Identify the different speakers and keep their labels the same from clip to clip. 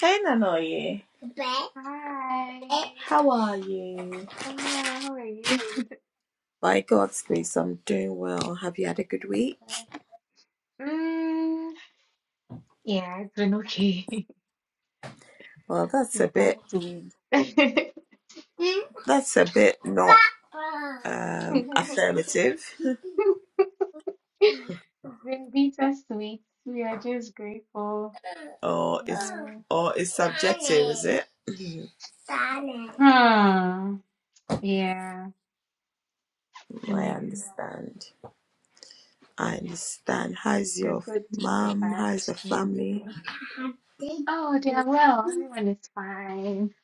Speaker 1: Hey Nanoye,
Speaker 2: Hi,
Speaker 1: how are you?
Speaker 2: I'm well. How are you?
Speaker 1: By God's grace, I'm doing well. Have you had a good week?
Speaker 2: Sorry. Mm, yeah, it's been okay.
Speaker 1: Well, that's a
Speaker 2: It's
Speaker 1: bit
Speaker 2: past two weeks.
Speaker 1: that's a bit not um, affirmative,
Speaker 2: It's been bittersweet. We are just grateful.
Speaker 1: or
Speaker 2: Yeah.
Speaker 1: or it's bit. Mhm,
Speaker 2: Hmm. Yeah.
Speaker 1: I
Speaker 2: Yeah.
Speaker 1: understand. I understand. How's
Speaker 2: The
Speaker 1: your
Speaker 2: good, the
Speaker 1: mom?
Speaker 2: bad,
Speaker 1: How's the
Speaker 2: and
Speaker 1: family?
Speaker 2: everything. Oh, they are well. Everyone is fine.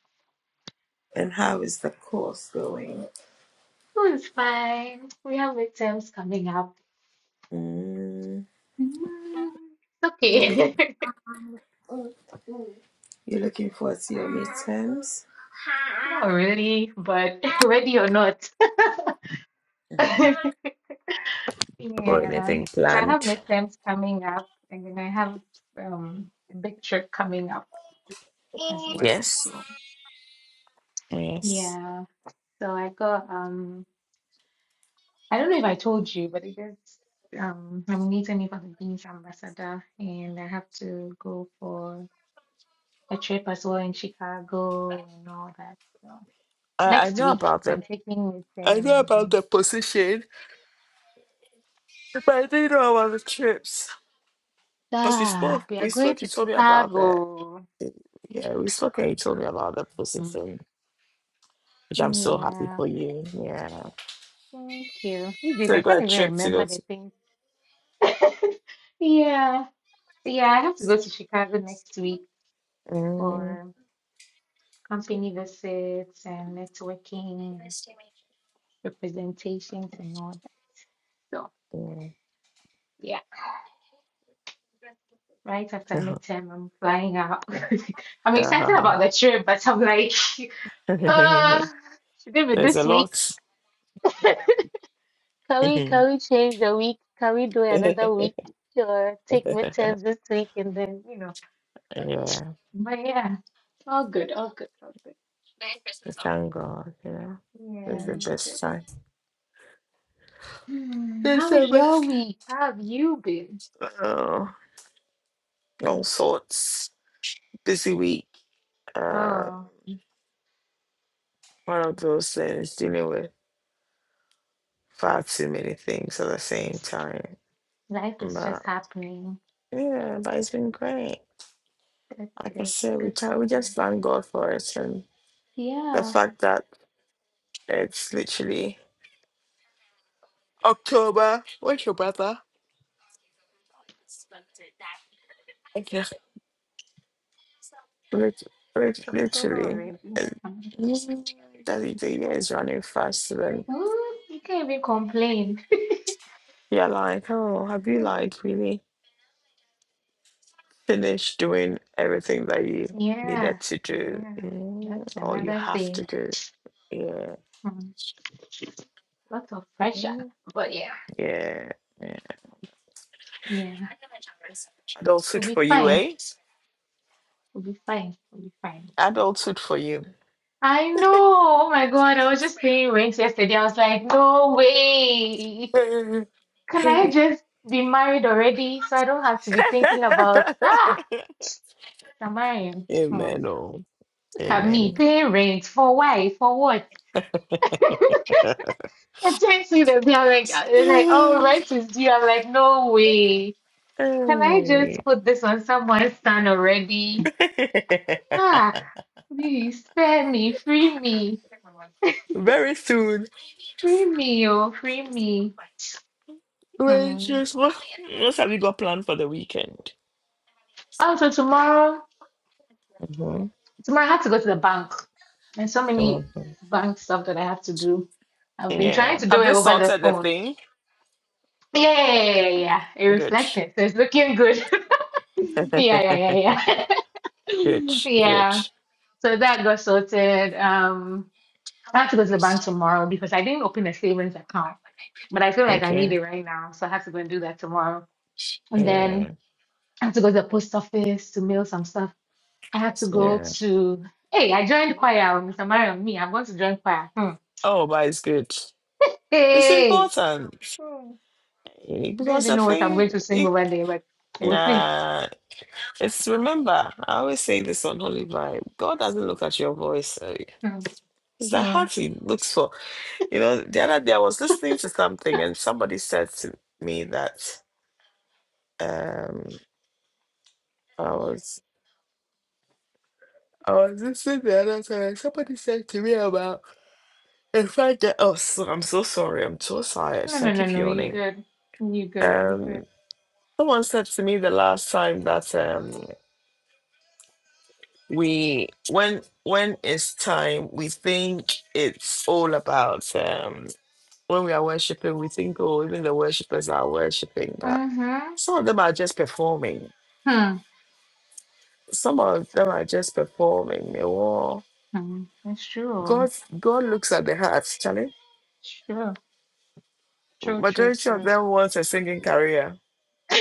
Speaker 1: And how is the course going?
Speaker 2: School is fine. We have exams coming up.
Speaker 1: Mm,
Speaker 2: Mm, it's
Speaker 1: you look
Speaker 2: okay.
Speaker 1: you're looking forward to your exams?
Speaker 2: Not really, but ready or not.
Speaker 1: Got
Speaker 2: Yeah.
Speaker 1: anything
Speaker 2: So I have
Speaker 1: planned?
Speaker 2: midterms coming up, and then I have um a big trip coming up as well.
Speaker 1: Yes,
Speaker 2: So
Speaker 1: yes.
Speaker 2: yeah. So I got um I don't know if I told you, but it is um I'm meeting with the Beans Ambassador and I have to go for a trip as well in Chicago and all that. So
Speaker 1: I, I
Speaker 2: next
Speaker 1: know
Speaker 2: week
Speaker 1: about the
Speaker 2: I'm taking with
Speaker 1: I
Speaker 2: them
Speaker 1: know
Speaker 2: and
Speaker 1: about
Speaker 2: then
Speaker 1: the position, but I didn't know about the trips. Because we spoke,
Speaker 2: ah, we are
Speaker 1: we
Speaker 2: going
Speaker 1: spoke, you
Speaker 2: to
Speaker 1: told me about that.
Speaker 2: Chicago.
Speaker 1: Yeah, we spoke and you told me about the
Speaker 2: Mm,
Speaker 1: position, which I'm so happy
Speaker 2: Yeah,
Speaker 1: for you. Yeah.
Speaker 2: thank you. These days,
Speaker 1: So
Speaker 2: I
Speaker 1: you got
Speaker 2: can't
Speaker 1: a
Speaker 2: even
Speaker 1: trip to go
Speaker 2: remember the
Speaker 1: to.
Speaker 2: things. Yeah, yeah, I have to go to Chicago next week
Speaker 1: Mm,
Speaker 2: for company visits and networking and representations and all that. So,
Speaker 1: yeah.
Speaker 2: yeah, right after midterm, I'm flying out. I'm excited about
Speaker 1: Ah,
Speaker 2: the trip, but I'm like, uh,
Speaker 1: There's
Speaker 2: should it be
Speaker 1: a
Speaker 2: this week?
Speaker 1: lot.
Speaker 2: Can we
Speaker 1: yeah,
Speaker 2: can we change the week? Can we do another
Speaker 1: thank
Speaker 2: week or take midterms this week and then you know? But yeah, all good, all good, all good.
Speaker 1: God. Yeah.
Speaker 2: Yeah, all good. Hmm,
Speaker 1: There's
Speaker 2: how was
Speaker 1: so much.
Speaker 2: your week? How have you been?
Speaker 1: Oh, all sorts. Busy week. Uh.
Speaker 2: Oh,
Speaker 1: one of those things dealing with far too many things at the same time.
Speaker 2: life is just
Speaker 1: But
Speaker 2: happening.
Speaker 1: yeah, but it's been great.
Speaker 2: That's
Speaker 1: Like I
Speaker 2: good. It's
Speaker 1: said, we
Speaker 2: good
Speaker 1: try,
Speaker 2: to
Speaker 1: we
Speaker 2: hear.
Speaker 1: just thank God for it and the
Speaker 2: Yeah,
Speaker 1: fact that it's literally October. Where's your brother? Okay. Lit- lit-
Speaker 2: it's October
Speaker 1: Literally,
Speaker 2: already.
Speaker 1: and you- that the the year is running fast. Then
Speaker 2: Mm, you can't even complain.
Speaker 1: you're like, oh, have you
Speaker 2: Mm.
Speaker 1: like really finished doing everything that you
Speaker 2: Yeah,
Speaker 1: needed to do
Speaker 2: yeah,
Speaker 1: mm,
Speaker 2: that's
Speaker 1: or you
Speaker 2: another
Speaker 1: have to
Speaker 2: thing.
Speaker 1: do? Yeah.
Speaker 2: Hmm, Lots of pressure,
Speaker 1: Mm,
Speaker 2: but yeah,
Speaker 1: Yeah. yeah.
Speaker 2: yeah,
Speaker 1: do
Speaker 2: we'll
Speaker 1: suit
Speaker 2: be
Speaker 1: for you,
Speaker 2: fine.
Speaker 1: eh?
Speaker 2: We'll be fine. We'll be fine. We'll be
Speaker 1: Adult
Speaker 2: fine.
Speaker 1: suit for you.
Speaker 2: I know. Oh my God. I was just playing rent yesterday. I was like, no way. Can I just be married already so I don't have to be thinking about, ah, Samarian. Hmm.
Speaker 1: Amen. Oh.
Speaker 2: Look at me
Speaker 1: Amen.
Speaker 2: paying rent. For why? For what? I can't see that. I'm like, uh, they're like, oh, rent is due. I'm like, no way. Can I just put this on someone's son already? Ah, please spare me, free me,
Speaker 1: Very soon.
Speaker 2: free me, oh, free me.
Speaker 1: Very
Speaker 2: Hmm.
Speaker 1: soon. What what have you got planned for the weekend?
Speaker 2: Also, tomorrow.
Speaker 1: hmm
Speaker 2: Tomorrow I have to go to the bank. There's so many bank stuff that I have to do. I've been trying
Speaker 1: Yeah.
Speaker 2: to do
Speaker 1: Have
Speaker 2: it
Speaker 1: they
Speaker 2: over the
Speaker 1: sorted the
Speaker 2: phone.
Speaker 1: thing?
Speaker 2: Yeah, yeah, yeah, yeah. yeah. yeah. It
Speaker 1: Good.
Speaker 2: reflected. So it's looking good. yeah, yeah, yeah,
Speaker 1: good.
Speaker 2: yeah. yeah.
Speaker 1: Good.
Speaker 2: So that got sorted. Um, I have to go to the bank tomorrow because I didn't open a savings account, but I feel like I need
Speaker 1: Okay.
Speaker 2: it right now. So I have to go and do that tomorrow. And then
Speaker 1: Yeah.
Speaker 2: I have to go to the post office to mail some stuff I had to go
Speaker 1: Yeah.
Speaker 2: to. Hey, I joined choir, oh, Mr. Marion. Me, I'm going to join choir. Hmm.
Speaker 1: Oh, but it's good. It's
Speaker 2: Hey,
Speaker 1: important
Speaker 2: Hmm. I don't
Speaker 1: because
Speaker 2: even
Speaker 1: I
Speaker 2: know what I'm going
Speaker 1: think
Speaker 2: to sing
Speaker 1: it,
Speaker 2: over there, but we'll see.
Speaker 1: nah, it's remember, I always say this on Holy Vibe God doesn't look at your voice, uh,
Speaker 2: Hmm.
Speaker 1: it's the
Speaker 2: Hmm.
Speaker 1: heart He looks for. You know, the other day I was listening to something and somebody said to me that um, I was. I was listening the other time. Somebody said to me about in fact that oh so, I'm so sorry, I'm so tired,
Speaker 2: No,
Speaker 1: so I
Speaker 2: no, no,
Speaker 1: keep
Speaker 2: no. You
Speaker 1: yawning.
Speaker 2: good? You good? We
Speaker 1: Um
Speaker 2: good?
Speaker 1: someone said to me the last time that um. we when when it's time we think it's all about um when we are worshiping we think oh even the worshipers are worshiping but
Speaker 2: Uh huh.
Speaker 1: some of them are just performing
Speaker 2: Hmm.
Speaker 1: some of them are just performing they all
Speaker 2: Hmm. That's
Speaker 1: god
Speaker 2: true.
Speaker 1: god looks at the heart charlie
Speaker 2: True. True. True.
Speaker 1: majority of
Speaker 2: True.
Speaker 1: them wants a singing career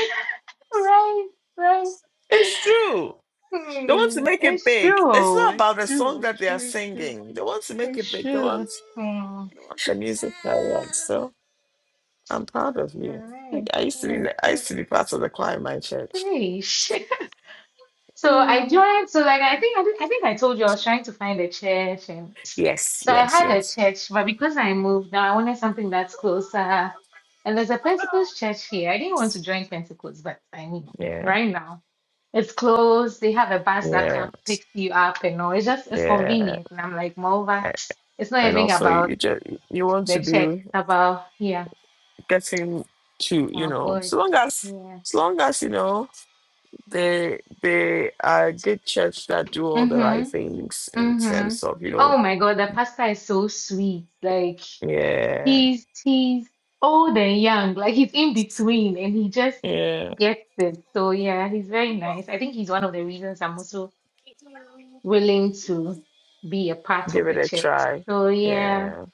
Speaker 2: Right. Right.
Speaker 1: it's true they want to
Speaker 2: Hmm.
Speaker 1: make it
Speaker 2: It's
Speaker 1: big it's
Speaker 2: true.
Speaker 1: not
Speaker 2: It's
Speaker 1: about the song
Speaker 2: true. It's
Speaker 1: that they are
Speaker 2: true. It's true.
Speaker 1: singing they want to make it
Speaker 2: It's
Speaker 1: big they
Speaker 2: true.
Speaker 1: want
Speaker 2: Hmm.
Speaker 1: the music So, I'm proud of you.
Speaker 2: You're right.
Speaker 1: Like, I used to be
Speaker 2: Yeah.
Speaker 1: I
Speaker 2: So.
Speaker 1: used to be part of the choir in my church.
Speaker 2: Hey. So I
Speaker 1: Mm.
Speaker 2: joined. So like I think I, did, I think I told you I was trying to find a church, and
Speaker 1: Yes,
Speaker 2: so I
Speaker 1: yes,
Speaker 2: had a
Speaker 1: yes.
Speaker 2: church, but because I moved now, I wanted something that's closer. And there's a Pentecost church here. I didn't want to join Pentecost, but I mean,
Speaker 1: Yeah,
Speaker 2: right now it's close. They have a bus that
Speaker 1: yeah,
Speaker 2: can pick you up, and all. It's just it's
Speaker 1: yeah.
Speaker 2: convenient. And I'm like, moreover,
Speaker 1: A-
Speaker 2: it's not
Speaker 1: And
Speaker 2: even
Speaker 1: also,
Speaker 2: about
Speaker 1: you just you want
Speaker 2: the
Speaker 1: to
Speaker 2: church. It's
Speaker 1: be
Speaker 2: about yeah,
Speaker 1: getting to you
Speaker 2: about
Speaker 1: know,
Speaker 2: God.
Speaker 1: so long as
Speaker 2: Yeah.
Speaker 1: as long as you know they they are a good church that do all the right
Speaker 2: Mhm.
Speaker 1: things in
Speaker 2: Mhm.
Speaker 1: terms of you
Speaker 2: Oh
Speaker 1: know,
Speaker 2: my God, the pastor is so sweet. Like
Speaker 1: yeah,
Speaker 2: He's he's old and young, like he's in between, and he just
Speaker 1: yeah.
Speaker 2: gets it. So yeah, he's very nice. I think he's one of the reasons I'm also willing to be a part of
Speaker 1: Give it
Speaker 2: the
Speaker 1: a
Speaker 2: church.
Speaker 1: try.
Speaker 2: So yeah,
Speaker 1: Yeah,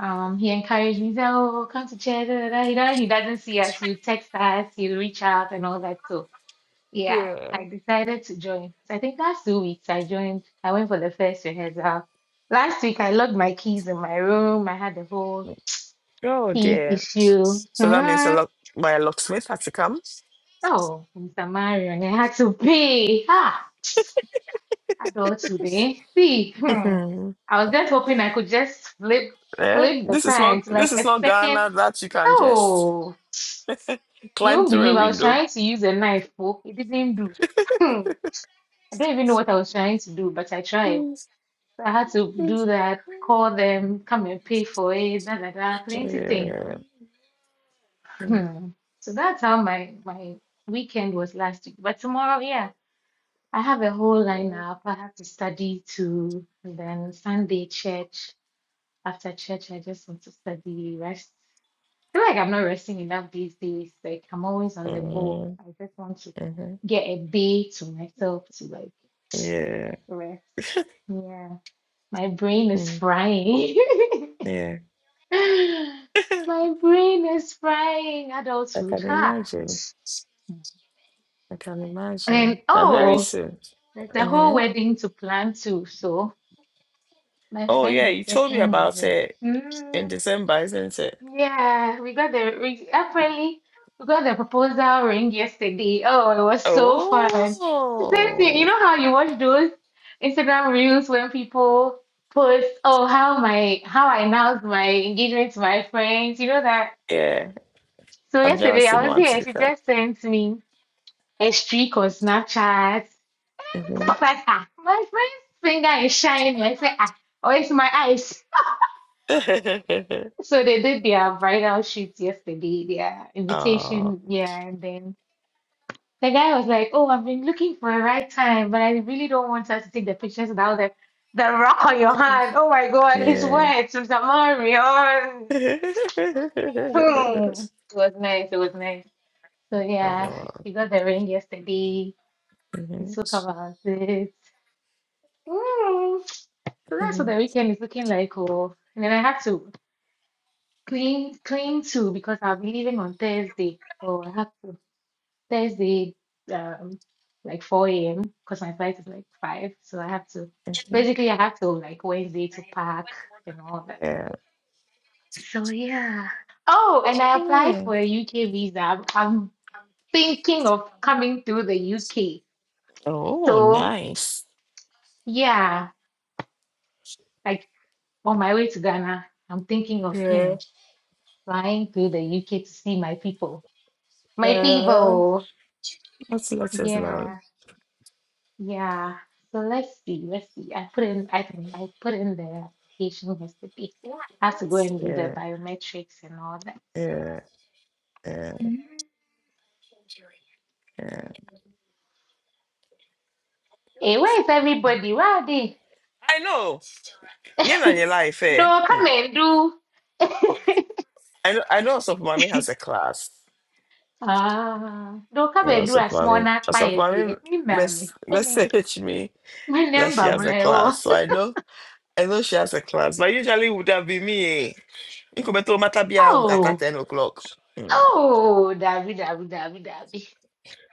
Speaker 2: um, he encouraged me. He said, "Oh, come to church." Da, da, da. You know, he doesn't see us. You text us. You reach out and all that. So yeah,
Speaker 1: yeah.
Speaker 2: I decided to join. So I think last two weeks I joined. I went for the first rehearsal. Last week I locked my keys in my room. I had the whole
Speaker 1: Oh
Speaker 2: teeth
Speaker 1: dear.
Speaker 2: issue.
Speaker 1: So that means a
Speaker 2: Hmm.
Speaker 1: lot. My locksmith had to come.
Speaker 2: Oh, Mr. Marion, I had to pay. Ah, adult today. See, hmm.
Speaker 1: Mm.
Speaker 2: I was just hoping I could just flip
Speaker 1: Eh?
Speaker 2: flip the
Speaker 1: This is
Speaker 2: time
Speaker 1: not
Speaker 2: to
Speaker 1: this
Speaker 2: like
Speaker 1: is
Speaker 2: a
Speaker 1: not Ghana
Speaker 2: second.
Speaker 1: that you can just
Speaker 2: Oh, you
Speaker 1: climb
Speaker 2: won't
Speaker 1: through
Speaker 2: believe
Speaker 1: a
Speaker 2: I was
Speaker 1: window.
Speaker 2: trying to use a knife, oh, it didn't do. Hmm. I don't even know what I was trying to do, but I tried. So I had to do that, call them, come and pay for it, da da da, plenty things.
Speaker 1: Yeah. Mm.
Speaker 2: Hmm. So that's how my my weekend was last week. But tomorrow, yeah. I have a whole lineup. I have to study too, and then Sunday church. After church, I just want to study, rest. I feel like I'm not resting enough these days. Like I'm always on the go.
Speaker 1: Mm.
Speaker 2: I just want to
Speaker 1: Mhm.
Speaker 2: get a day to myself to like
Speaker 1: Yeah.
Speaker 2: rest. Yeah, my brain is
Speaker 1: Mm.
Speaker 2: frying.
Speaker 1: Yeah.
Speaker 2: My brain is frying.
Speaker 1: I
Speaker 2: Adulthood,
Speaker 1: can
Speaker 2: huh?
Speaker 1: imagine. I can
Speaker 2: And
Speaker 1: imagine. But very
Speaker 2: oh,
Speaker 1: soon.
Speaker 2: there's a whole
Speaker 1: hmm
Speaker 2: wedding to plan too. So. My
Speaker 1: Oh
Speaker 2: friend
Speaker 1: yeah,
Speaker 2: is
Speaker 1: you told me
Speaker 2: getting
Speaker 1: about
Speaker 2: married.
Speaker 1: it in
Speaker 2: Mm,
Speaker 1: December, isn't it?
Speaker 2: yeah, we got the ring. Apparently, we got the proposal ring yesterday. Oh, it was so
Speaker 1: Oh
Speaker 2: fun. Seriously, you know how you watch those Instagram reels when people post, oh, how my how I announced my engagement to my friends. You know that.
Speaker 1: yeah.
Speaker 2: So
Speaker 1: I've never
Speaker 2: yesterday
Speaker 1: seen
Speaker 2: I was
Speaker 1: one to
Speaker 2: here.
Speaker 1: be
Speaker 2: She
Speaker 1: fair.
Speaker 2: just sent me a streak on Snapchat. It's
Speaker 1: hmm
Speaker 2: like, ah, my friend's finger is shining. I said, ah, oh, it's my eyes. So they did their bridal shoot yesterday, their
Speaker 1: oh
Speaker 2: invitation, yeah, and then the guy was like, "Oh, I've been looking for a right time, but I really don't want us to take the pictures without the the rock on your hand." Oh my God, his
Speaker 1: yeah.
Speaker 2: words, Mr. Marion. Hmm. It was nice. It was nice. So
Speaker 1: Uh,
Speaker 2: yeah, she got the ring yesterday. We
Speaker 1: mhm,
Speaker 2: spoke about it. Mm. So that's what the
Speaker 1: mhm,
Speaker 2: weekend is looking like. Oh, and then I have to clean, clean too because I'll be leaving on Thursday. So I have to. Thursday, um, like 4 a.m. because my flight is like 5. So I have to
Speaker 1: mhm.
Speaker 2: basically I have to like Wednesday to pack and all that.
Speaker 1: Yeah.
Speaker 2: So yeah. Oh, and I applied
Speaker 1: Mm.
Speaker 2: for a UK visa. I'm, I'm thinking of coming through the UK.
Speaker 1: Oh,
Speaker 2: So
Speaker 1: nice.
Speaker 2: yeah, like on my way to Ghana, I'm thinking of, you
Speaker 1: Yeah.
Speaker 2: know, flying through the UK to see my people. My
Speaker 1: yeah.
Speaker 2: people.
Speaker 1: Let's let us
Speaker 2: Yeah. Yeah, so let's see, let's see. I put in I
Speaker 1: Yeah.
Speaker 2: I put in the application yesterday. I have to go and do the
Speaker 1: Yeah.
Speaker 2: biometrics and all that.
Speaker 1: Yeah.
Speaker 2: Mm.
Speaker 1: Yeah.
Speaker 2: Hey, where is everybody? Where are they?
Speaker 1: I know. Yeah, na your life, eh?
Speaker 2: Don't come
Speaker 1: Hmm.
Speaker 2: and do.
Speaker 1: I know. I know. Osofo Mami has a class.
Speaker 2: Ah, don't come
Speaker 1: Yeah,
Speaker 2: and do a
Speaker 1: Osofo
Speaker 2: small
Speaker 1: Mami.
Speaker 2: knock by
Speaker 1: Osofo
Speaker 2: a
Speaker 1: Mami
Speaker 2: bit. Me,
Speaker 1: mess
Speaker 2: mommy. My name,
Speaker 1: message me
Speaker 2: my
Speaker 1: that
Speaker 2: name,
Speaker 1: she has a class,
Speaker 2: Bamleo.
Speaker 1: so I know. I know she has a class, but usually it would have been me. Eh? Incubator matter be on at
Speaker 2: Oh,
Speaker 1: ten o'clock. Hmm.
Speaker 2: oh, Dabi, Dabi, Dabi, Dabi.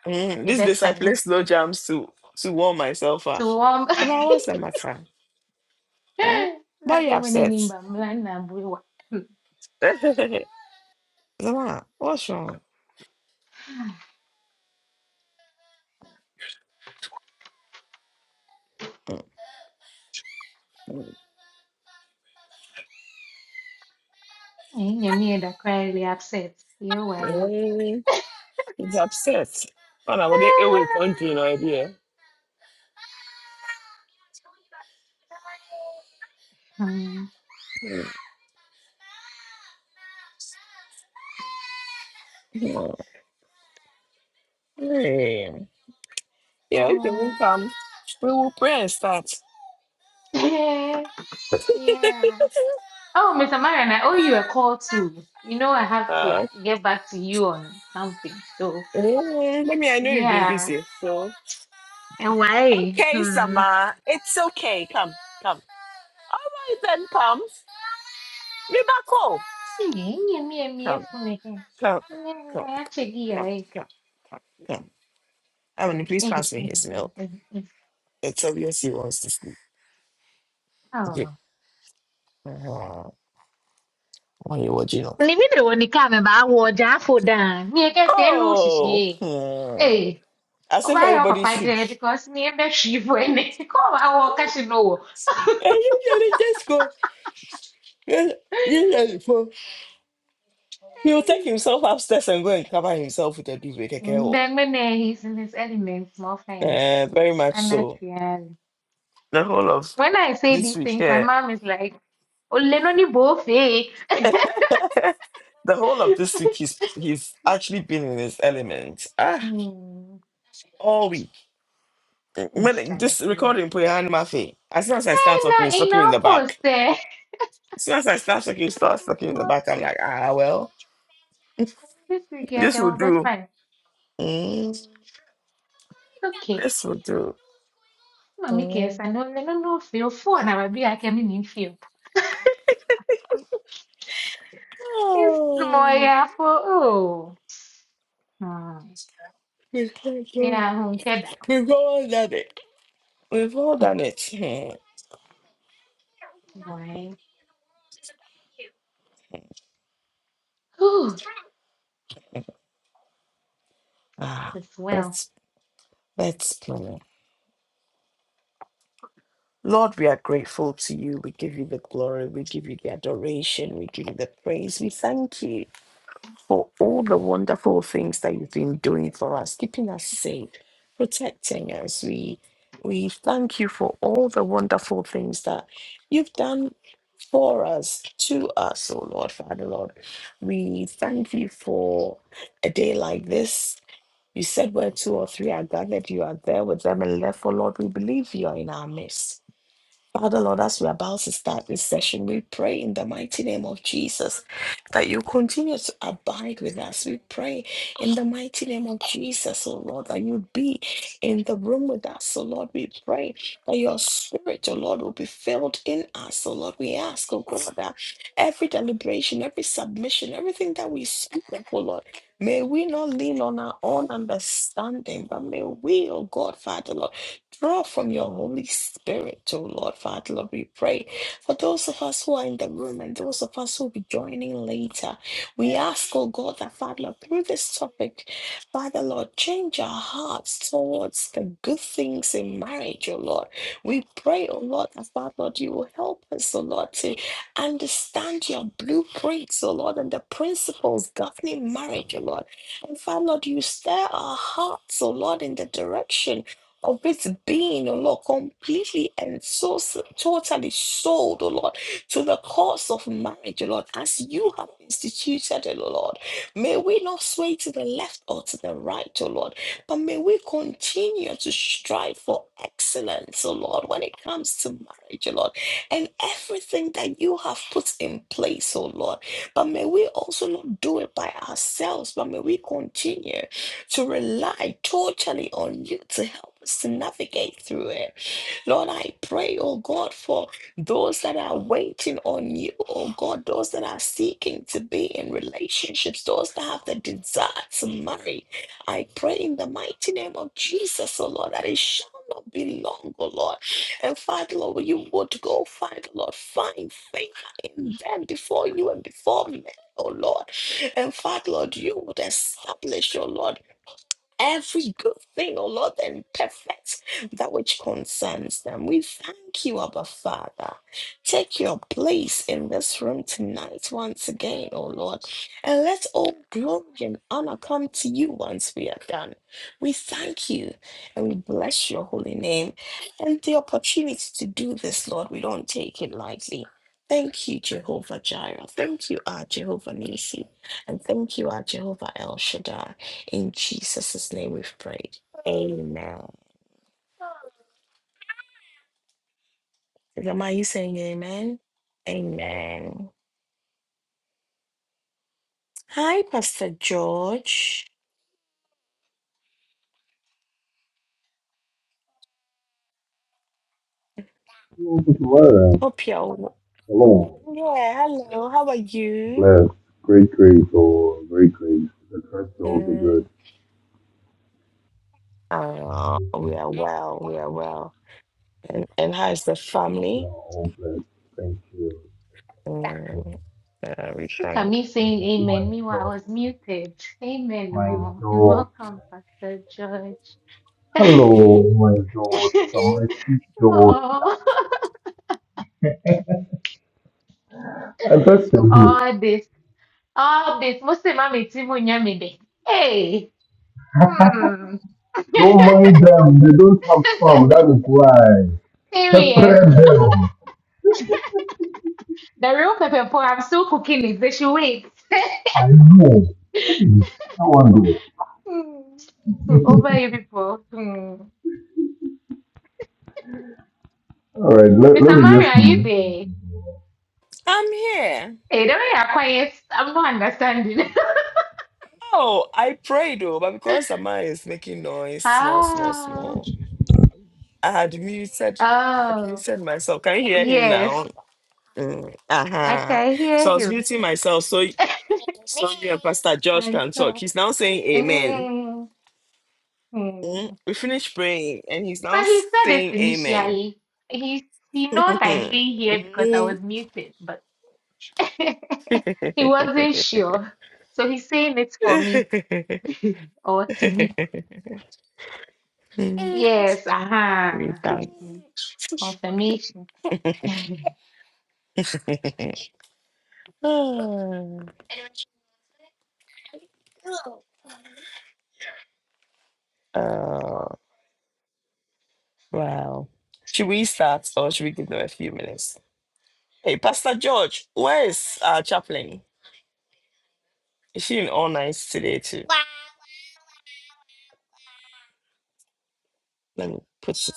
Speaker 1: Mm,
Speaker 2: You
Speaker 1: this day
Speaker 2: best
Speaker 1: I play
Speaker 2: find
Speaker 1: slow jams to to warm myself
Speaker 2: to
Speaker 1: up.
Speaker 2: warm.
Speaker 1: Zama, what's the matter? Eh? Why are
Speaker 2: Like
Speaker 1: you
Speaker 2: when I name
Speaker 1: upset?
Speaker 2: Bamla,
Speaker 1: Zama, what's wrong? Mm, mm,
Speaker 2: Nyamieda quietly upset. You way.
Speaker 1: mm, He's upset. Well, I'm going away
Speaker 2: Ah.
Speaker 1: country now, idea.
Speaker 2: Hmm.
Speaker 1: Yeah, if they won't
Speaker 2: Hmm.
Speaker 1: come, we will pray and start.
Speaker 2: Yeah. Yeah. Oh, Mr. Marion, I owe you a call too. You know, I have to uh,
Speaker 1: Uh,
Speaker 2: get back to you on something. So,
Speaker 1: mm, let me, I know you've been
Speaker 2: yeah.
Speaker 1: busy. So,
Speaker 2: And why?
Speaker 1: okay,
Speaker 2: Hmm.
Speaker 1: Sama, it's okay. Come, come. All right, then, come. Me back home.
Speaker 2: Eh, Nyamiya
Speaker 1: come,
Speaker 2: fune.
Speaker 1: come, come,
Speaker 2: Yeah, actually,
Speaker 1: come,
Speaker 2: I.
Speaker 1: come, come, come. Emily, please
Speaker 2: eh, eh,
Speaker 1: pass me
Speaker 2: eh,
Speaker 1: his
Speaker 2: eh,
Speaker 1: milk.
Speaker 2: eh, eh,
Speaker 1: It's obvious he wants to sleep. Okay.
Speaker 2: Oh.
Speaker 1: Uh, Why are you watching off?
Speaker 2: Ni mi de woni ka me ba wo ja fo dan. Mi e ke te nu
Speaker 1: Oh,
Speaker 2: sisi.
Speaker 1: hmm.
Speaker 2: e.
Speaker 1: as
Speaker 2: O
Speaker 1: if
Speaker 2: why your
Speaker 1: everybody
Speaker 2: papa
Speaker 1: should.
Speaker 2: did because near the shivo and come our casino.
Speaker 1: And usually just go. Yes, usually go. He will take himself upstairs and go and cover himself with a duvet. okay, oh.
Speaker 2: Bangman, he's in his element, small thing.
Speaker 1: Uh, very much
Speaker 2: And not
Speaker 1: so.
Speaker 2: really.
Speaker 1: The whole of
Speaker 2: When I say
Speaker 1: this
Speaker 2: these
Speaker 1: week.
Speaker 2: things, my
Speaker 1: Yeah.
Speaker 2: mom is like, Oh, Lenoni Bofe.
Speaker 1: the whole of this week, he's he's actually been in his element. Ah.
Speaker 2: Hmm.
Speaker 1: all week. When
Speaker 2: Instagram.
Speaker 1: this recording put your hand in my face. As soon as I
Speaker 2: Hey,
Speaker 1: start talking, it's
Speaker 2: na
Speaker 1: talking in
Speaker 2: our
Speaker 1: the
Speaker 2: post
Speaker 1: back.
Speaker 2: there.
Speaker 1: As soon as I start talking, it starts talking in the back. I'm like, ah well,
Speaker 2: This week, I
Speaker 1: this will
Speaker 2: can be
Speaker 1: do.
Speaker 2: fine.
Speaker 1: Mm,
Speaker 2: It's okay.
Speaker 1: this will do.
Speaker 2: Mommy cares.
Speaker 1: Mm.
Speaker 2: I know, I don't know, feel for, and I will be, I can be in feel. It's more,
Speaker 1: Oh,
Speaker 2: yeah, for, oh. Ah,
Speaker 1: we've done it.
Speaker 2: yeah, hon, get
Speaker 1: We've all done it. We've all
Speaker 2: that.
Speaker 1: done it.
Speaker 2: Why?
Speaker 1: Hmm.
Speaker 2: Whew,
Speaker 1: Ah,
Speaker 2: as well.
Speaker 1: let's let's pray. Lord, we are grateful to you. We give you the glory. We give you the adoration. We give you the praise. We thank you. for all the wonderful things that you've been doing for us, keeping us safe, protecting us. We we thank you for all the wonderful things that you've done for us, to us, oh Lord, Father Lord. We thank you for a day like this. You said where two or three are gathered, you are there with them and therefore, Lord, we believe you are in our midst. Father Lord, as we're about to start this session, we pray in the mighty name of Jesus that you continue to abide with us. We pray in the mighty name of Jesus, oh Lord, that you be in the room with us, oh Lord. We pray that your spirit, oh Lord, will be filled in us, oh Lord. We ask, oh God, that every deliberation, every submission, everything that we speak of, oh Lord. May we not lean on our own understanding, but may we, oh God, Father Lord Draw from your Holy Spirit, O Lord Father, Lord, we pray for those of us who are in the room and those of us who will be joining later ask, oh God, that Father, through this topic, Father, Lord, change our hearts towards the good things in marriage, oh Lord. We pray, oh Lord, that Father, Lord, you will help us, oh Lord, to understand your blueprints, oh Lord, and the principles governing marriage, oh Lord. And Father, Lord, you stir our hearts, oh Lord, in the direction of its being, oh Lord, completely and so so- totally sold, oh Lord to the cause of marriage, O Lord, as you have instituted it, O Lord. May we not sway to the left or to the right, O Lord, but may we continue to strive for excellence, O Lord, when it comes to marriage, O Lord, and everything that you have put in place, O Lord. But may we also not do it by ourselves, but may we continue to rely totally on you to help us to navigate through it. Lord, I pray, oh God, for those that are waiting on you, oh God, those that are seeking to be in relationships, those that have the desire to marry, I pray in the mighty name of Jesus, oh Lord, that it shall not be long, oh Lord. And Father, Lord, you would go find, Lord, find favor in them before you and before men, oh Lord. And Father, Lord, you would establish, oh Lord every good thing, O Lord, and perfect that which concerns them. We thank you, Abba Father. Take your place in this room tonight once again, O Lord, and let all glory and honor come to you once we are done. We thank you and we bless your holy name and the opportunity to do this, Lord. We don't take it lightly. Thank you, Jehovah Jireh. Thank you, our Jehovah Nisi. And thank you, our Jehovah El Shaddai. In Jesus' name we've prayed. Amen. Grandma, you saying amen? Amen. Hi, Pastor George.
Speaker 3: Welcome to Word.
Speaker 1: Hope you're w-
Speaker 3: Hello.
Speaker 1: Yeah, hello. How are you?
Speaker 3: Bless. Great grace or great grace. The curse of the
Speaker 1: Mm,
Speaker 3: good.
Speaker 1: uh, we are well. We are well. And, and how's the family?
Speaker 3: Your own bless. Thank you.
Speaker 1: Mm, uh, we
Speaker 2: Look at
Speaker 1: thank.
Speaker 2: me saying
Speaker 3: My
Speaker 2: amen. Meanwhile, I
Speaker 3: daughter.
Speaker 2: was muted. Amen,
Speaker 3: My
Speaker 2: oh. And
Speaker 3: daughter.
Speaker 2: welcome, Pastor George.
Speaker 3: Hello, my daughter, my sweet daughter.
Speaker 2: Oh,
Speaker 3: I trust you're good.
Speaker 2: all this, all this. Most of my Mostly, mommy, timu nyamide. Hey, hmm.
Speaker 3: Don't mind them. They don't have some. That is why.
Speaker 2: Period.
Speaker 3: Prepare them.
Speaker 2: The real pepper pot, I'm still cooking it. They should wait.
Speaker 3: I know. Please. I want to.
Speaker 2: Hmm. So over you people. Hmm.
Speaker 3: All right. Let, let
Speaker 2: Mr.
Speaker 3: me
Speaker 2: Mario,
Speaker 3: just
Speaker 2: are you there?
Speaker 1: I'm here.
Speaker 2: Hey, the way you're quiet, I'm not understanding.
Speaker 1: Oh, I prayed, though, but because Sama is making noise, small, small,
Speaker 2: Ah,
Speaker 1: small, I had
Speaker 2: oh,
Speaker 1: muted myself. Can you hear him now?
Speaker 2: yes,
Speaker 1: Mm,
Speaker 2: I
Speaker 1: uh-huh.
Speaker 2: can hear
Speaker 1: So.
Speaker 2: him.
Speaker 1: myself so that Josh
Speaker 2: Can
Speaker 1: can talk.
Speaker 2: talk.
Speaker 1: He's now saying amen.
Speaker 2: Mm,
Speaker 1: Mm,
Speaker 2: hmm.
Speaker 1: We finished praying and he's now
Speaker 2: But he said it
Speaker 1: saying amen.
Speaker 2: initially. He he knows I didn't hear because I was muted, but he wasn't sure. So he's saying it for me or to me.
Speaker 1: Mm.
Speaker 2: Yes, aha. You see, Confirmation. I
Speaker 1: oh, wow. Should we start or should we give them a few minutes? Hey, Pastor George, where is our chaplain? Is she in all nights today too? Let me put it.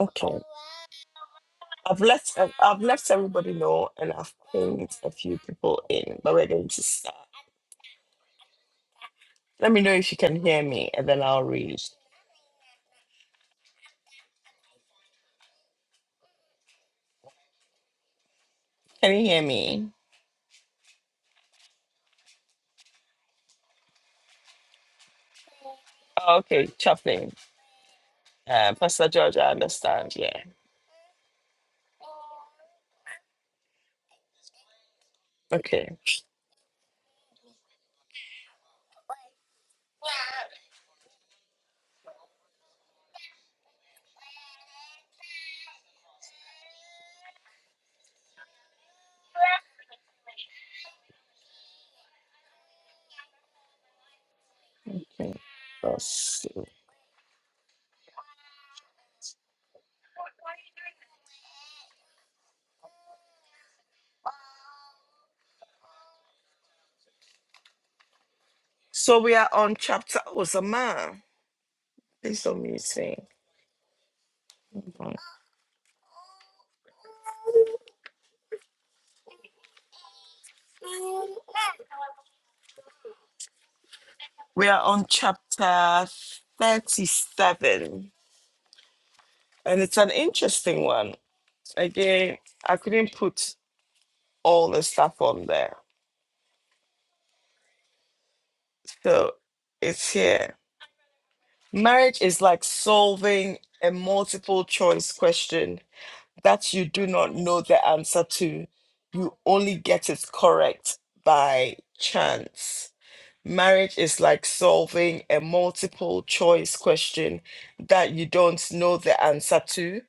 Speaker 1: Okay. I've let I've I've let everybody know, and I've pinged a few people in, but we're going to start. Let me know if you can hear me, and then I'll read. Can you hear me? Oh, okay, Chaplain, uh, Pastor George, I understand. Yeah. Okay. Okay, let's see. So we are on chapter. Oh, Zama, please don't mute me. Hold on. We are on chapter thirty-seven, and it's an interesting one. Again, I couldn't put all the stuff on there So it's here. Marriage is like solving a multiple choice question that you do not know the answer to. You only get it correct by chance. Marriage is like solving a multiple choice question that you don't know the answer to.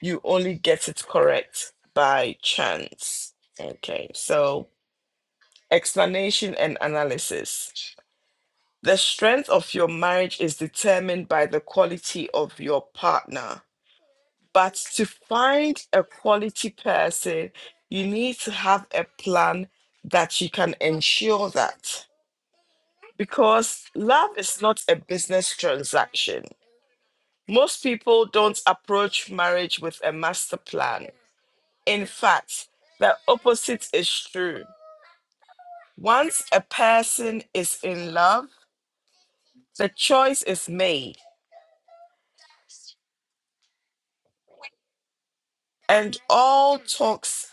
Speaker 1: You only get it correct by chance. Okay, so explanation and analysis. The strength of your marriage is determined by the quality of your partner. But to find a quality person, you need to have a plan that you can ensure that. Because love is not a business transaction. Most people don't approach marriage with a master plan. In fact, the opposite is true. Once a person is in love, the choice is made and all talks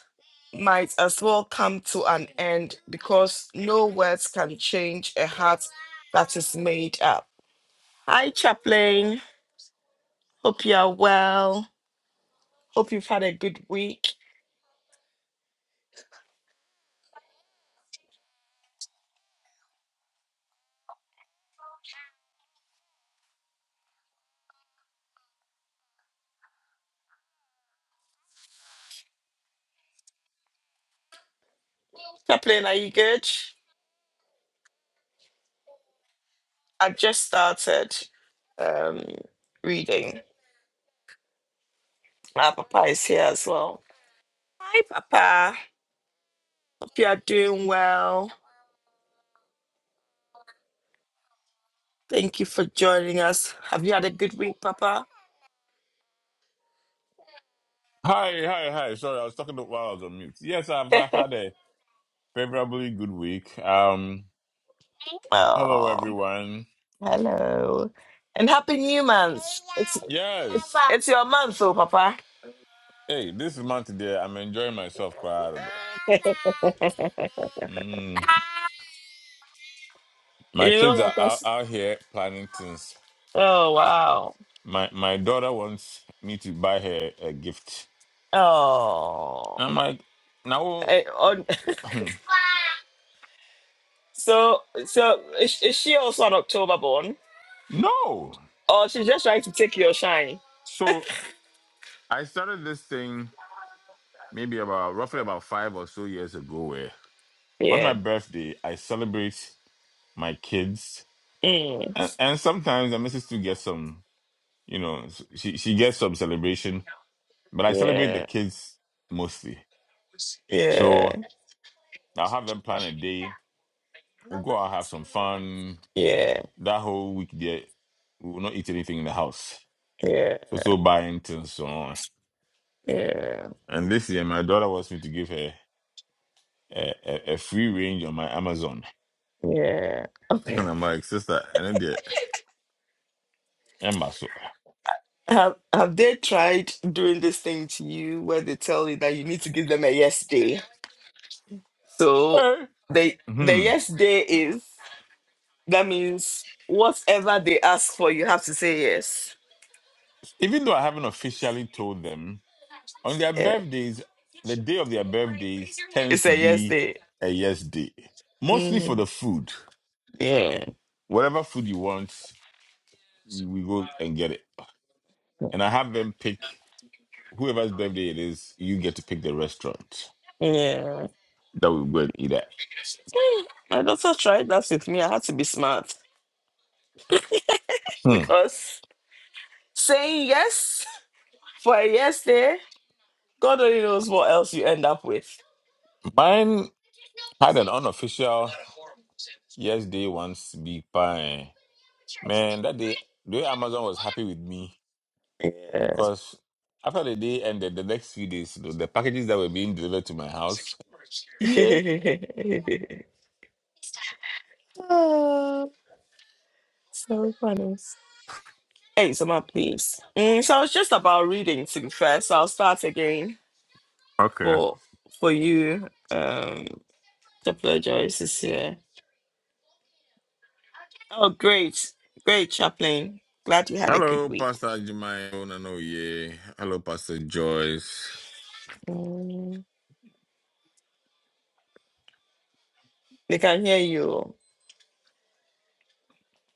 Speaker 1: might as well come to an end because no words can change a heart that is made up. Hi, Chaplain. Hope you are well. Hope you've had a good week. Chaplain, are you good? I've just started um, reading. My papa is here as well. Hi, Papa. Hope you are doing well. Thank you for joining us. Have you had a good week, Papa?
Speaker 4: Hi, hi, hi. Sorry, I was talking to, while I was on mute. Yes, I've had a favorably good week. Um, hello
Speaker 1: oh,
Speaker 4: everyone.
Speaker 1: hello. And Happy New Month.
Speaker 4: Yes.
Speaker 1: It's your month, so Papa.
Speaker 4: Hey, this is Monty there. I'm enjoying myself. crowd.
Speaker 1: You
Speaker 4: Mm. My
Speaker 1: know?
Speaker 4: kids are out, out here planning things.
Speaker 1: Oh wow.
Speaker 4: My my daughter wants me to buy her a gift. I'm
Speaker 1: Oh.
Speaker 4: like, no,
Speaker 1: Eh, on- so so is, is she also an October born?
Speaker 4: no.
Speaker 1: Or she's just trying to take your shine?
Speaker 4: So I started this thing maybe about roughly about five or so years ago. Where on my
Speaker 1: Yeah.
Speaker 4: birthday I celebrate. my kids,
Speaker 1: Mm.
Speaker 4: and, and sometimes the missus too gets some, you know, s- she she gets some celebration, but I celebrate the
Speaker 1: Yeah.
Speaker 4: kids mostly.
Speaker 1: Yeah.
Speaker 4: So I'll have them plan a day. We'll go out have some fun.
Speaker 1: Yeah.
Speaker 4: That whole week there, we will not eat anything in the house.
Speaker 1: Yeah.
Speaker 4: So so buying things so on.
Speaker 1: Yeah.
Speaker 4: And this year, my daughter wants me to give her a, a, a free range on my Amazon,
Speaker 1: Yeah. Okay.
Speaker 4: and I'm like, sister, and then the Emma so.
Speaker 1: Have Have they tried doing this thing to you where they tell you that you need to give them a yes day? So
Speaker 4: eh,
Speaker 1: they the
Speaker 4: Hmm.
Speaker 1: yes day is. That means whatever they ask for, you have to say yes.
Speaker 4: Even though I haven't officially told them, On their
Speaker 1: Yeah.
Speaker 4: birthdays, the day of their birthdays tends to
Speaker 1: Yeah.
Speaker 4: be a yes day, mostly for
Speaker 1: Mhm.
Speaker 4: the food.
Speaker 1: Yeah.
Speaker 4: Whatever food you want, you, we go and get it. And I have them pick whoever's birthday it is. You get to pick the restaurant
Speaker 1: Yeah.
Speaker 4: that we go and eat at.
Speaker 1: Hmm. My daughter tried that with me. I had to be smart
Speaker 4: Hmm.
Speaker 1: because saying yes for a yes there, God only knows what else you end up with.
Speaker 4: Mine had an unofficial yes day once. Big pie, man. That day, the way Amazon was happy with me
Speaker 1: Yeah.
Speaker 4: because after the day ended, the next few days, the the packages that were being delivered to my house, yeah.
Speaker 1: oh, so funny. Hey, Summer, please. Mm, so I was just about reading to be fair, so I'll start again
Speaker 4: Okay.
Speaker 1: for for you. Um, Dr. Joyce is here. Oh, great. Great, Chaplain. Glad you had a good
Speaker 4: Hello,
Speaker 1: week.
Speaker 4: Pastor Jemima. Onanoye. Hello, Pastor Joyce.
Speaker 1: Mm. They can hear you.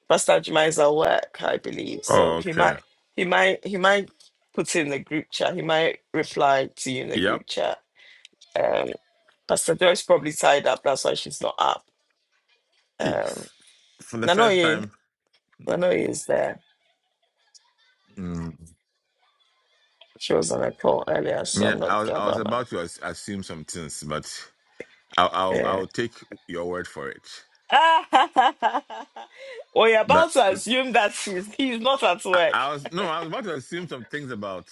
Speaker 1: Pastor Juma is at work, I believe. So
Speaker 4: Oh,
Speaker 1: he
Speaker 4: okay.
Speaker 1: might he might he might put in the group chat. He might reply to you in the
Speaker 4: Yep.
Speaker 1: group chat. Um Pastor Joy's probably tied up, that's why she's not up.
Speaker 4: Hey,
Speaker 1: Um
Speaker 4: f- for the first
Speaker 1: Nanoye,
Speaker 4: time,
Speaker 1: Nanoye is there.
Speaker 4: mm,
Speaker 1: She was on a call earlier, so
Speaker 4: yeah,
Speaker 1: I'm not
Speaker 4: I was,
Speaker 1: sure
Speaker 4: I was
Speaker 1: about that.
Speaker 4: about to as- assume some things, but I'll, I'll
Speaker 1: Yeah.
Speaker 4: I'll take your word for it.
Speaker 1: we are
Speaker 4: That
Speaker 1: about to assume that he's, he's not at
Speaker 4: I,
Speaker 1: work.
Speaker 4: I was no, I was about to assume some things about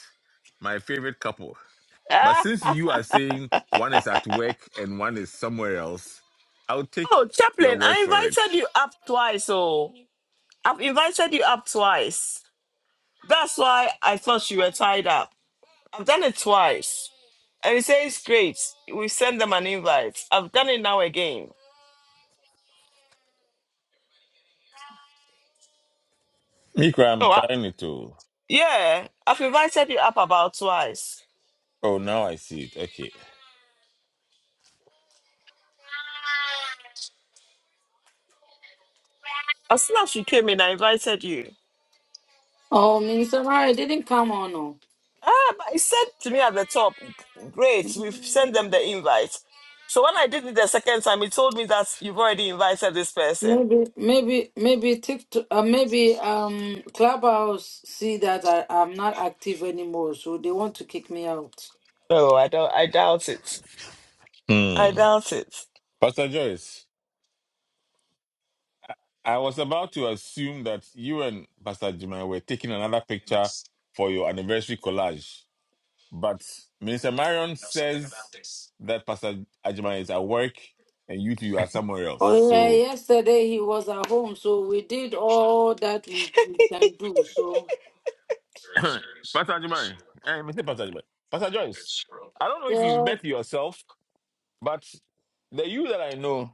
Speaker 4: my favorite couple, but
Speaker 1: oh,
Speaker 4: since you are saying one is at work and one is somewhere else, I'll take your
Speaker 1: Chaplain,
Speaker 4: word
Speaker 1: I
Speaker 4: for it.
Speaker 1: invited you up twice. Oh, I've invited you up twice. That's why I thought you were tied up. I've done it twice. And he says, Great, we send them an invite. I've done it now again.
Speaker 4: Mikra, I'm
Speaker 1: Oh, I-
Speaker 4: trying it to.
Speaker 1: yeah, I've invited you up about twice.
Speaker 4: Oh, now I see it. Okay.
Speaker 1: As soon as you came in, I invited you.
Speaker 5: Oh, Minister Mara it didn't come on. No.
Speaker 1: Ah, but he said to me at the top, Great, we've sent them the invite. So when I did it the second time, he told me that you've already invited this person.
Speaker 5: Maybe, maybe, maybe TikTok, uh, maybe um, Clubhouse see that I, I'm not active anymore, so they want to kick me out.
Speaker 1: No, I don't. I doubt it. I
Speaker 4: Hmm.
Speaker 1: doubt it.
Speaker 4: Pastor Joyce, I was about to assume that you and Pastor Jimmy were taking another picture for your anniversary collage, but Minister Marion says that Pastor Ajimai is at work and you two are somewhere else.
Speaker 5: Oh yeah,
Speaker 4: So,
Speaker 5: yesterday he was at home, so we did all that we, we can do. So
Speaker 4: Pastor Ajimai, eh, Mr. Pastor Ajimai, Pastor Joyce, I don't know if you've
Speaker 5: yes,
Speaker 4: met yourself, but the you that I know,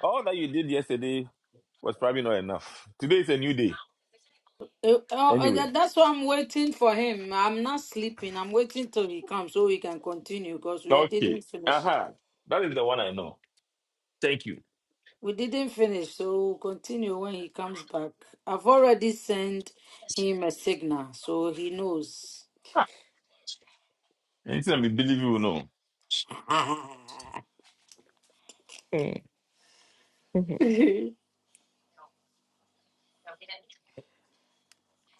Speaker 4: all that you did yesterday was probably not enough. Today is a new day.
Speaker 5: uh, uh, uh,
Speaker 4: Anyway.
Speaker 5: that- that's why I'm waiting for him. I'm not sleeping. I'm waiting till he comes so we can continue because we didn't
Speaker 4: Okay.
Speaker 5: finish.
Speaker 4: Aha. That is the one I know. Thank you.
Speaker 5: We didn't finish, so we'll continue when he comes back. I've already sent him a signal, so he knows.
Speaker 4: Ah, Anything I believe you will know.
Speaker 1: Mm, mhm.
Speaker 5: yes,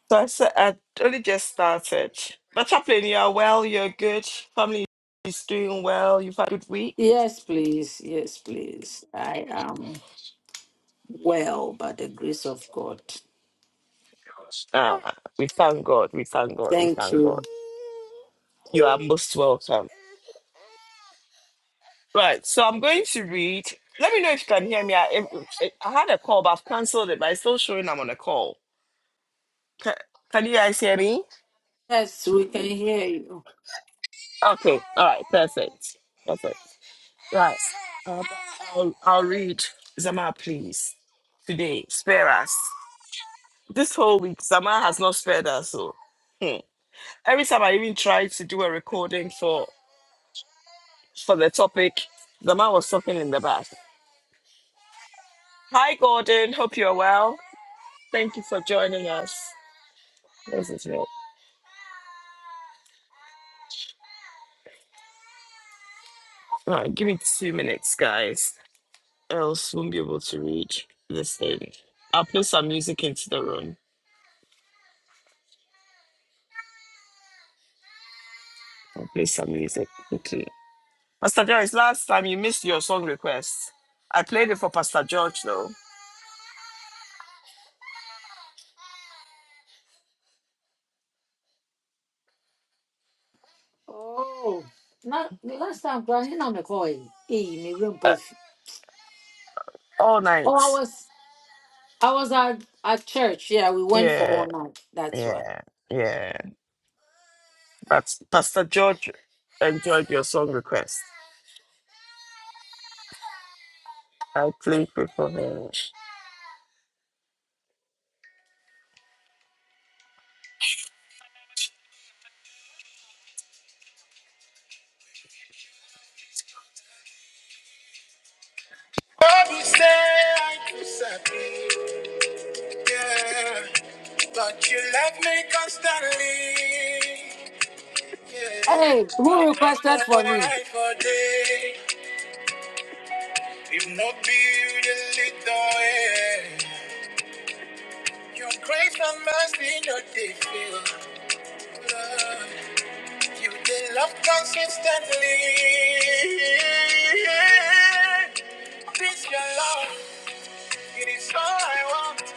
Speaker 1: So I said I only just started. Chaplain, you are well. You're good. Family is doing well. You've had a good week.
Speaker 5: please. Yes, please. I am well by the grace of God.
Speaker 1: Ah, we thank God. We thank God. We
Speaker 5: Thank
Speaker 1: thank God.
Speaker 5: you.
Speaker 1: You are most welcome. Right. So I'm going to read. Let me know if you can hear me. I, I I had a call, but I've cancelled it. But it's still showing I'm on a call. Can, can you guys hear me?
Speaker 5: Yes, we can hear you.
Speaker 1: Okay. All right. Perfect. Perfect. Right. I'll, I'll, I'll read Zama, please. Today, spare us. This whole week, Zama has not spared us. So hmm. every time I even tried to do a recording for for the topic, Zama was talking in the back. Hi, Gordon. Hope you're well. Thank you for joining us. Where's this note? Right, give me two minutes, guys. Else, won't be able to read this thing. I'll play some music into the room. I'll play some music. Okay. Pastor Joyce, last time you missed your song request. I played it for Pastor George though.
Speaker 5: Oh, not the last time, but you know, McCoy. Hey, me room perf-
Speaker 1: All
Speaker 5: Oh,
Speaker 1: night.
Speaker 5: I was, I was at, at church. Yeah, we went for
Speaker 1: Yeah,
Speaker 5: all night. That's why.
Speaker 1: yeah, yeah. But Pastor George enjoyed your song request. I played it for him. Bible say I could suffer, yeah. But you love me constantly. Yeah.
Speaker 5: Hey, who
Speaker 1: I don't know
Speaker 5: requested for
Speaker 1: where
Speaker 5: me?
Speaker 1: I for day. If not be you, the lead way. Your grace and mercy no dey fail. Lord, You dey love consistently. This your love, it is all I want.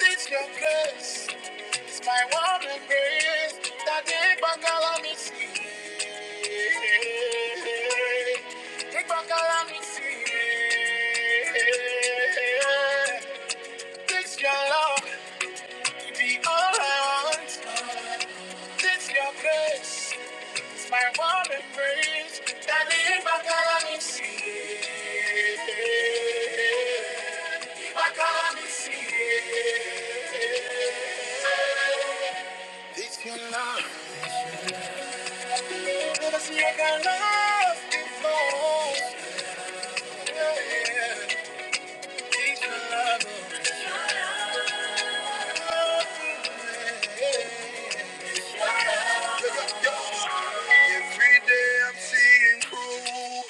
Speaker 1: This your grace, it's my one and grace. That day back allow me see. Take back allow me see. This your love, it be all I want. It's your grace, it's my warm embrace that lead my coming sea. My coming sea. It's your love. It's your kind of love before. It's your love. yeah. Every day I'm seeing proof.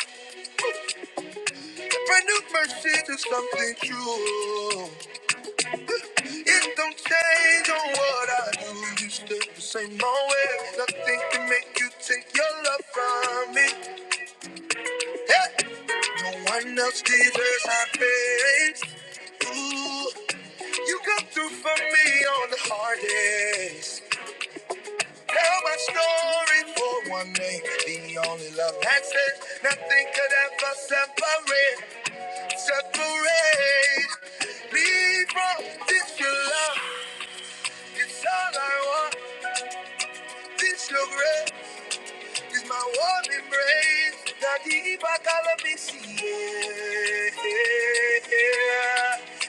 Speaker 1: Brand new mercy to something true. It don't change on what I do. You stay the same old way. Nothing can make you take your love from me. Hey, no one else deserves my praise. Ooh, you come through for me on the hard days. Tell my story for one day. The only love that says nothing could ever separate, separate me from this your love. It's all I want. This your grace is my warm embrace. Daddy, if I can let me see it.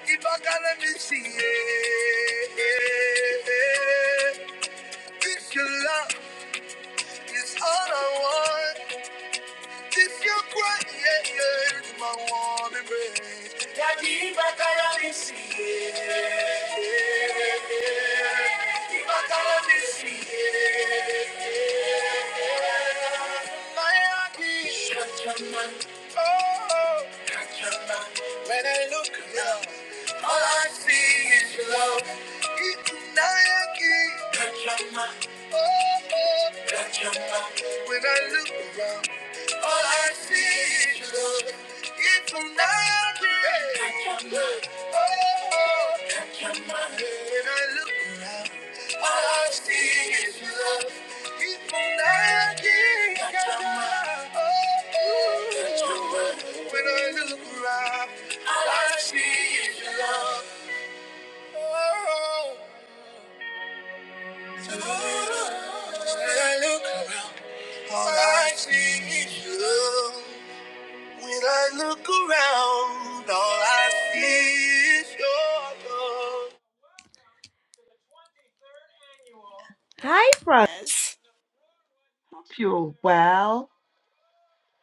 Speaker 1: If I can let me see it. This your love is all I want. This your grace yeah, yeah, is my warm embrace. If I can let me see Oh, When I look around, all I see is love. Ikunayaki. Kachama. Oh, oh. When I look around, all I see is love. Ikunayaki. Kachama. Oh, oh. When I look around. Oh, Oh, Hi, friends. Hope you're well.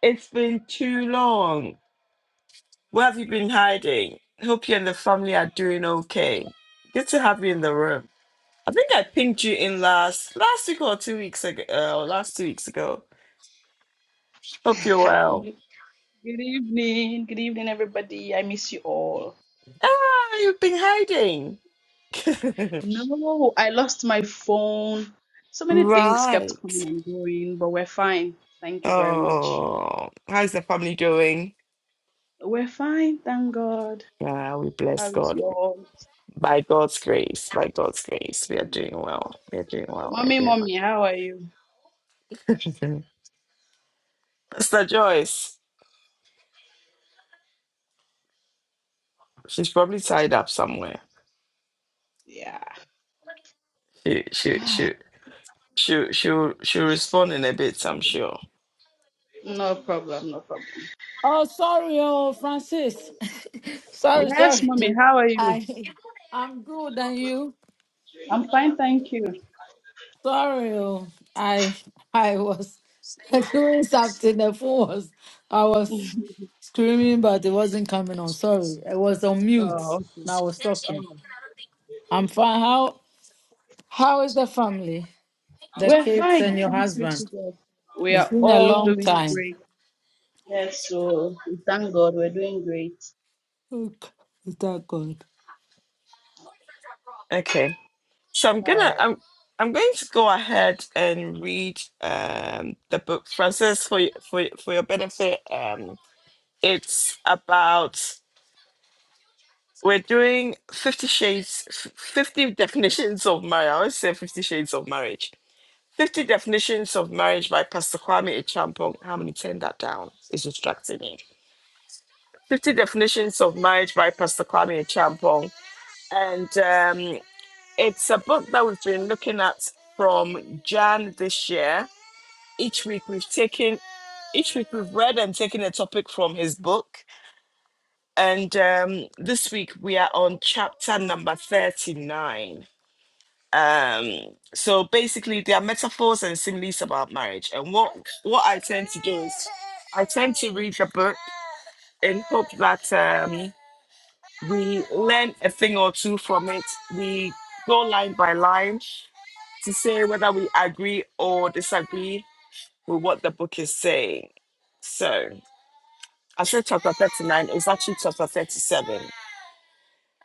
Speaker 1: It's been too long. Where have you been hiding? Hope you and the family are doing okay. Good to have you in the room. I think I pinged you in last last week or two weeks ago. Uh, or last two weeks ago. Hope you're
Speaker 6: Hi.
Speaker 1: well.
Speaker 6: Good evening. Good evening, everybody. I miss you all.
Speaker 1: Ah, you've been hiding.
Speaker 6: No, I lost my phone. So many things kept coming
Speaker 1: right.
Speaker 6: and going, but we're fine. Thank you very much.
Speaker 1: Oh, how's the family doing?
Speaker 6: We're fine, thank God.
Speaker 1: Yeah, we bless
Speaker 6: How's
Speaker 1: God.
Speaker 6: yours?
Speaker 1: By God's grace, by God's grace, we are
Speaker 6: Mm.
Speaker 1: doing well. We are doing well. We are
Speaker 6: Mommy,
Speaker 1: doing
Speaker 6: mommy, how are you?
Speaker 1: well. Mr. Joyce. She's probably tied up somewhere.
Speaker 6: Yeah.
Speaker 1: She she she she she'll she'll respond in a bit, I'm sure.
Speaker 6: No problem, no problem.
Speaker 5: Oh, sorry, oh Francis. sorry,
Speaker 6: Yes,
Speaker 5: sorry.
Speaker 6: mommy, how are you?
Speaker 5: I I'm good, and you?
Speaker 6: I'm fine, thank you.
Speaker 5: Sorry, oh I I was doing something. The phone was I was screaming, but it wasn't coming on. Sorry, I was on mute.
Speaker 6: Oh, okay.
Speaker 5: And I was talking.
Speaker 6: Oh,
Speaker 5: I'm fine. How how is the family, the
Speaker 6: we're
Speaker 5: kids,
Speaker 6: fine.
Speaker 5: and your
Speaker 6: Thanks be to
Speaker 5: husband?
Speaker 6: God. We
Speaker 5: It's
Speaker 6: are
Speaker 5: been a
Speaker 6: all
Speaker 5: long
Speaker 6: doing
Speaker 5: time.
Speaker 6: great. Yes, so we thank God we're doing great.
Speaker 5: Okay, is that good?
Speaker 1: Okay. So I'm
Speaker 6: All
Speaker 1: gonna
Speaker 6: right.
Speaker 1: I'm I'm going to go ahead and read um the book, Francis, for y- for y- for your benefit. Um it's about we're doing fifty shades f- fifty definitions of marriage. I always say fifty shades of marriage. 50 Definitions of Marriage by Pastor Kwame Echampong. How many turn that down? It's distracting me. 50 Definitions of Marriage by Pastor Kwame Champong. And um, it's a book that we've been looking at from Jan this year. Each week we've taken, each week we've read and taken a topic from his book. And um, this week we are on chapter number 39. Um, so basically there are metaphors and similes about marriage. And what, what I tend to do is I tend to read the book in hope that. Um, We learn a thing or two from it. We go line by line to say whether we agree or disagree with what the book is saying. So, I said chapter 39, it's actually chapter 37.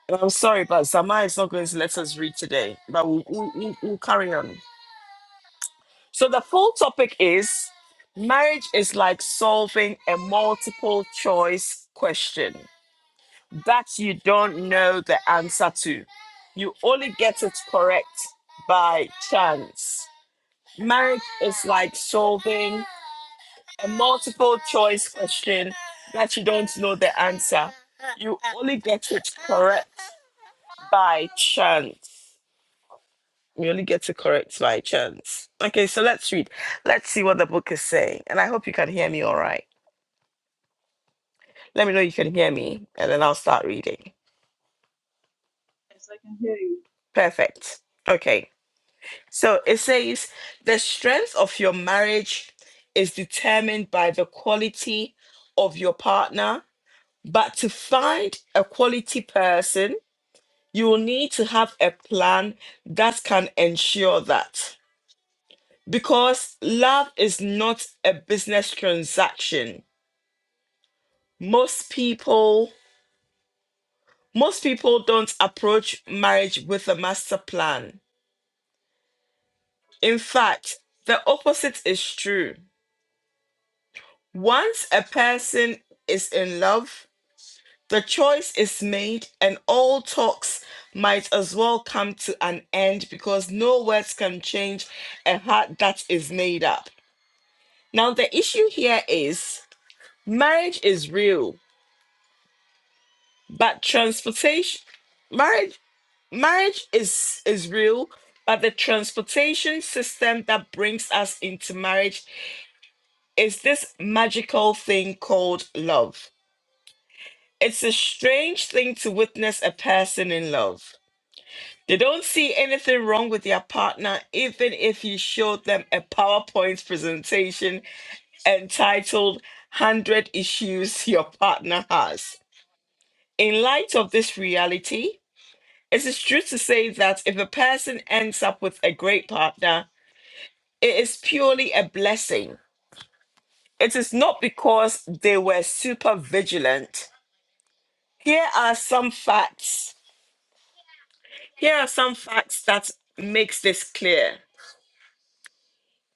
Speaker 1: And I'm sorry, but Zama is not going to let us read today, but we'll, we'll, we'll we'll carry on. So, the full topic is marriage is like solving a multiple choice question. that you don't know the answer to. You only get it correct by chance. Marriage is like solving a multiple choice question that you don't know the answer. You only get it correct by chance. You only get it correct by chance. Okay, so let's read. Let's see what the book is saying. And I hope you can hear me all right. Let me know you can hear me, and then I'll start reading.
Speaker 6: Yes, I can hear you.
Speaker 1: Perfect. Okay. So it says the strength of your marriage is determined by the quality of your partner. But to find a quality person, you will need to have a plan that can ensure that. Because love is not a business transaction. Most people most people don't approach marriage with a master plan. In fact, the opposite is true. Once a person is in love, the choice is made, and all talks might as well come to an end because no words can change a heart that is made up. Now, the issue here is marriage is real, but transportation, marriage, marriage is, is real, but the transportation system that brings us into marriage is this magical thing called love. It's a strange thing to witness a person in love. They don't see anything wrong with their partner, even if you showed them a PowerPoint presentation entitled 100 Issues Your Partner Has. In light of this reality, it is true to say that if a person ends up with a great partner, it is purely a blessing. It is not because they were super vigilant. Here are some facts Here are some facts that makes this clear.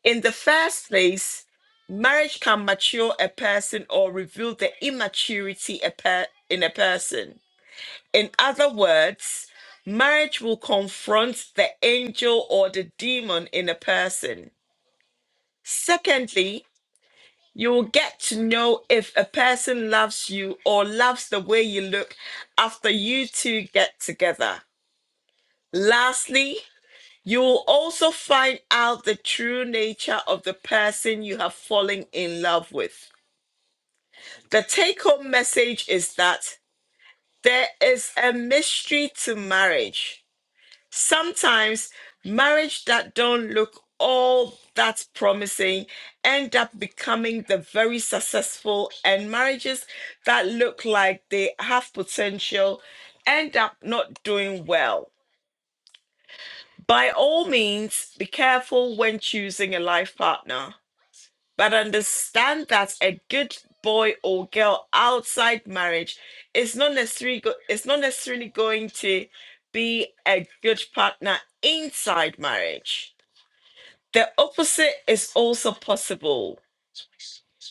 Speaker 1: In the first place, marriage can mature a person or reveal the immaturity a per- in a person. In other words, marriage will confront the angel or the demon in a person. Secondly, you will get to know if a person loves you or loves the way you look after you two get together. Lastly, You will also find out the true nature of the person you have fallen in love with. The take home message is that there is a mystery to marriage. Sometimes marriage that don't look all that promising end up becoming the very successful and marriages that look like they have potential end up not doing well. By all means, be careful when choosing a life partner but understand that a good boy or girl outside marriage is not necessarily go- is not necessarily going to be a good partner inside marriage. The opposite is also possible.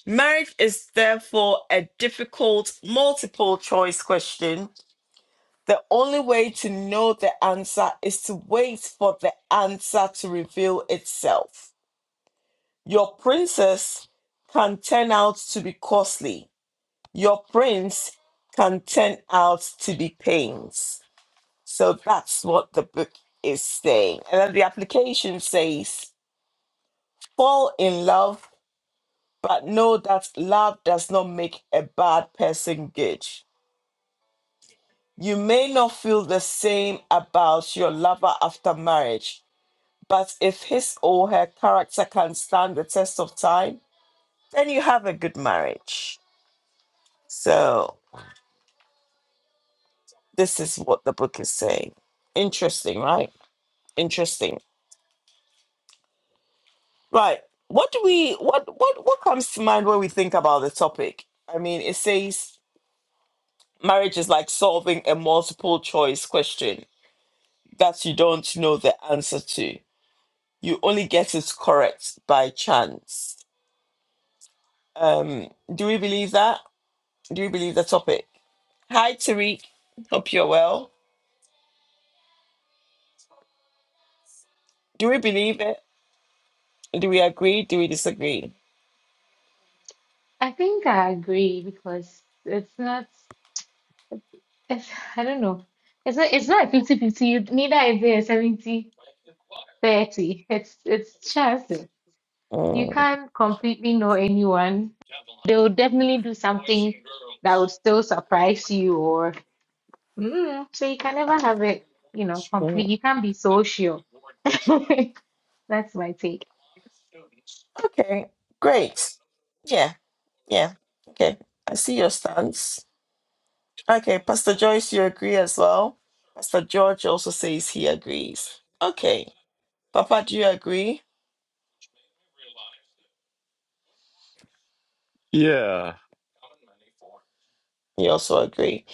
Speaker 1: Marriage is therefore a difficult multiple choice question. The only way to know the answer is to wait for the answer to reveal itself. Your princess can turn out to be costly Your prince can turn out to be pains. So that's what the book is saying. And then the application says, fall in love, but know that love does not make a bad person good. You may not feel the same about your lover after marriage, but if his or her character can stand the test of time, then you have a good marriage. So, this is what the book is saying. Interesting, right? Interesting. Right. What do we what what what comes to mind when we think about the topic? I mean, it says marriage is like solving a multiple choice question that you don't know the answer to. You only get it correct by chance. Um, do we believe that? Do we believe the topic? Hi Tariq. Hope you're well. Do we believe it? Do we agree? Do we disagree?
Speaker 2: think I agree because it's not. It's, I don't know. It's not it's not 50-50. You neither is it a 70 thirty. It's it's chance. You
Speaker 1: Mm,
Speaker 2: can't completely know anyone. They will definitely do something that would still surprise you or mm, so you can never have it, you know, complete. You can't be so sure. That's my take.
Speaker 1: Okay, great. Yeah, yeah. Okay. I see your stance. Okay, Pastor Joyce, you agree as well? Pastor George also says he agrees. Okay, Papa, do you agree?
Speaker 4: Yeah.
Speaker 1: You also agree.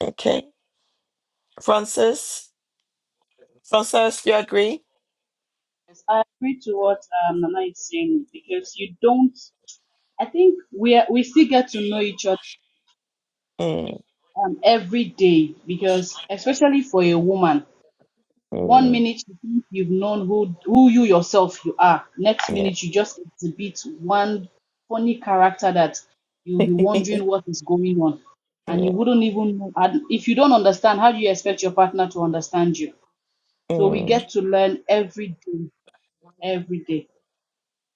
Speaker 1: Okay, Francis, Francis, you agree?
Speaker 6: Yes, I agree to what um, Nana is saying because you don't. I think we are, we still get to know each other
Speaker 1: Mm,
Speaker 6: um, every day because especially for a woman, one
Speaker 1: mm,
Speaker 6: minute you think you've known who who you yourself you are. Next
Speaker 1: yeah.
Speaker 6: minute you just exhibit one funny character that you'll be wondering
Speaker 1: yeah.
Speaker 6: what is going on, and you wouldn't even know. And if you don't understand, how do you expect your partner to understand you? So we
Speaker 1: Mm.
Speaker 6: get to learn every day, every day.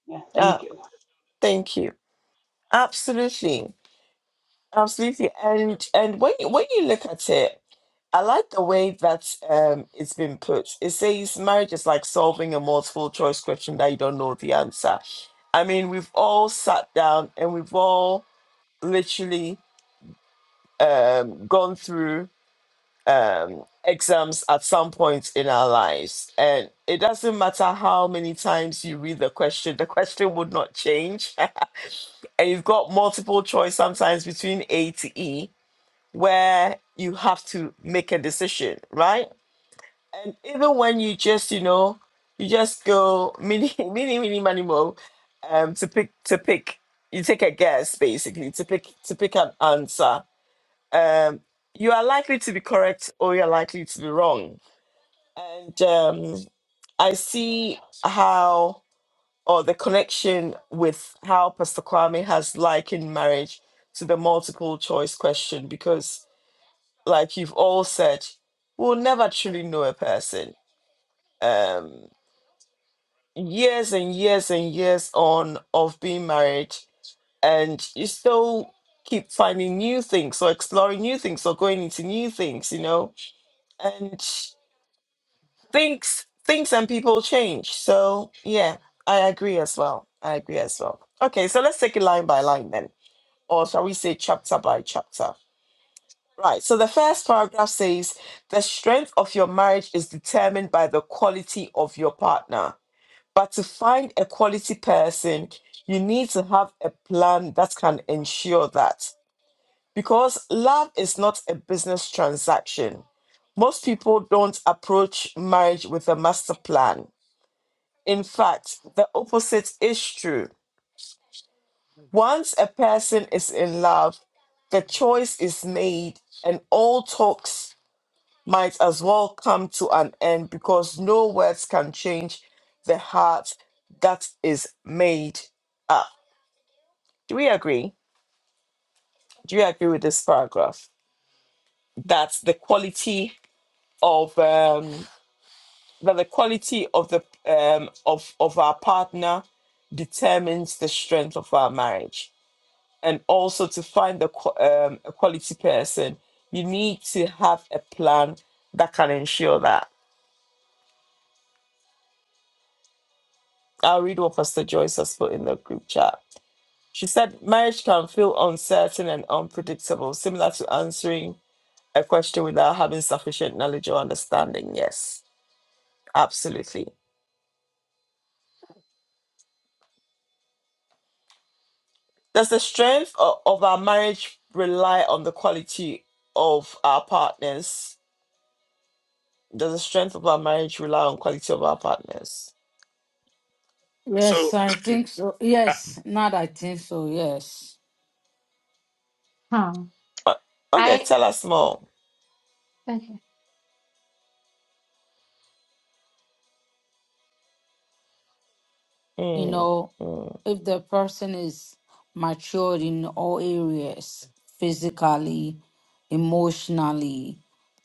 Speaker 6: Yeah, thank
Speaker 1: Ah,
Speaker 6: you.
Speaker 1: thank you. Absolutely. Absolutely, and and when you, when you look at it, I like the way that um, it's been put. It says marriage is like solving a multiple choice question that you don't know the answer. I mean, we've all sat down and we've all literally um, gone through um, exams at some point in our lives, and it doesn't matter how many times you read the question, the question would not change. and you've got multiple choice sometimes between A to E where you have to make a decision, right? And even when you just, you know, you just go mini, mini, mini, mini, mo, um, to pick, to pick, you take a guess basically to pick, to pick an answer. Um, you are likely to be correct or you're likely to be wrong. And um, I see how, or the connection with how Pastor Kwame has likened marriage to the multiple choice question because like you've all said, we'll never truly know a person. Um, years and years and years on of being married, and you still keep finding new things or exploring new things or going into new things, you know. And things, things, and people change. So yeah, I agree as well. I agree as well. Okay, so let's take it line by line then, or shall we say chapter by chapter? Right. So the first paragraph says the strength of your marriage is determined by the quality of your partner. But to find a quality person, you need to have a plan that can ensure that. Because love is not a business transaction. Most people don't approach marriage with a master plan. In fact, the opposite is true. Once a person is in love, the choice is made and all talks might as well come to an end because no words can change the heart that is made up. Do we agree? Do you agree with this paragraph? That the quality of um, that the quality of the um, of of our partner determines the strength of our marriage, and also to find the qu- um, a quality person, you need to have a plan that can ensure that. I'll read what Pastor Joyce has put in the group chat She said marriage can feel uncertain and unpredictable, similar to answering a question without having sufficient knowledge or understanding. Yes, absolutely. Does the strength o- of our marriage rely on the quality of our partners? Does the strength of our marriage rely on quality of our partners?
Speaker 5: Yes,
Speaker 4: So,
Speaker 5: I think so.
Speaker 4: ah,
Speaker 5: Yes, not I think so. Yes.
Speaker 2: Hmm.
Speaker 1: Uh, Okay,
Speaker 2: I
Speaker 1: tell us more.
Speaker 2: okay.
Speaker 5: you
Speaker 1: Mm,
Speaker 5: know,
Speaker 1: mm,
Speaker 5: if the person is matured in all areas, physically, emotionally,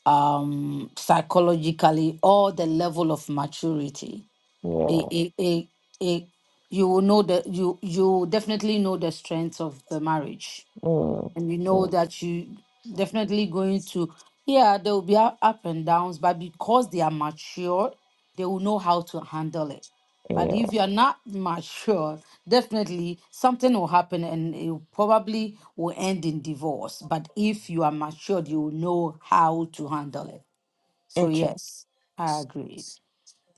Speaker 5: um, psychologically, all the level of maturity,
Speaker 1: yeah,
Speaker 5: it, it, it, it, you will know that you you will definitely know the strength of the marriage
Speaker 1: mm,
Speaker 5: and you know
Speaker 1: mm,
Speaker 5: that you definitely going to yeah there will be up up and downs but because they are mature they will know how to handle it but if
Speaker 1: yeah.
Speaker 5: you're not mature definitely something will happen and it will probably will end in divorce but if you are matured you will know how to handle it so
Speaker 1: Okay,
Speaker 5: yes i agree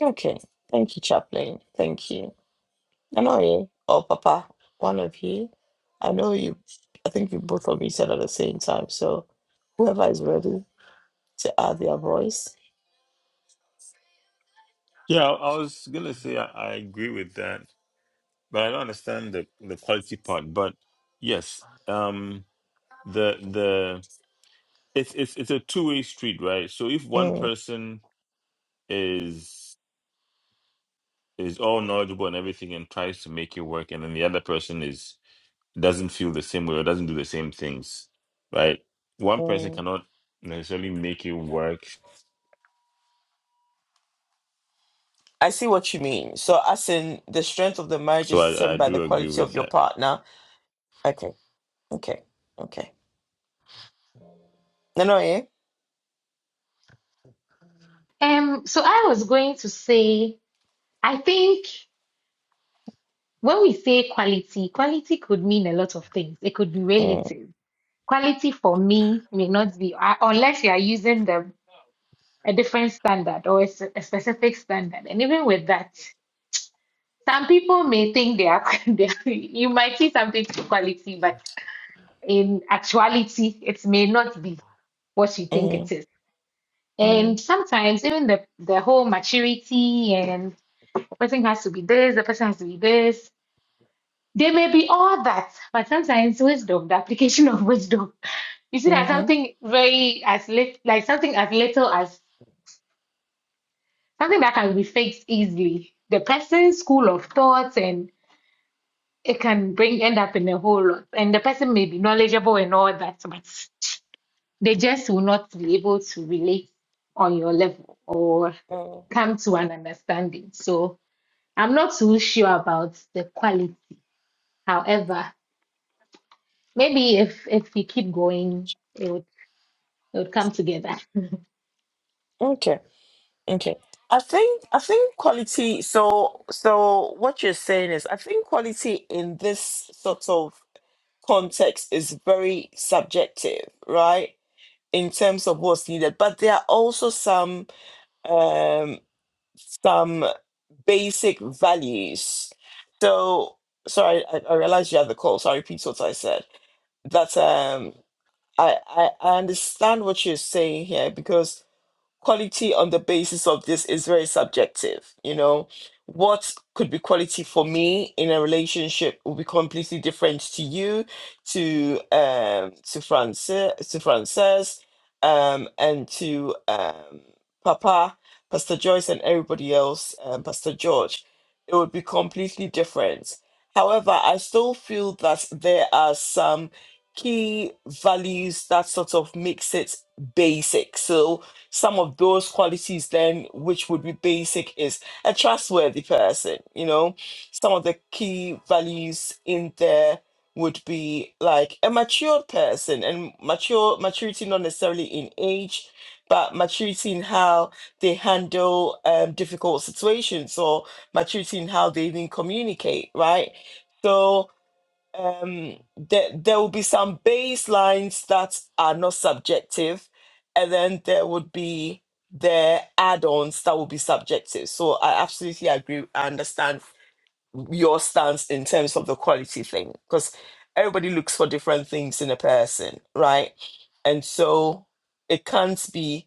Speaker 1: okay. Thank you, Chaplain. Thank you. I know you. Oh, Papa, one of you. I know you. I think you both of you said at the same time. So whoever is ready to add their voice.
Speaker 4: yeah, I was going to say I, I agree with that, but I don't understand the, the quality part. But yes, um, the, the, it's, it's, it's a two way street, right? So if one
Speaker 1: Mm,
Speaker 4: person is, is all knowledgeable and everything and tries to make it work, and then the other person is doesn't feel the same way or doesn't do the same things, right? One person
Speaker 1: mm.
Speaker 4: cannot necessarily make it work.
Speaker 1: I see what you mean. So, as in the strength of the marriage
Speaker 4: So
Speaker 1: is
Speaker 4: I, I
Speaker 1: determined by the
Speaker 4: do agree
Speaker 1: quality
Speaker 4: with
Speaker 1: of your
Speaker 4: that.
Speaker 1: partner. Okay, okay, okay. No, no, yeah.
Speaker 2: Um, so I was going to say, I think. When we say quality, quality could mean a lot of things. It could be
Speaker 1: Mm,
Speaker 2: relative. Quality for me may not be, uh, unless you are using the, a different standard or a, s- a specific standard. And even with that, some people may think they are, they are, you might see something to quality, but in actuality, it may not be what you think it
Speaker 1: mm,
Speaker 2: is. And
Speaker 1: mm,
Speaker 2: sometimes even the, the whole maturity and the person has to be this, the person has to be this They may be all that, but sometimes wisdom, the application of wisdom, you see that
Speaker 1: hmm
Speaker 2: something very as lit, like something as little as something that can be fixed easily. The person's school of thoughts and it can bring end up in a whole lot. And the person may be knowledgeable and all that, but they just will not be able to relate on your level or
Speaker 1: mm
Speaker 2: come to an understanding. So I'm not too sure about the quality. However, Maybe if if you keep going, it would it would come together.
Speaker 1: Okay, okay. I think I think quality. So, so what you're saying is, I think quality in this sort of context is very subjective, right? In terms of what's needed, but there are also some um, some basic values. So sorry, I, I realized you had the call. So I repeat what I said. That um, I, I I understand what you're saying here because quality on the basis of this is very subjective. You know, what could be quality for me in a relationship will be completely different to you, to um, to Francis, to Frances, um, and to um, Papa, Pastor Joyce, and everybody else, um, Pastor George. It would be completely different. However, I still feel that there are some key values that sort of makes it basic. So, some of those qualities then which would be basic is a trustworthy person you know some of the key values in there would be like a matured person and mature maturity not necessarily in age but maturity in how they handle um, difficult situations or maturity in how they even communicate right so um there there will be some baselines that are not subjective and then there would be the add-ons that will be subjective so i absolutely agree i understand your stance in terms of the quality thing because everybody looks for different things in a person right and so it can't be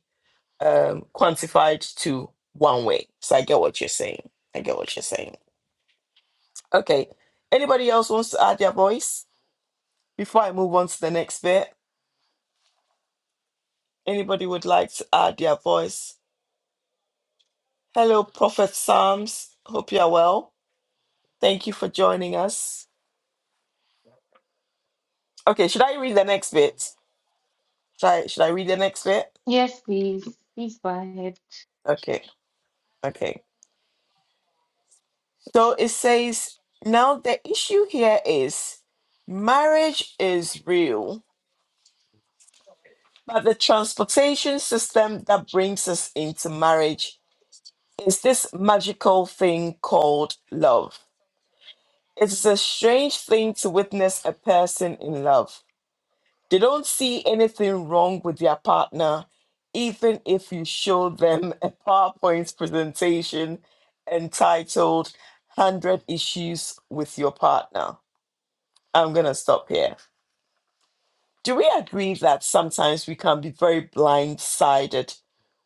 Speaker 1: um quantified to one way so i get what you're saying i get what you're saying okay anybody else wants to add their voice before I move on to the next bit, anybody would like to add their voice? Hello, Prophet Psalms. Hope you are well. Thank you for joining us. Okay, should I read the next bit? Should I, should I read the next bit?
Speaker 2: Yes, please. Please go ahead.
Speaker 1: Okay, okay. So it says, now the issue here is marriage is real, but the transportation system that brings us into marriage is this magical thing called love. It's a strange thing to witness a person in love. They don't see anything wrong with their partner, even if you show them a PowerPoint presentation entitled 100 Issues with Your Partner. I'm going to stop here. Do we agree that sometimes we can be very blindsided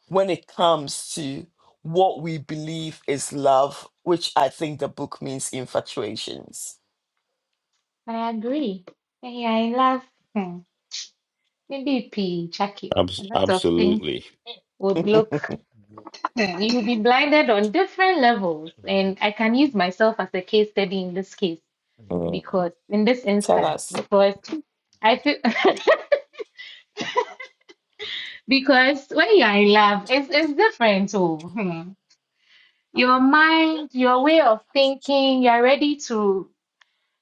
Speaker 1: when it comes to what we believe is love, which I think the book means infatuations?
Speaker 2: I agree. Yeah, I love hmm, maybe P Chakio. A
Speaker 4: Abs-
Speaker 2: lot of things
Speaker 4: absolutely.
Speaker 2: would look hmm, you will be blinded on different levels. And I can use myself as a case study in this case
Speaker 1: Mm.
Speaker 2: because in this
Speaker 1: Tell
Speaker 2: instance,
Speaker 1: us.
Speaker 2: because I feel because when you're in love, it's it's different too. Hmm. Your mind, your way of thinking, you're ready to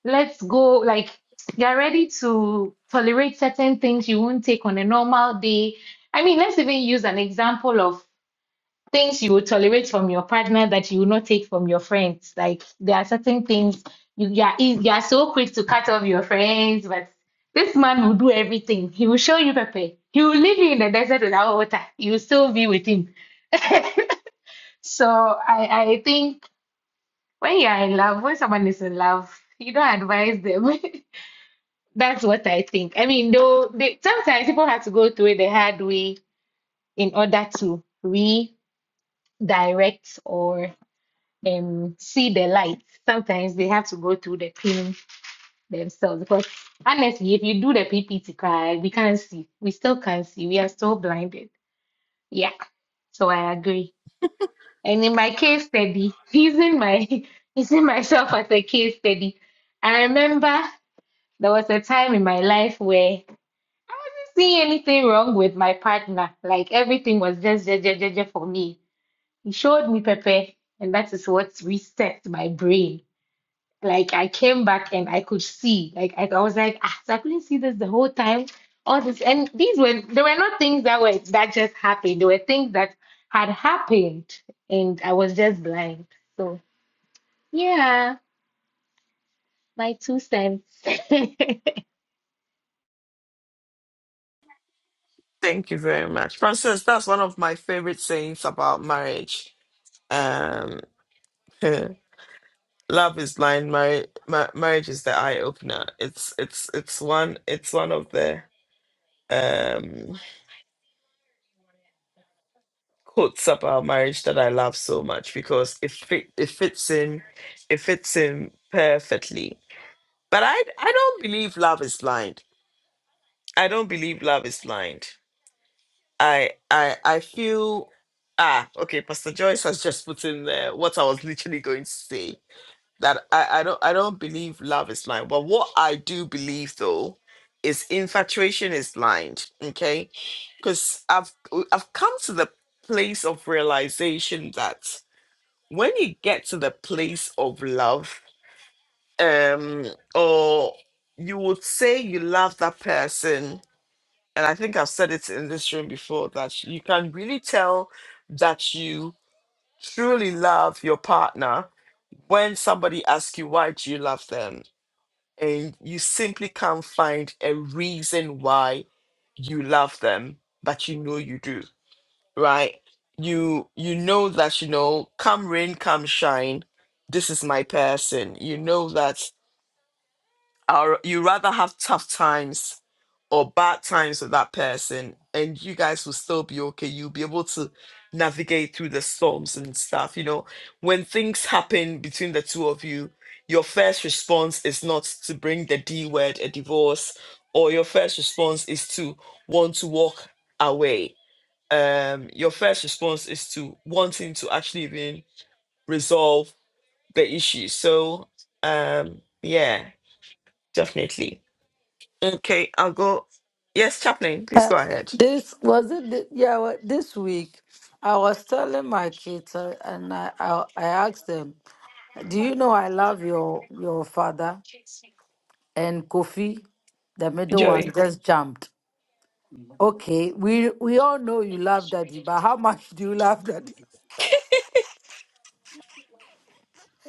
Speaker 2: let's go like you're ready to tolerate certain things you won't take on a normal day i mean let's even use an example of things you would tolerate from your partner that you will not take from your friends like there are certain things you, you are eas- you are so quick to cut off your friends but this man will do everything he will show you pepper he will leave you in the desert without water you will still be with him so i i think when you are in love when someone is in love you don't advise them That's what I think. I mean, though they, sometimes people have to go through it the hard way in order to redirect or um see the light. Sometimes they have to go through the pain themselves because honestly, if you do the PPT cry, we can't see. We still can't see. We are still blinded. Yeah, so I agree. And in my case study, using my using myself as a case study, I remember there was a time in my life where see anything wrong with my partner. Like everything was just je, je, je, je for me. He showed me Pepe, and that is what reset my brain. Like I came back and I could see. Like I, I was like, ah, so I couldn't see this the whole time. All this and these were there were not things that were that just happened. There were things that had happened, and I was just blind. So yeah, my two cents.
Speaker 1: Thank you very much. Francis, that's one of my favorite sayings about marriage. Um, love is blind, marriage mar- marriage is the eye opener. It's it's it's one it's one of the um quotes about marriage that I love so much because it fit it fits in it fits in perfectly. But I I don't believe love is blind. I don't believe love is blind. I I I feel ah okay. Pastor Joyce has just put in there what I was literally going to say that I I don't I don't believe love is blind, but what I do believe though is infatuation is blind. Okay, because I've I've come to the place of realization that when you get to the place of love, um, or you would say you love that person and I think I've said it in this room before that you can really tell that you truly love your partner when somebody asks you why do you love them and you simply can't find a reason why you love them but you know you do right you you know that you know come rain come shine this is my person you know that or you rather have tough times or bad times with that person, and you guys will still be okay. You'll be able to navigate through the storms and stuff. You know, when things happen between the two of you, your first response is not to bring the D word, a divorce, or your first response is to want to walk away. Um, your first response is to wanting to actually even resolve the issue. So, um, yeah, definitely. Okay, I'll go. Yes, Chaplain, please
Speaker 5: Uh,
Speaker 1: go ahead.
Speaker 5: this was it. thi- Yeah, wa- this week I was telling my kids, uh, and I, I I asked them, "Do you know I love your your father?" And Kofi, the middle one,
Speaker 1: Joey,
Speaker 5: just jumped. Okay, we we all know you love daddy, but how much do you love daddy?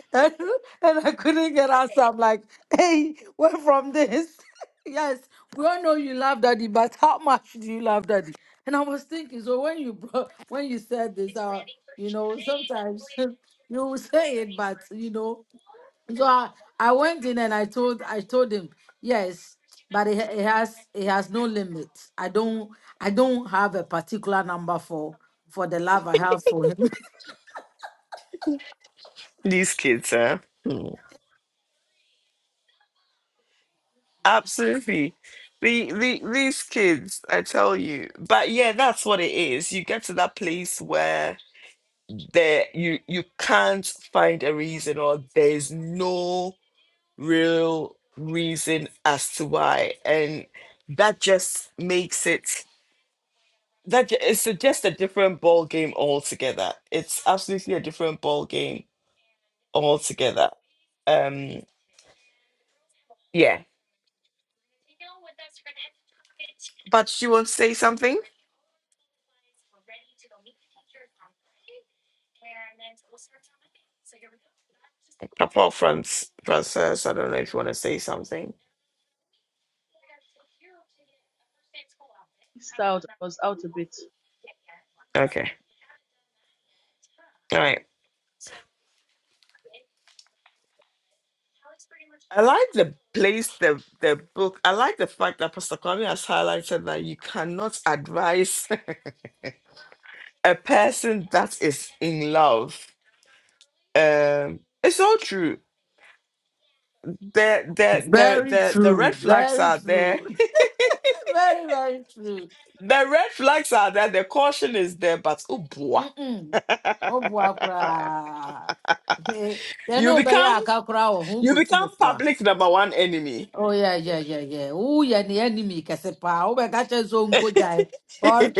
Speaker 5: and I couldn't get answer. I'm like, hey, where from this? yes, we all know you love daddy, but how much do you love daddy? And I was thinking, so when you brought, when you said this, uh, you know, sometimes you will say it, but you know, so I, I went in and I told I told him, yes, but it, ha- it has it has no limit. I don't I don't have a particular number for for the love I have for him.
Speaker 1: these kids, huh? Hmm. Absolutely. The, the these kids, I tell you. But yeah, that's what it is. You get to that place where there you you can't find a reason or there's no real reason as to why. And that just makes it that ju- it's a- just a different ball game altogether. It's absolutely a different ball game altogether. Um, yeah, but you want to say something apart from s- process. I don't know if you want to say something.
Speaker 6: Missed out, I was out a bit.
Speaker 1: Okay, all right. I like the place, the the book. I like the fact that Pastor Kwame has highlighted that you cannot advise a person that is in love. Um, it's all true. The the the
Speaker 5: Very
Speaker 1: the the red
Speaker 5: true.
Speaker 1: flags
Speaker 5: Very
Speaker 1: are there.
Speaker 5: true. very, very true.
Speaker 1: the red flags are there. The caution is there, but oh boy.
Speaker 5: Mm-mm. Oh, boy, cry. They
Speaker 1: you
Speaker 5: know not
Speaker 1: become
Speaker 5: cry. cacra who
Speaker 1: You
Speaker 5: could see
Speaker 1: become
Speaker 5: before.
Speaker 1: public number one enemy.
Speaker 5: Oh, yeah, yeah, yeah, yeah. Oh, yeah, the enemy, Casepa. Oh, my catch his own good die. Or,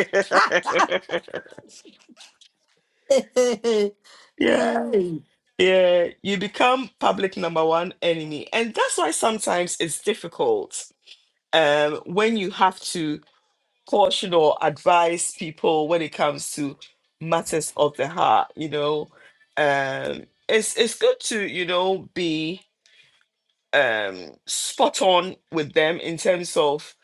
Speaker 5: hey,
Speaker 1: yeah. Yeah. You become public number one enemy. And that's why sometimes it's difficult um, when you have to caution or advise people when it comes to matters of the heart, you know. Um, it's it's good to, you know, be um spot on with them in terms of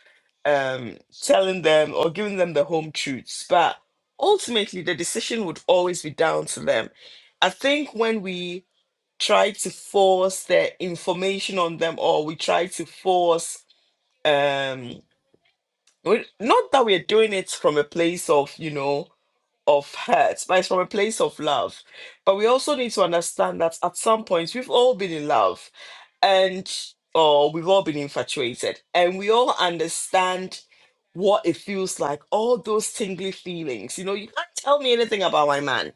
Speaker 1: um, telling them or giving them the home truths. But ultimately, the decision would always be down to them. I think when we try to force the information on them or we try to force, um, we- not that we're doing it from a place of, you know, of hurt, but it's from a place of love. But we also need to understand that at some point we've all been in love and oh, we've all been infatuated, and we all understand what it feels like. All those tingly feelings. You know, you can't tell me anything about my man.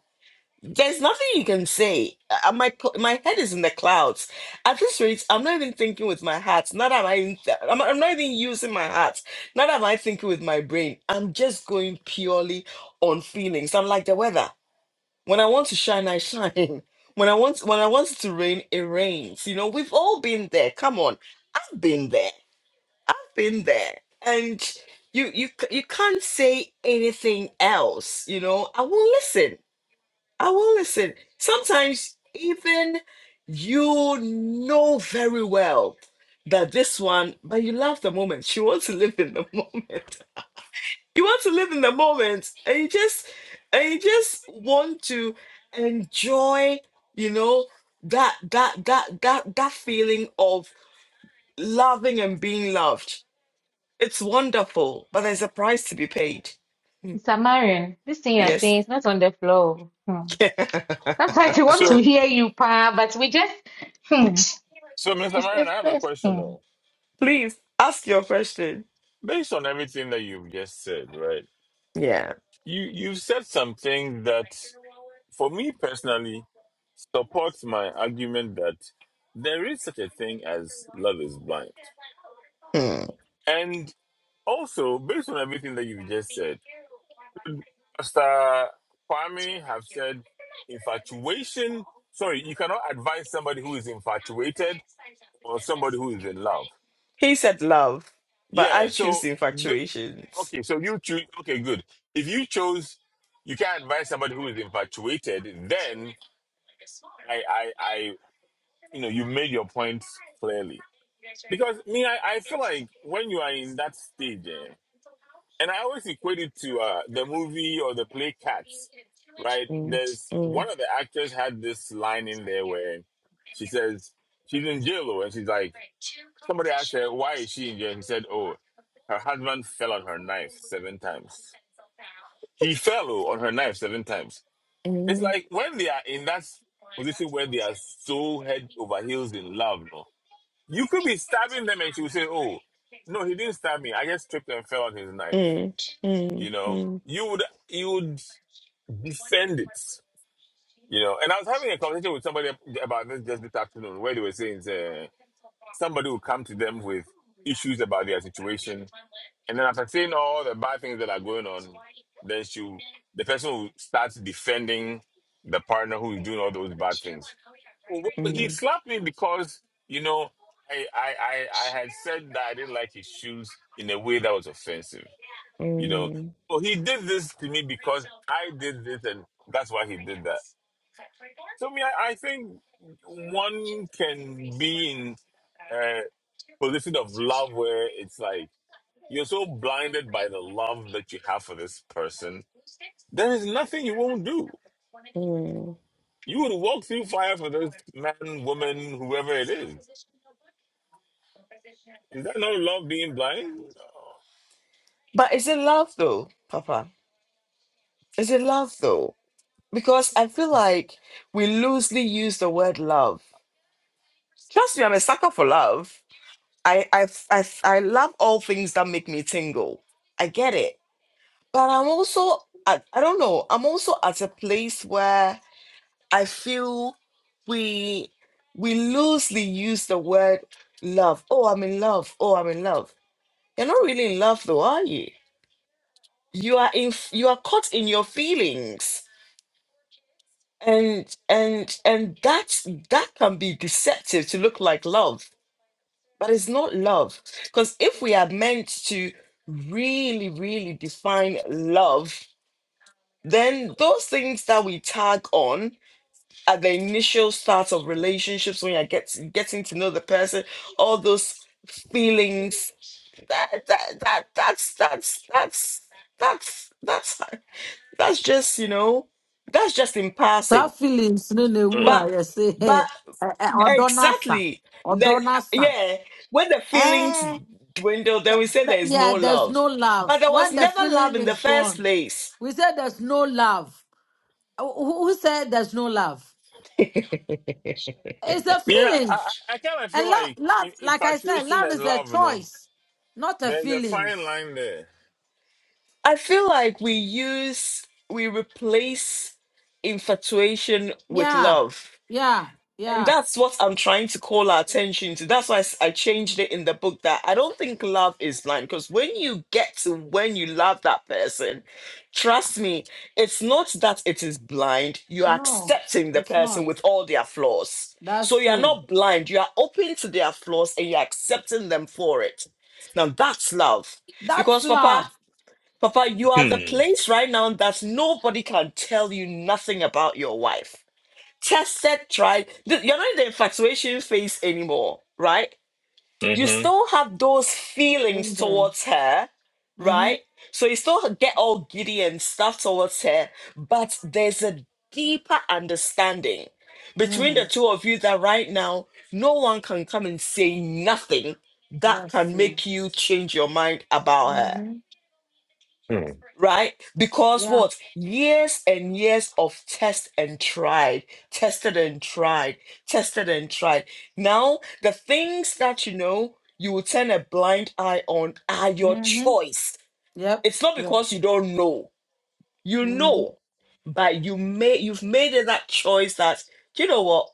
Speaker 1: There's nothing you can say. Uh, my p- my head is in the clouds. At this rate, I'm not even thinking with my heart. Not am I. In th- I'm, I'm not even using my heart. Not am I thinking with my brain. I'm just going purely on feelings. I'm like the weather. When I want to shine, I shine. When I want when I want it to rain, it rains. You know, we've all been there. Come on. I've been there. I've been there. And you you c- you can't say anything else, you know. I will listen. I will listen. Sometimes even you know very well that this one, but you love the moment. She wants to live in the moment you want to live in the moment and you just and you just want to enjoy you know that that that that that feeling of loving and being loved it's wonderful but there's a price to be paid
Speaker 2: Samarin, this thing you're
Speaker 1: yes
Speaker 2: saying is not on the floor. Hmm. Sometimes we want to
Speaker 4: So,
Speaker 2: hear you, pa, but we just hmm.
Speaker 4: so Mr.
Speaker 2: It's
Speaker 4: Marion,
Speaker 2: it's
Speaker 4: I have a
Speaker 2: it's
Speaker 4: question
Speaker 2: hmm.
Speaker 4: though.
Speaker 1: please ask your question
Speaker 4: Based on everything that you've just said, right?
Speaker 1: yeah
Speaker 4: You you've said something that, for me personally, supports my argument that there is such a thing as love is blind. And also, based on everything that you've just said. Pastor Kwame have said infatuation. Sorry, you cannot advise somebody who is infatuated or somebody who is in love.
Speaker 1: he said love but i
Speaker 4: Yeah. So
Speaker 1: choose
Speaker 4: th-
Speaker 1: infatuations
Speaker 4: okay. So you choose. Okay, good. If you chose, you can't advise somebody who is infatuated. Then I, I, I, you know, you made your points clearly. Because me, I, I feel like when you are in that stage, eh, and I always equate it to uh, the movie or the play Cats, right? There's
Speaker 1: Mm,
Speaker 4: one of the actors had this line in there where she says she's in jail, oh, and she's like, somebody asked her why is she in jail, and he said, oh, her husband fell on her knife seven times. He fell oh, on her knife seven times. It's
Speaker 1: mm,
Speaker 4: like when they are in that position where they are so head over heels in love, no, you could be stabbing them, and she would say, oh, no, he didn't stab me. I just tripped and fell on his knife you know you would you would defend it you know and i was having a conversation with somebody about this just this afternoon where they were saying uh, somebody will come to them with issues about their situation and then after saying all the bad things that are going on then she the person will start defending the partner who is doing all those bad things well, well, he slapped me because you know I, I i i had said that i didn't like his shoes in a way that was offensive you know,
Speaker 1: mm,
Speaker 4: oh, he did this to me because I did this, and that's why he did that. So, I mean, I, I think one can be in a position of love where it's like you're so blinded by the love that you have for this person, there is nothing you won't do.
Speaker 1: mm.
Speaker 4: You would walk through fire for this man, woman, whoever it is. Is that no love being blind?
Speaker 1: but is it love though papa is it love though because I feel like we loosely use the word love. Trust me, I'm a sucker for love. I I I, I love all things that make me tingle. I get it, but I'm also I, I don't know. I'm also at a place where I feel we we loosely use the word love. Oh, I'm in love. Oh, I'm in love. You're not really in love, though, are you? You are in. You are caught in your feelings and and and that's that can be deceptive to look like love but it's not love because if we are meant to really really define love then those things that we tag on at the initial start of relationships when you're get, getting to know the person all those feelings that that, that that's that's that's that's that's that's just you know that's just in passing
Speaker 5: tough feelings, no, no, who
Speaker 1: but
Speaker 4: Mm.
Speaker 5: are you say, hey,
Speaker 1: but
Speaker 5: or donasa,
Speaker 1: Exactly.
Speaker 5: or
Speaker 1: The,
Speaker 5: donasa.
Speaker 1: yeah. When the feelings
Speaker 5: Eh,
Speaker 1: dwindle, then
Speaker 5: th-
Speaker 1: we say
Speaker 5: th-
Speaker 1: there is no
Speaker 5: yeah, there's
Speaker 1: love.
Speaker 5: no love.
Speaker 1: But there was
Speaker 5: When the
Speaker 1: never love
Speaker 5: feeling
Speaker 1: in the
Speaker 5: is
Speaker 1: first
Speaker 5: gone,
Speaker 1: place.
Speaker 5: we say there's no love. Who who said there's no love?
Speaker 1: I
Speaker 5: It's the
Speaker 4: Yeah,
Speaker 5: feelings.
Speaker 4: I, I kind of
Speaker 5: And
Speaker 4: feel
Speaker 5: love,
Speaker 4: like
Speaker 5: love,
Speaker 4: in-
Speaker 5: like I said,
Speaker 4: infatuation
Speaker 5: love
Speaker 4: and
Speaker 5: is a
Speaker 4: love, you know,
Speaker 5: choice, not a
Speaker 4: there's a fine
Speaker 5: feelings.
Speaker 4: line there.
Speaker 1: feel like we use, we replace infatuation with
Speaker 5: Yeah,
Speaker 1: love.
Speaker 5: yeah,
Speaker 1: And
Speaker 5: yeah.
Speaker 1: that's what I'm trying to call our attention to. That's why I s- I changed it in the book that I don't think love is blind because when you get to when you love that person, trust me, it's not that it is blind. You are
Speaker 5: No,
Speaker 1: accepting the
Speaker 5: it's
Speaker 1: person
Speaker 5: not.
Speaker 1: with all their flaws. So
Speaker 5: That's
Speaker 1: you are
Speaker 5: true.
Speaker 1: not blind. You are open to their flaws and you're accepting them for it. Now that's love.
Speaker 5: That's
Speaker 1: Because, Papa,
Speaker 5: love.
Speaker 1: Papa, you are the
Speaker 4: Hmm.
Speaker 1: place right now that nobody can tell you nothing about your wife Tested, tried. Th- You're not in the infatuation phase anymore, right? You
Speaker 4: Mm-hmm.
Speaker 1: still have those feelings
Speaker 5: Same here.
Speaker 1: towards her,
Speaker 5: Mm-hmm.
Speaker 1: right? So you still get all giddy and stuff towards her, but there's a deeper understanding between
Speaker 5: Mm-hmm.
Speaker 1: the two of you that right now no one can come and say nothing that
Speaker 5: That's
Speaker 1: can
Speaker 5: true.
Speaker 1: make you change your mind about her
Speaker 5: Mm-hmm.
Speaker 4: Hmm.
Speaker 1: right? Because
Speaker 5: Yeah.
Speaker 1: what? Years and years of test and tried, tested and tried, tested and tried. Now, the things that you know you will turn a blind eye on are your
Speaker 5: Mm-hmm.
Speaker 1: choice.
Speaker 5: Yep.
Speaker 1: It's not
Speaker 5: Yep.
Speaker 1: because you don't know. You
Speaker 5: Mm-hmm.
Speaker 1: know, but you may you've made it that choice that you know what?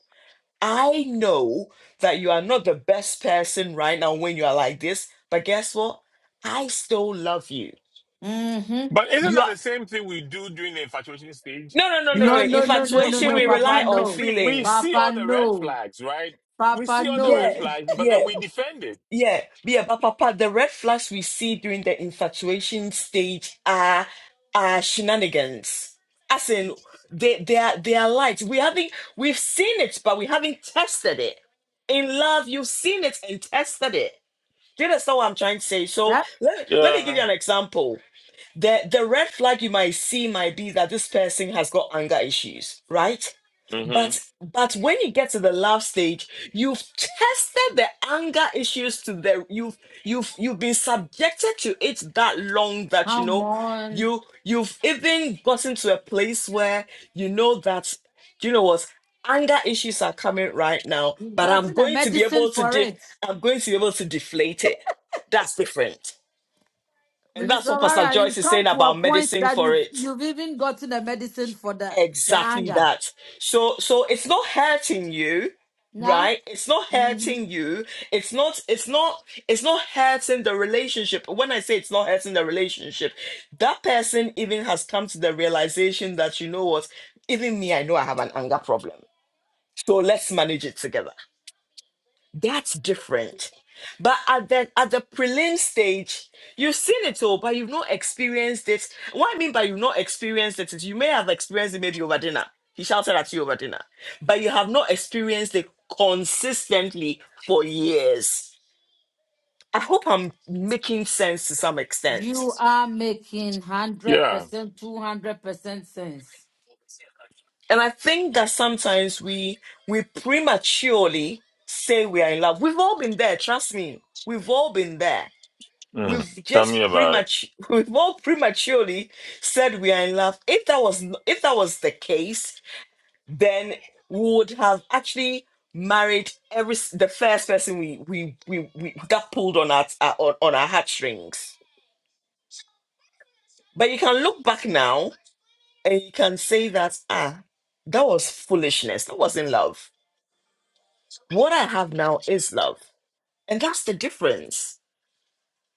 Speaker 1: I know that you are not the best person right now when you are like this, but guess what? I still love you.
Speaker 5: Mm-hmm.
Speaker 4: But isn't
Speaker 1: You
Speaker 4: that
Speaker 1: are.
Speaker 4: the same thing we do during the infatuation stage?
Speaker 1: No, no, no, no, no.
Speaker 5: No,
Speaker 4: Because
Speaker 5: no, no, no,
Speaker 4: we
Speaker 5: no,
Speaker 1: Infatuation,
Speaker 5: no,
Speaker 1: we
Speaker 4: we
Speaker 5: Papa,
Speaker 1: rely
Speaker 4: we
Speaker 1: on
Speaker 4: we,
Speaker 5: no.
Speaker 4: we we
Speaker 1: feelings.
Speaker 4: see all
Speaker 5: Papa,
Speaker 4: the red
Speaker 5: no.
Speaker 4: flags, right? We
Speaker 5: Papa,
Speaker 4: see all the
Speaker 1: Yeah,
Speaker 4: red
Speaker 5: no.
Speaker 4: flags, but
Speaker 1: yeah,
Speaker 4: then we defend it.
Speaker 1: yeah, yeah. But Papa, the red flags we see during the infatuation stage are are shenanigans. As in, they they are they are lies. We haven't we've seen it, but we haven't tested it. In love, you've seen it and tested it. Do you understand what I'm trying to say? So
Speaker 5: Yep.
Speaker 1: let me let me give
Speaker 4: Yeah.
Speaker 1: you an example. The the red flag you might see might be that this person has got anger issues, right?
Speaker 4: Mm-hmm.
Speaker 1: But but when you get to the love stage, you've tested the anger issues to the you've you've you've been subjected to it that long that you
Speaker 5: Come
Speaker 1: know
Speaker 5: on.
Speaker 1: you you've even gotten to a place where you know that you know what anger issues are coming right now,
Speaker 5: You've
Speaker 1: but I'm
Speaker 5: gotten a
Speaker 1: going to be
Speaker 5: medicine
Speaker 1: able to
Speaker 5: for
Speaker 1: de-
Speaker 5: it.
Speaker 1: I'm going to be able to deflate it. That's different. And that's
Speaker 5: Minister
Speaker 1: what Pastor
Speaker 5: Mara,
Speaker 1: Joyce
Speaker 5: you've
Speaker 1: is
Speaker 5: come
Speaker 1: saying
Speaker 5: to a
Speaker 1: about
Speaker 5: point
Speaker 1: medicine
Speaker 5: that
Speaker 1: for
Speaker 5: you've
Speaker 1: it
Speaker 5: you've even gotten a medicine for the, the
Speaker 1: Exactly
Speaker 5: anger.
Speaker 1: that. So so it's not hurting you,
Speaker 5: Now
Speaker 1: right? It's not
Speaker 5: Mhm.
Speaker 1: hurting you. It's not it's not it's not hurting the relationship. When I say it's not hurting the relationship, that person even has come to the realization that you know what, even me, I know I have an anger problem. So let's manage it together. That's different. But at the at the prelim stage, you've seen it all, but you've not experienced it. What I mean by you've not experienced it is you may have experienced it maybe over dinner. He shouted at you over dinner, but you have not experienced it consistently for years. I hope I'm making sense to some extent.
Speaker 5: you are making hundred
Speaker 4: Yeah.
Speaker 5: percent, two hundred percent sense.
Speaker 1: And I think that sometimes we we prematurely say we are in love. We've all been there, trust me. We've all been there
Speaker 4: Hmm.
Speaker 1: We've
Speaker 4: Tell me
Speaker 1: just
Speaker 4: about it.
Speaker 1: premature, we've all prematurely said we are in love. If that was n- if that was the case, then we would have actually married every s- the first person we we we, we got pulled on our, our on, on our heartstrings. But you can look back now and you can say that ah, that was foolishness. That wasn't love. What I have now is love, and that's the difference.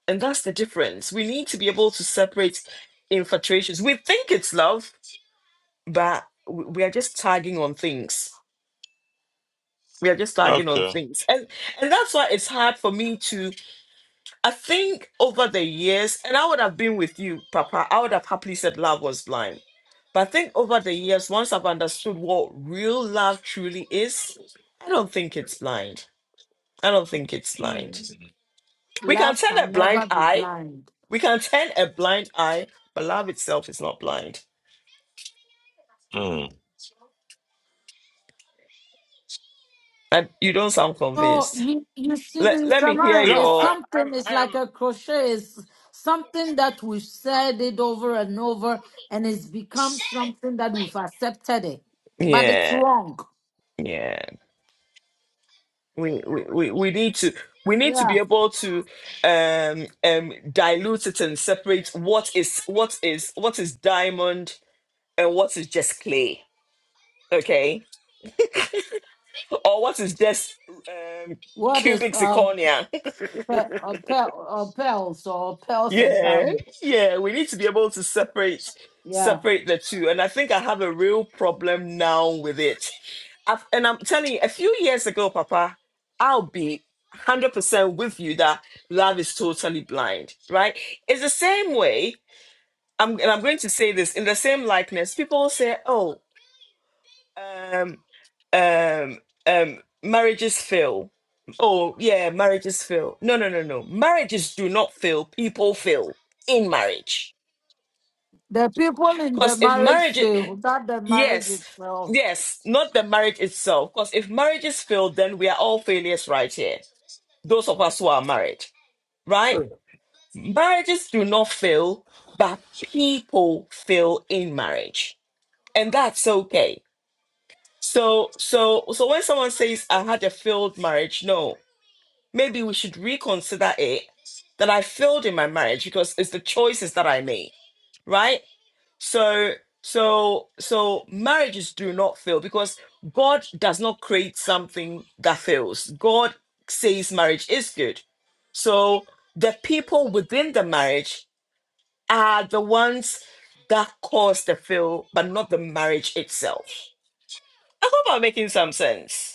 Speaker 1: And that's the difference. We need to be able to separate infatuations. We think it's love but w- we are just tagging on things we are just tagging on
Speaker 4: Okay.
Speaker 1: things and and that's why it's hard for me to i think over the years and i would have been with you papa i would have happily said love was blind but i think over the years once i've understood what real love truly is i don't think it's blind i don't think it's
Speaker 4: Hmm.
Speaker 1: blind we can
Speaker 5: Love
Speaker 1: turn a
Speaker 5: can never
Speaker 1: blind
Speaker 5: be
Speaker 1: eye
Speaker 5: blind.
Speaker 1: we can turn a blind eye but love itself is not blind
Speaker 4: Hmm.
Speaker 1: and you don't sound
Speaker 5: No,
Speaker 1: convinced
Speaker 5: you you see,
Speaker 1: let, let
Speaker 5: Minister
Speaker 1: me hear
Speaker 5: Mara,
Speaker 4: No,
Speaker 5: it's
Speaker 4: I,
Speaker 1: your
Speaker 4: I'm.
Speaker 5: something. It's
Speaker 4: I
Speaker 5: like a
Speaker 4: am.
Speaker 5: crochet. It's something that we've said it over and over, and it's become something that we've accepted it, but it's
Speaker 1: yeah
Speaker 5: wrong.
Speaker 1: Yeah, we, we, we we need to we need to be
Speaker 5: Yeah.
Speaker 1: able to um um dilute it and separate what is what is what is diamond and what is just clay, okay? Or what is just um
Speaker 5: What is
Speaker 1: cubic
Speaker 5: um
Speaker 1: zirconia
Speaker 5: pe- uh, pe- uh, pearls or pearls and
Speaker 1: Yeah,
Speaker 5: diamonds?
Speaker 1: yeah, we need to be able to separate
Speaker 5: Yeah,
Speaker 1: separate the two. And I think I have a real problem now with it. I've, and I'm telling you, a few years ago, Papa, I'll be 100% with you that love is totally blind, right? It's the same way, I'm, and I'm going to say this in the same likeness. People say, oh, um, um, um, marriages fail. Oh, yeah, marriages fail. No, no, no, no. Marriages do not fail. People fail in marriage.
Speaker 5: the people in the
Speaker 1: Because if
Speaker 5: marriage
Speaker 1: marriage, i-
Speaker 5: field, not the marriage
Speaker 1: yes,
Speaker 5: itself.
Speaker 1: yes, not the marriage itself. Because if marriages fail, then we are all failures right here. Those of us who are married, right? Marriages do not fail, but people fail in marriage. And that's okay So, so, so when someone says, I had a failed marriage, no, maybe we should reconsider it that I failed in my marriage because it's the choices that I made, right? So, so, so marriages do not fail because God does not create something that fails. God says marriage is good. So the people within the marriage are the ones that cause the fail, but not the marriage itself. I hope I'm making some sense.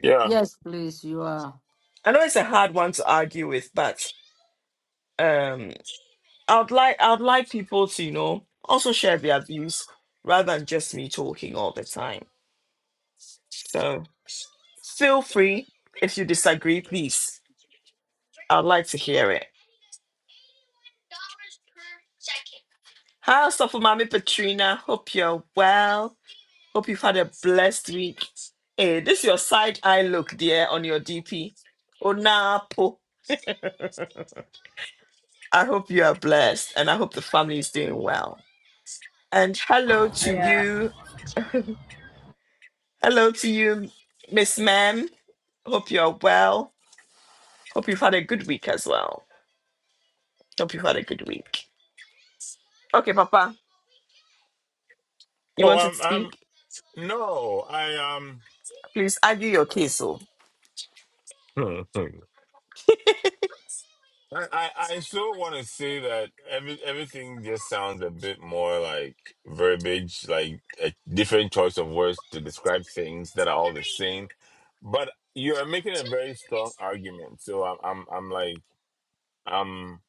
Speaker 4: Yeah.
Speaker 5: Yes, please, you are.
Speaker 1: I know it's a hard one to argue with, but um, I'd like I'd like people to you know also share their views rather than just me talking all the time. So feel free if you disagree, please. I'd like to hear it. Hi, Stuff for Mommy Petrina. Hope you're well. Hope you've had a blessed week. Hey, this is your side eye look, dear, on your DP. Onapo. I hope you are blessed and I hope the family is doing well. And hello to
Speaker 7: Yeah.
Speaker 1: you, Hello to you, Miss Ma'am. Hope you're well. Hope you've had a good week as well. Hope you've had a good week. Okay, Papa, you
Speaker 4: Oh,
Speaker 1: want to
Speaker 4: I'm. I'm.
Speaker 1: speak?
Speaker 4: No, I
Speaker 1: Please argue your case, oh.
Speaker 4: am. I, I I still want to say that every everything just sounds a bit more like verbiage, like a different choice of words to describe things that are all the same. But you are making a very strong argument, so I'm I'm I'm like I'm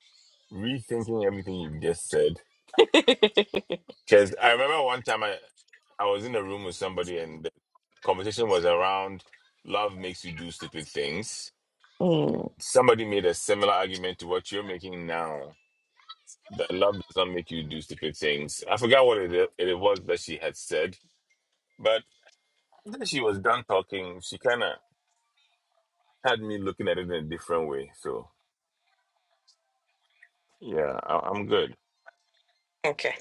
Speaker 4: rethinking everything you've just said. Because I remember one time I I was in a room with somebody and the conversation was around love makes you do stupid things.
Speaker 1: Mm,
Speaker 4: Somebody made a similar argument to what you're making now that love does not make you do stupid things. I forgot what it, i- it was that she had said, but then she was done talking. She kind of had me looking at it in a different way. So yeah, I, I'm good.
Speaker 1: Okay.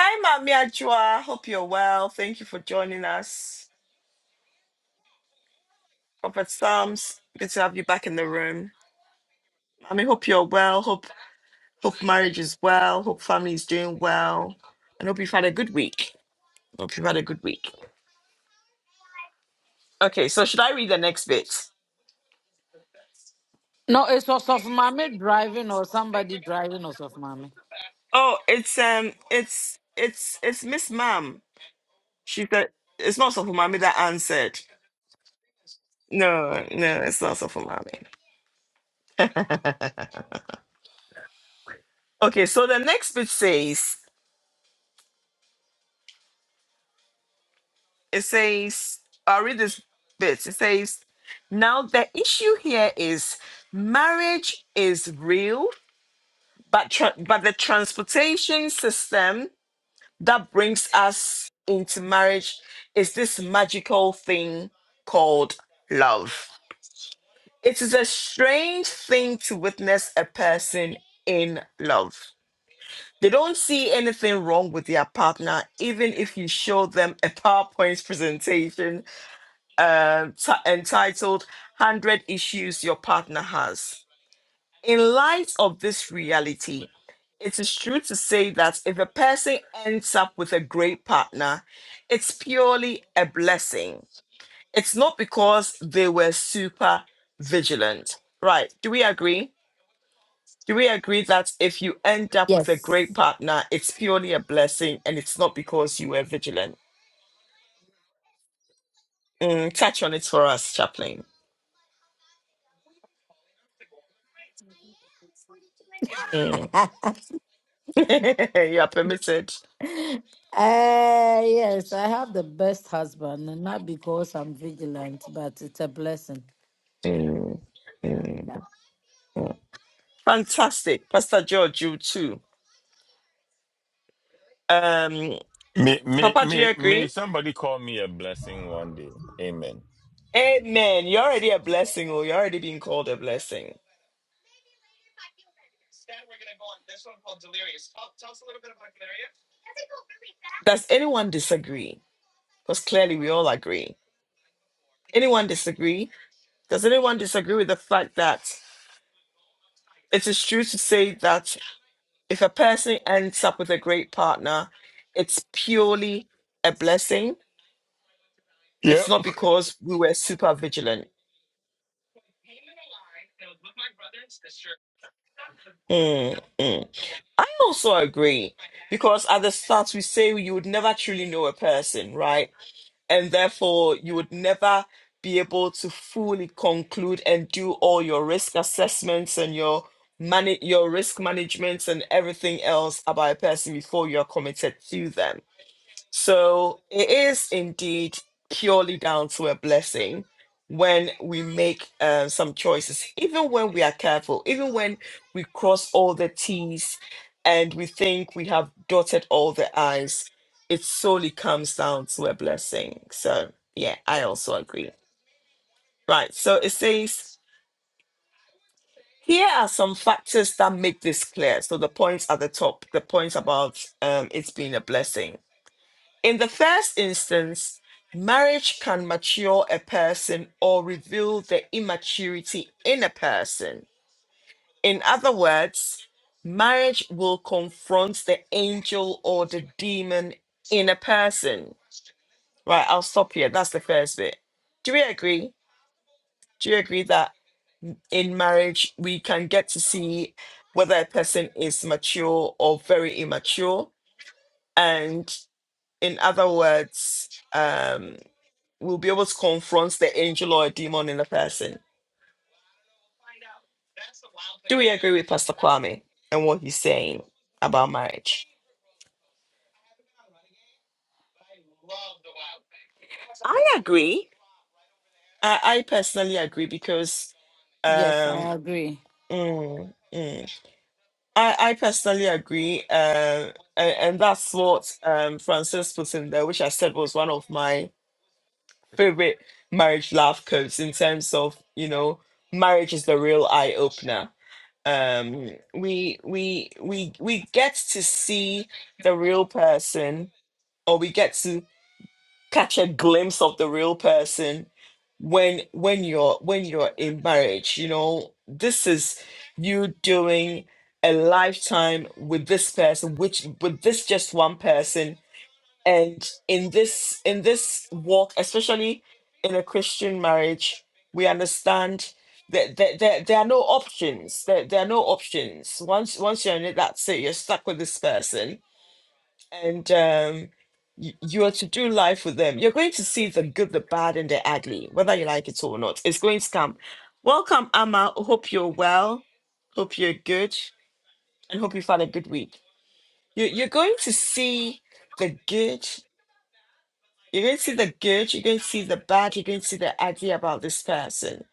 Speaker 1: Hi, Mami Ajua. Hope you're well. Thank you for joining us. Prophet Psalms, good to have you back in the room. Mami, hope you're well. Hope hope marriage is well. Hope family is doing well. And hope you've had a good week. Hope you've had a good week. Okay, so should I read the next bit?
Speaker 5: No, it's also of mommy driving or somebody driving or of mommy.
Speaker 1: Oh, it's um, it's it's it's Miss Mom. She said it's not Sofu Mommy that answered. No, no, it's not Sofu Mommy. Okay, so the next bit says it says I'll read this bit. It says now the issue here is marriage is real, but tra- but the transportation system that brings us into marriage is this magical thing called love It is a strange thing to witness a person in love. They don't see anything wrong with their partner, even if you show them a PowerPoint presentation um, ti- entitled 100 Issues Your Partner Has. In light of this reality, it is true to say that if a person ends up with a great partner, it's purely a blessing. It's not because they were super vigilant. Right. Do we agree? Do we agree that if you end up with a
Speaker 5: Yes.
Speaker 1: great partner, it's purely a blessing and it's not because you were vigilant? Mm, touch on it for us, Chaplain. Mm.
Speaker 5: uh,
Speaker 1: you are permitted.
Speaker 5: yes, I have the best husband, and not because I'm vigilant, but it's a blessing.
Speaker 1: Mm, mm.
Speaker 5: Yeah.
Speaker 1: Fantastic. Pastor George, you too. Um,
Speaker 4: May, may,
Speaker 1: Papa, do you
Speaker 4: may, may
Speaker 1: agree?
Speaker 4: somebody call me a blessing one day. Amen.
Speaker 1: Amen. You're already a blessing, or you're already being called a blessing. Does anyone disagree? Because clearly we all agree. Anyone disagree? Does anyone disagree with the fact that it is true to say that If a person ends up with a great partner, it's purely a blessing. It's not because we were super vigilant. Mm, mm. I also agree because at the start we say you would never truly know a person, right? And therefore you would never be able to fully conclude and do all your risk assessments and your manage your risk management and everything else about a person before you are committed to them So it is indeed purely down to a blessing when we make uh, some choices, even when we are careful, even when we cross all the T's and we think we have dotted all the I's, it solely comes down to a blessing. So, yeah, I also agree. Right. So it says, here are some factors that make this clear. So the points at the top, the points about um, it's being a blessing. In the first instance, marriage can mature a person or reveal the immaturity in a person. In other words, marriage will confront the angel or the demon in a person. Right, I'll stop here. That's the first bit. Do we agree? Do you agree that in marriage we can get to see whether a person is mature or very immature? And in other words, um, We'll be able to confront the angel or a demon in a person. Do we agree with Pastor Kwame and what he's saying about marriage? I agree. I, I personally agree because
Speaker 5: Yes,
Speaker 1: um
Speaker 5: I agree.
Speaker 1: mm, mm. I, I personally agree uh, and, and that's what um Francis put in there which I said was one of my favorite marriage laugh codes. in terms of you know marriage is the real eye opener um we we we we get to see the real person or we get to catch a glimpse of the real person when when you're when you're in marriage you know this is you doing a lifetime with this person which with this just one person and in this in this walk especially in a christian marriage we understand that there, there, there are no options there, there are no options once once you're in it that's it you're stuck with this person and um you, you are to do life with them you're going to see the good the bad and the ugly whether you like it or not it's going to come welcome amma hope you're well hope you're good and hope you've had a good week you, you're going to see the good you can see the good, you can see the bad, you can see the idea about this person.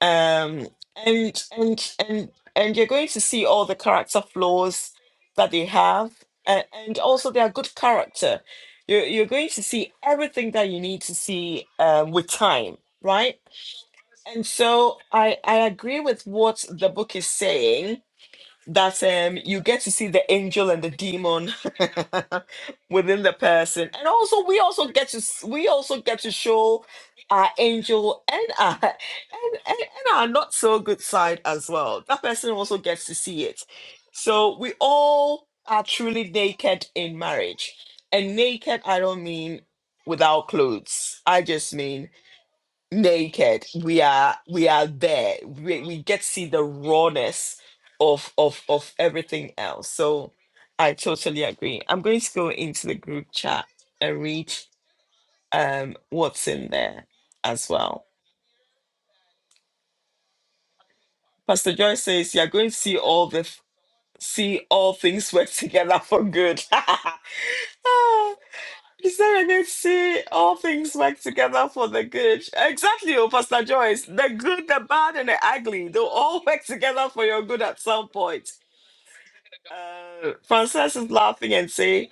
Speaker 1: Um and and and and you're going to see all the character flaws that they have and, and also their good character. You're you're going to see everything that you need to see um with time, right? And so I I agree with what the book is saying that um you get to see the angel and the demon within the person and also we also get to s- we also get to show our angel and our and, and, and our not so good side as well that person also gets to see it so we all are truly naked in marriage and naked i don't mean without clothes i just mean naked we are we are there we, we get to see the rawness of of of everything else so i totally agree i'm going to go into the group chat and read um what's in there as well pastor joy says you're going to see all the f- see all things work together for good Ah, He said, and then see all things work together for the good. Exactly, oh, Pastor Joyce. The good, the bad, and the ugly, they'll all work together for your good at some point. Uh, Frances is laughing and say,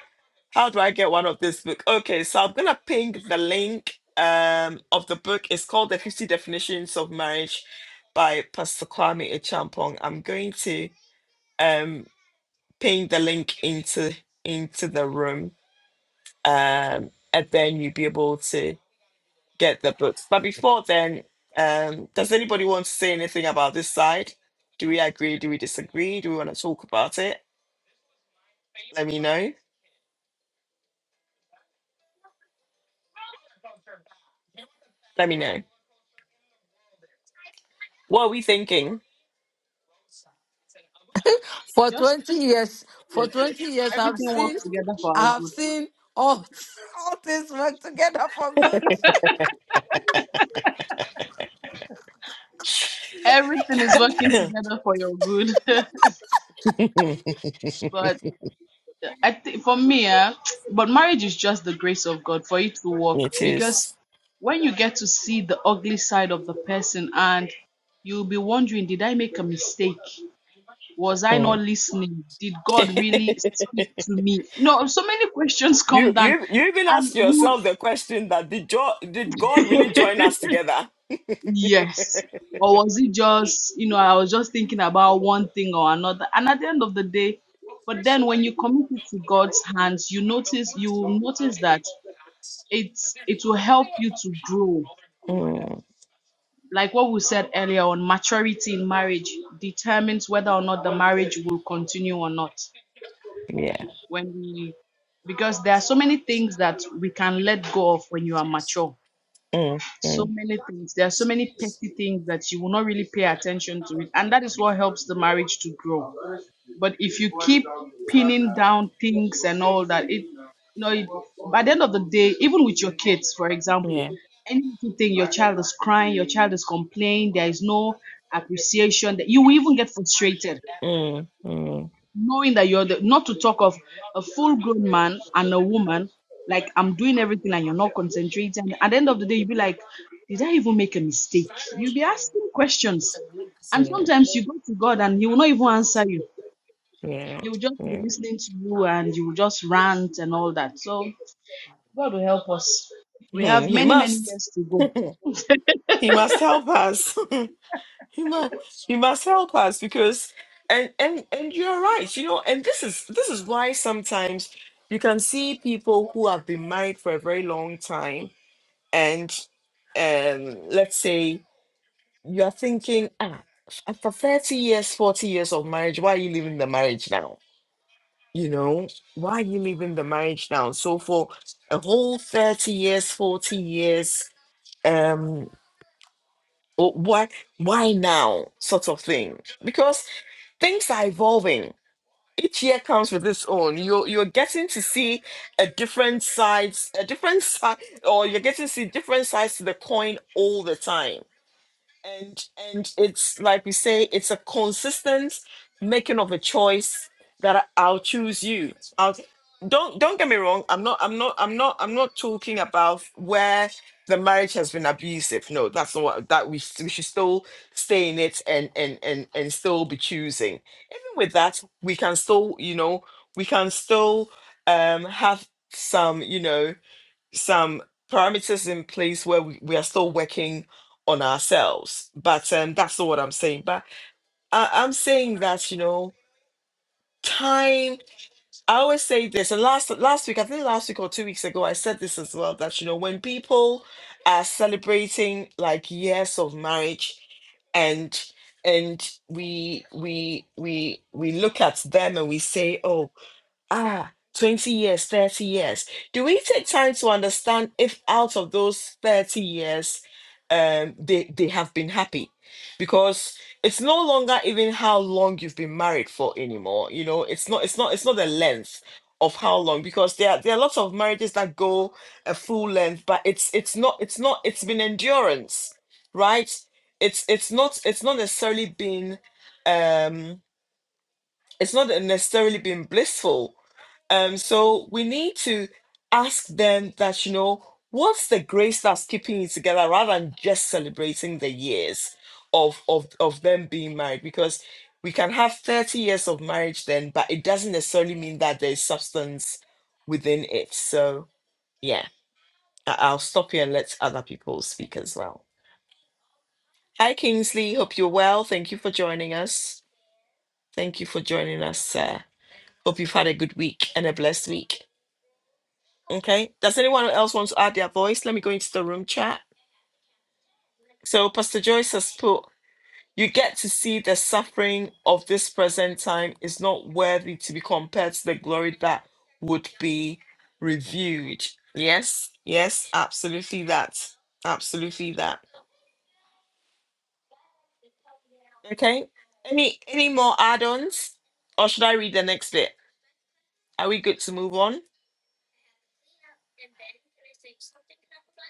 Speaker 1: how do I get one of this book? Okay, so I'm going to ping the link um, of the book. It's called The 50 Definitions of Marriage by Pastor Kwame Echampong. I'm going to um, ping the link into into the room um, and then you'll be able to get the books. But before then, um, does anybody want to say anything about this side? Do we agree? Do we disagree? Do we want to talk about it? Let me know. Let me know. What are we thinking?
Speaker 5: For
Speaker 6: Just
Speaker 5: 20 years,
Speaker 6: said
Speaker 5: for 20 years, I've
Speaker 6: everything
Speaker 5: seen,
Speaker 6: works together for our
Speaker 5: I've
Speaker 6: good.
Speaker 5: seen all, all things work together for good.
Speaker 6: Everything is working together for your good. but I think for me, eh, but marriage is just the grace of God for it to work
Speaker 1: it
Speaker 6: because
Speaker 1: is.
Speaker 6: when you get to see the ugly side of the person and you'll be wondering, did I make a mistake? was I
Speaker 1: hmm.
Speaker 6: not listening? Did God really speak to me? No, so many questions
Speaker 1: you
Speaker 6: come down,
Speaker 1: you you even
Speaker 6: and
Speaker 1: ask
Speaker 6: you,
Speaker 1: yourself the question that did jo- did God really join us together?
Speaker 6: yes, or was it just you know I was just thinking about one thing or another, and at the end of the day, but then when you commit it to God's hands, you notice you will notice that it's it will help you to grow.
Speaker 1: Mm,
Speaker 6: Like what we said earlier on, maturity in marriage determines whether or not the marriage will continue or not
Speaker 1: yeah.
Speaker 6: when we because there are so many things that we can let go of when you are mature
Speaker 1: Mm,
Speaker 6: so
Speaker 1: mm,
Speaker 6: many things there are so many petty things that you will not really pay attention to it and that is what helps the marriage to grow but if you keep pinning down things and all that it you know it, by the end of the day even with your kids for example
Speaker 1: yeah.
Speaker 6: anything your child is crying your child is complaining there is no appreciation that you will even get frustrated
Speaker 1: Mm, mm,
Speaker 6: knowing that you're the, not to talk of a full grown man and a woman, like I'm doing everything and you're not concentrating. At the end of the day, you'll be like, did I even make a mistake? You'll be asking questions. And
Speaker 1: yeah.
Speaker 6: sometimes you go to God and He will not even answer you.
Speaker 1: Yeah.
Speaker 6: He will just be
Speaker 1: Yeah.
Speaker 6: listening to you and you will just rant and all that. So God will help us. We
Speaker 1: Hmm,
Speaker 6: have
Speaker 1: He
Speaker 6: many, many
Speaker 1: must.
Speaker 6: years to go. That's
Speaker 1: He must help us. he must. He must help us because, and and and you're right. You know, and this is this is why sometimes you can see people who have been married for a very long time, and um, let's say you are thinking, ah, after thirty years, forty years of marriage, why are you leaving the marriage now? You know, why are you leaving the marriage now? So for a whole thirty years, forty years. um. Oh, why why now sort of thing because things are evolving each year comes with its own you're you're getting to see a different sides a different side or you're getting to see different sides to the coin all the time and and it's like we say it's a consistent making of a choice that I- i'll choose you I'll, don't don't get me wrong i'm not i'm not i'm not i'm not talking about where the marriage has been abusive no that's not what that we, s- we should still stay in it and and and and still be choosing even with that we can still you know we can still um have some you know some parameters in place where we, we are still working on ourselves. But um, that's not what I'm saying. But I, I'm saying that, you know, time, I always say this, and last last week, I think last week or two weeks ago, I said this as well, that, you know, when people are celebrating like years of marriage and and we we we we look at them and we say, oh ah, 20 years, 30 years. Do we take time to understand if out of those 30 years, um, they, they have been happy? Because it's no longer even how long you've been married for anymore. You know, it's not, it's not, it's not the length of how long because there are, there are lots of marriages that go a full length but it's it's not it's not it's been endurance right it's it's not it's not necessarily been um it's not necessarily been blissful. Um, so we need to ask them that, you know, what's the grace that's keeping you together rather than just celebrating the years of of of them being married? Because we can have 30 years of marriage then, but it doesn't necessarily mean that there's substance within it. So yeah, I- I'll stop here and let other people speak as well. Hi Kingsley, hope you're well. Thank you for joining us. Thank you for joining us, sir. Hope you've had a good week and a blessed week. Okay. Does anyone else want to add their voice? Let me go into the room chat. So, Pastor Joyce has put, you get to see the suffering of this present time is not worthy to be compared to the glory that would be reviewed. Yes. Yes. Absolutely that. Absolutely that. Okay. Any any more add-ons? Or should I read the next bit? Are we good to move on?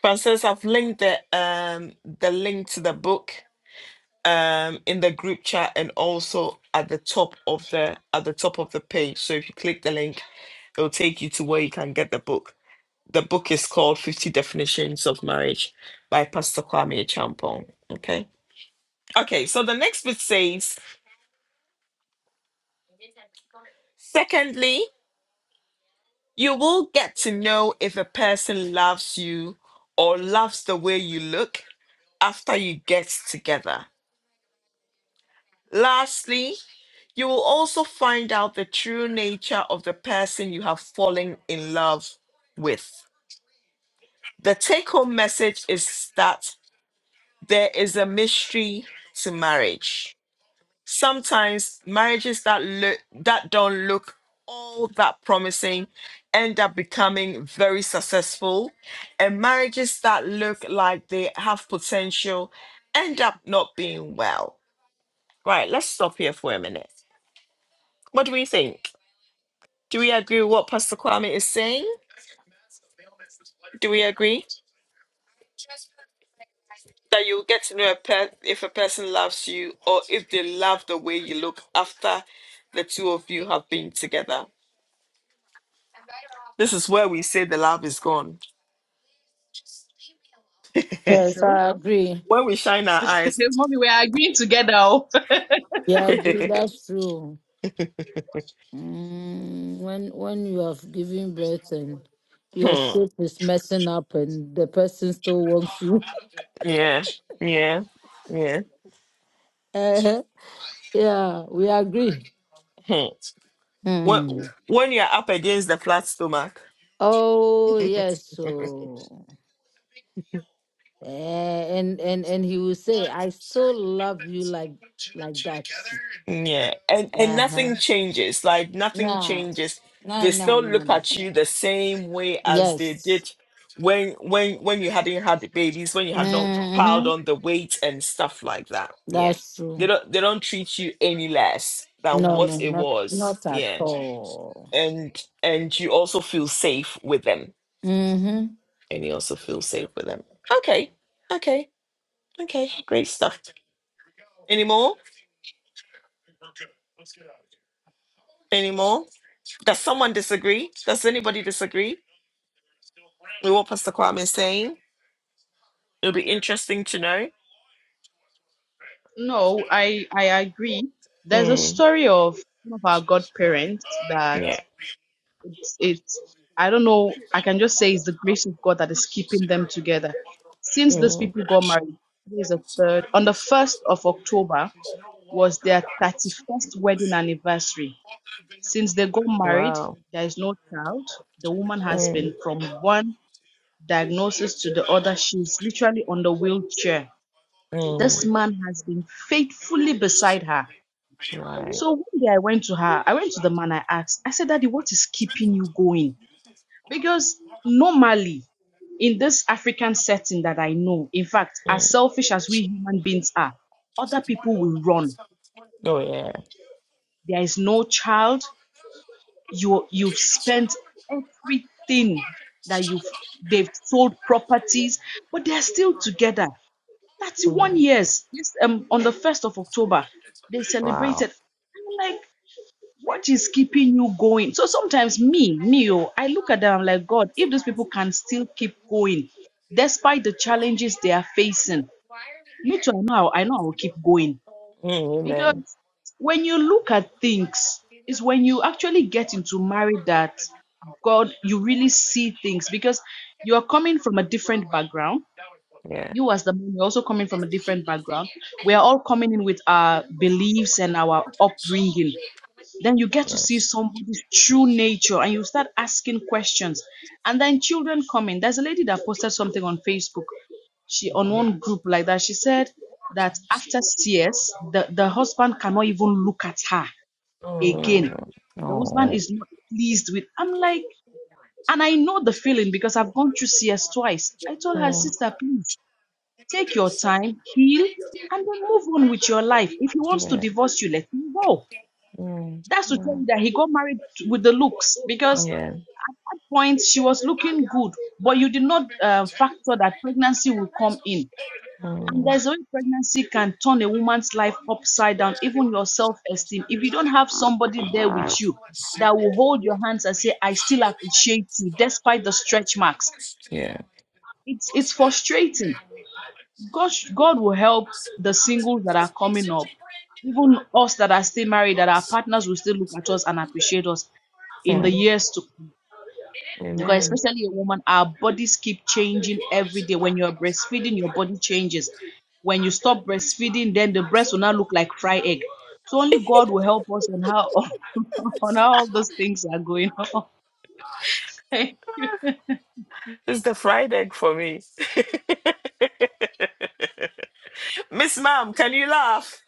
Speaker 1: Frances, I've linked the um the link to the book um, in the group chat and also at the top of the at the top of the page. So if you click the link, it'll take you to where you can get the book. The book is called 50 Definitions of Marriage by Pastor Kwame Champong. Okay. Okay, so the next bit says, secondly, you will get to know if a person loves you or loves the way you look after you get together. Lastly, You will also find out the true nature of the person you have fallen in love with. The take home message is that there is a mystery to marriage. Sometimes marriages that look that don't look all that promising end up becoming very successful and marriages that look like they have potential end up not being well. Right, let's stop here for a minute. What do we think? Do we agree with what Pastor Kwame is saying? Do we agree that you get to know a per- if a person loves you or if they love the way you look after the two of you have been together? This is where we say the love is gone.
Speaker 5: Yes,
Speaker 6: true.
Speaker 5: I agree.
Speaker 1: when we shine our eyes.
Speaker 6: Mommy, we are agreeing together. Oh.
Speaker 5: Yeah, I agree. That's true. Mm, when when you have given birth and your
Speaker 1: Hmm.
Speaker 5: shape is messing up and the person still wants you.
Speaker 1: yeah. Yeah.
Speaker 5: Eh, yeah, we agree.
Speaker 1: Hmm. When,
Speaker 5: Hmm.
Speaker 1: when you're up against the flat stomach.
Speaker 5: Oh yes, so eh, and and and he will say, "I still love you like like that."
Speaker 1: Yeah, and and
Speaker 5: Uh-huh.
Speaker 1: nothing changes. Like nothing
Speaker 5: No,
Speaker 1: changes.
Speaker 5: no,
Speaker 1: They
Speaker 5: no,
Speaker 1: still look
Speaker 5: no.
Speaker 1: at you the same way as they
Speaker 5: Yes.
Speaker 1: did when when when you hadn't had the babies, when you had not piled
Speaker 5: Mm-hmm.
Speaker 1: on the weight and stuff like that. Yeah.
Speaker 5: That's
Speaker 1: They
Speaker 5: true.
Speaker 1: don't they don't treat you any less than
Speaker 5: No,
Speaker 1: what
Speaker 5: no,
Speaker 1: it
Speaker 5: not
Speaker 1: was.
Speaker 5: not at
Speaker 1: Yeah.
Speaker 5: all.
Speaker 1: And and you also feel safe with them.
Speaker 5: Mm-hmm.
Speaker 1: And you also feel safe with them. Okay. Okay. Okay. Great stuff. Any more? Any more? Does someone disagree? Does anybody disagree? We what Pastor Kwame is saying. It'll be interesting to know.
Speaker 6: No, I I agree. There's a
Speaker 1: Mm,
Speaker 6: story of one of our godparents that it's, it's I don't know. I can just say it's the grace of God that is keeping them together. Since these
Speaker 1: mm,
Speaker 6: people got married, today is the third on the first of October was their thirty-first wedding anniversary. Since they got married, there is no child. The woman has been from one diagnosis to the other. She's literally on the wheelchair. This
Speaker 1: mm,
Speaker 6: man has been faithfully beside her
Speaker 1: right,
Speaker 6: So one day I went to her, I went to the man, I asked, I said, Daddy, what is keeping you going? Because normally in this African setting that I know, in fact, as selfish as we human beings are, other people will run. There is no child. You you've spent everything that you've they've sold properties, but they're still together.
Speaker 1: mm,
Speaker 6: 31 years. Yes, um, on the 1st of October, they
Speaker 1: wow.
Speaker 6: celebrated. I'm like, what is keeping you going so sometimes me me oh, i look at them I'm like god if those people can still keep going despite the challenges they are facing me too i know I'll- i know i will keep going
Speaker 1: Mm,
Speaker 6: because
Speaker 1: amen.
Speaker 6: when you look at things it's when you actually get into marriage that god you really see things because you are coming from a different background
Speaker 1: Yeah.
Speaker 6: you as the man you're also coming from a different background we are all coming in with our beliefs and our upbringing then you get to
Speaker 1: yeah.
Speaker 6: see somebody's true nature and you start asking questions and then children come in there's a lady that posted something on facebook she on one group like that she said that after cs the, the husband cannot even look at her again
Speaker 1: Mm,
Speaker 6: the husband
Speaker 1: oh,
Speaker 6: is not pleased with i'm like and i know the feeling because i've gone through cs twice i told her
Speaker 1: mm,
Speaker 6: sister please take your time heal and then move on with your life if he wants to
Speaker 1: yeah.
Speaker 6: divorce you let him go
Speaker 1: Mm,
Speaker 6: that's to tell you
Speaker 1: mm,
Speaker 6: that he got married with the looks because at
Speaker 1: yeah.
Speaker 6: one point she was looking good, but you did not uh, factor that pregnancy will come in. And
Speaker 1: Mm,
Speaker 6: there's a way pregnancy can turn a woman's life upside down, even your self esteem. If you don't have somebody there with you that will hold your hands and say, I still appreciate you despite the stretch marks,
Speaker 1: yeah.
Speaker 6: it's, it's frustrating. God, God will help the singles that are coming up. Even us that are still married, that our partners will still look at us and appreciate us in the
Speaker 1: Mm,
Speaker 6: years to come. because
Speaker 1: amen.
Speaker 6: especially a woman, our bodies keep changing every day. When you're breastfeeding, your body changes. When you stop breastfeeding, then the breast will now look like fried egg. So only God will help us on how on how all those things are going on.
Speaker 1: It's the fried egg for me. Miss Ma'am, can you laugh?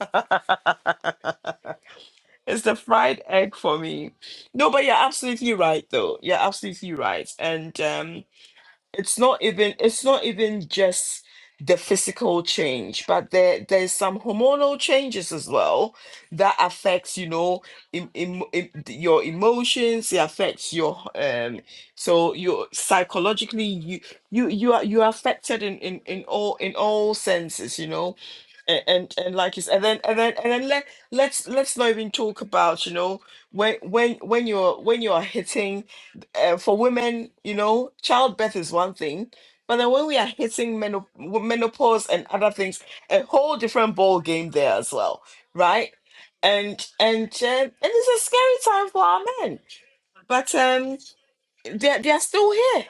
Speaker 1: it's the fried egg for me. No, but you're absolutely right, though. You're absolutely right. And um, it's not even it's not even just the physical change but there there's some hormonal changes as well that affects you know em- em- em- your emotions it affects your um so you psychologically you you you are you are affected in in, in all in all senses you know and, and and like you said, and then and then and then let let's let's not even talk about you know when when when you're when you're hitting uh, for women, you know, childbirth is one thing, but then when we are hitting menop- menopause and other things, a whole different ball game there as well, right? And and uh, and it's a scary time for our men. But um, they're, they're still here.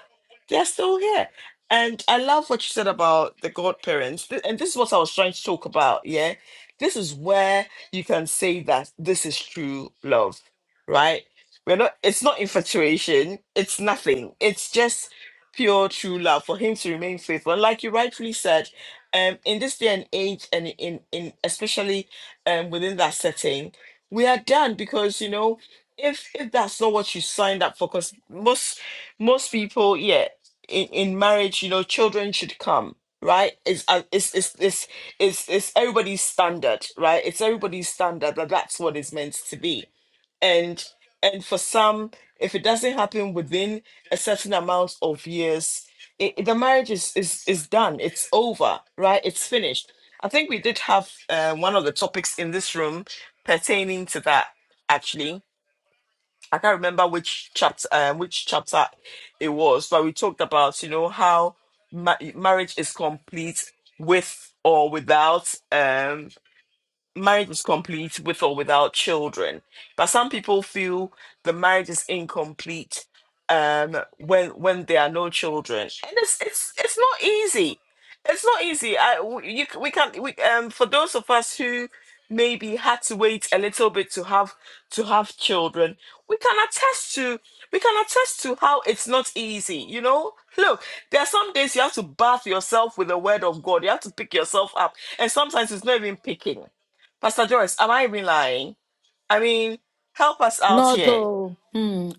Speaker 1: They're still here. And I love what you said about the godparents. Th- And this is what I was trying to talk about. Yeah. This is where you can say that this is true love, right? We're not, it's not infatuation. It's nothing. It's just pure true love for him to remain faithful. And like you rightfully said, um, in this day and age, and in, in especially um, within that setting, we are done because, you know, if if that's not what you signed up for because most most people yeah in, in marriage you know children should come right it's uh, it's it's it's it's, it's everybody's standard right it's everybody's standard but that's what it's meant to be and and for some if it doesn't happen within a certain amount of years it, it- the marriage is, is is done it's over right it's finished i think we did have uh, one of the topics in this room pertaining to that actually I can't remember which chapter um, which chapter it was, but we talked about you know how ma- marriage is complete with or without um marriage is complete with or without children. But some people feel the marriage is incomplete um when when there are no children. And it's it's it's not easy. It's not easy. I w- you c- we can we um for those of us who maybe had to wait a little bit to have to have children, we can attest to we can attest to how it's not easy, you know? Look, there are some days you have to bath yourself with the word of God. You have to pick yourself up. And sometimes it's not even picking Pastor Joyce, am I even lying? I mean, help us out
Speaker 5: Not
Speaker 1: here.
Speaker 5: all. Hmm.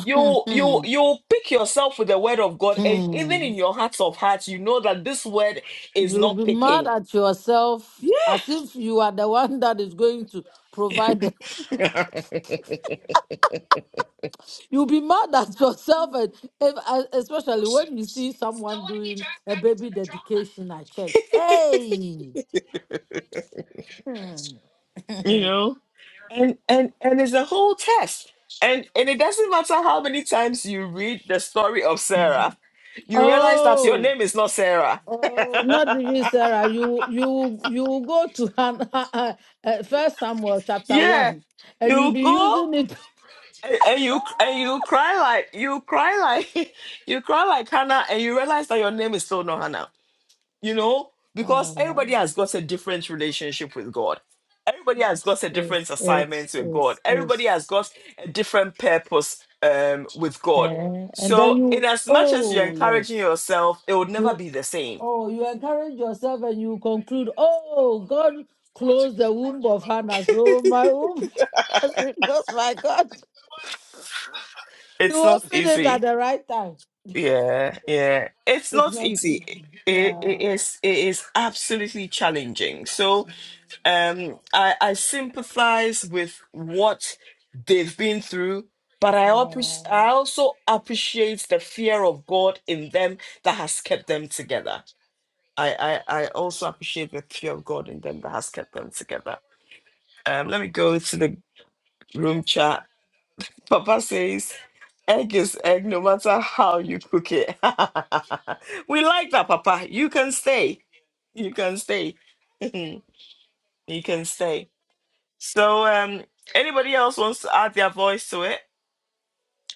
Speaker 1: You
Speaker 5: hmm.
Speaker 1: you you pick yourself with the word of God, and even
Speaker 5: Hmm.
Speaker 1: in your hearts of hearts, you know that this word is
Speaker 5: You'll
Speaker 1: not
Speaker 5: be mad
Speaker 1: picking.
Speaker 5: at yourself
Speaker 1: Yeah.
Speaker 5: as if you are the one that is going to provide. the- You'll be mad at yourself, and if, uh, especially when you see someone doing a baby dedication at church. Hey. Hmm.
Speaker 1: you know? And and and it's a whole test. And and it doesn't matter how many times you read the story of
Speaker 5: Mhm.
Speaker 1: Sarah, you realize that your
Speaker 5: Oh,
Speaker 1: name is not Sarah.
Speaker 5: oh, not really, Sarah. You, you, you go to Han, uh, First Samuel chapter
Speaker 1: yeah.
Speaker 5: one, and you'll
Speaker 1: You
Speaker 5: be
Speaker 1: go.
Speaker 5: using it.
Speaker 1: and, and you and you cry like you cry like you cry like Hannah, and you realize that your name is still not Hannah. You know, because
Speaker 5: Uh,
Speaker 1: everybody has got a different relationship with God. Everybody has
Speaker 5: it's,
Speaker 1: got a
Speaker 5: it's,
Speaker 1: different
Speaker 5: it's,
Speaker 1: assignment with God.
Speaker 5: it's,
Speaker 1: Everybody
Speaker 5: it's,
Speaker 1: has got a different purpose um, with God.
Speaker 5: eh, and then
Speaker 1: So, in
Speaker 5: you.
Speaker 1: as much as you're
Speaker 5: Oh
Speaker 1: encouraging
Speaker 5: yes,
Speaker 1: yourself, it would never
Speaker 5: you.
Speaker 1: be the same.
Speaker 5: Oh, you encourage yourself, and you conclude. Oh, God closed the womb of Hannah, so my womb has been closed. My God, you
Speaker 1: it's not
Speaker 5: opened it at
Speaker 1: easy.
Speaker 5: the right time.
Speaker 1: Yeah, yeah. It's
Speaker 5: It's
Speaker 1: not
Speaker 5: not.
Speaker 1: easy.
Speaker 5: easy.
Speaker 1: It,
Speaker 5: Yeah.
Speaker 1: it is it is absolutely challenging. So um I, I sympathize with what they've been through, but I,
Speaker 5: yeah.
Speaker 1: appre- I also appreciate the fear of God in them that has kept them together. I, I, I also appreciate the fear of God in them that has kept them together. Um, let me go to the room chat. Papa says, egg is egg no matter how you cook it. we like that, Papa. You can stay. You can stay. you can stay. So, um, anybody else wants to add their voice to it?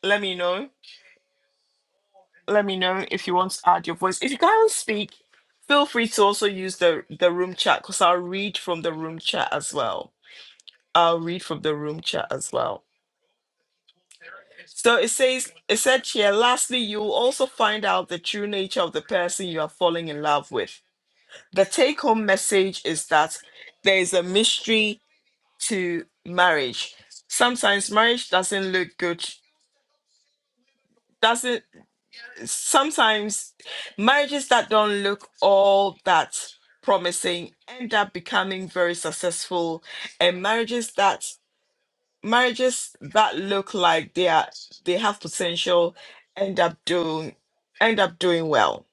Speaker 1: Let me know. Let me know if you want to add your voice. If you can't speak, feel free to also use the the room chat because I'll read from the room chat as well. I'll read from the room chat as well. So it says, it said here, lastly, you will also find out the true nature of the person you are falling in love with. The take home message is that there is a mystery to marriage. Sometimes marriage doesn't look good, doesn't sometimes marriages that don't look all that promising end up becoming very successful and marriages that marriages that look like they are they have potential end up doing end up doing well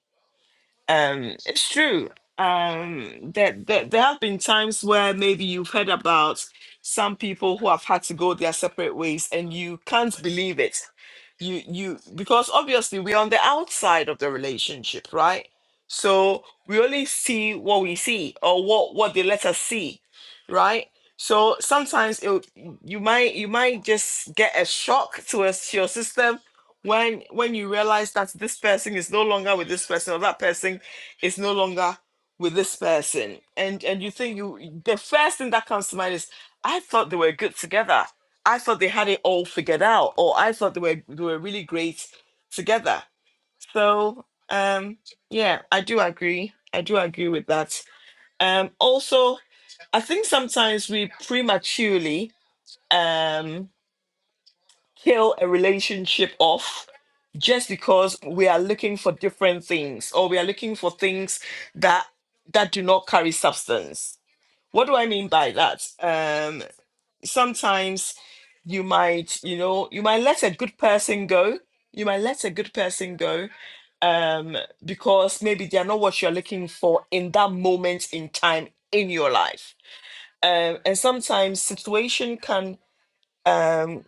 Speaker 1: um it's true um that there, there there have been times where maybe you've heard about some people who have had to go their separate ways and you can't believe it you you because obviously we're on the outside of the relationship right so we only see what we see or what what they let us see right so sometimes it, you might you might just get a shock to us to your system when when you realize that this person is no longer with this person or that person is no longer with this person and and you think you the first thing that comes to mind is i thought they were good together I thought they had it all figured out, or I thought they were they were really great together. So um, yeah, I do agree. I do agree with that. Um, also, I think sometimes we prematurely um, kill a relationship off just because we are looking for different things, or we are looking for things that that do not carry substance. What do I mean by that? Um, sometimes you might you know you might let a good person go you might let a good person go um because maybe they are not what you're looking for in that moment in time in your life um and sometimes situation can um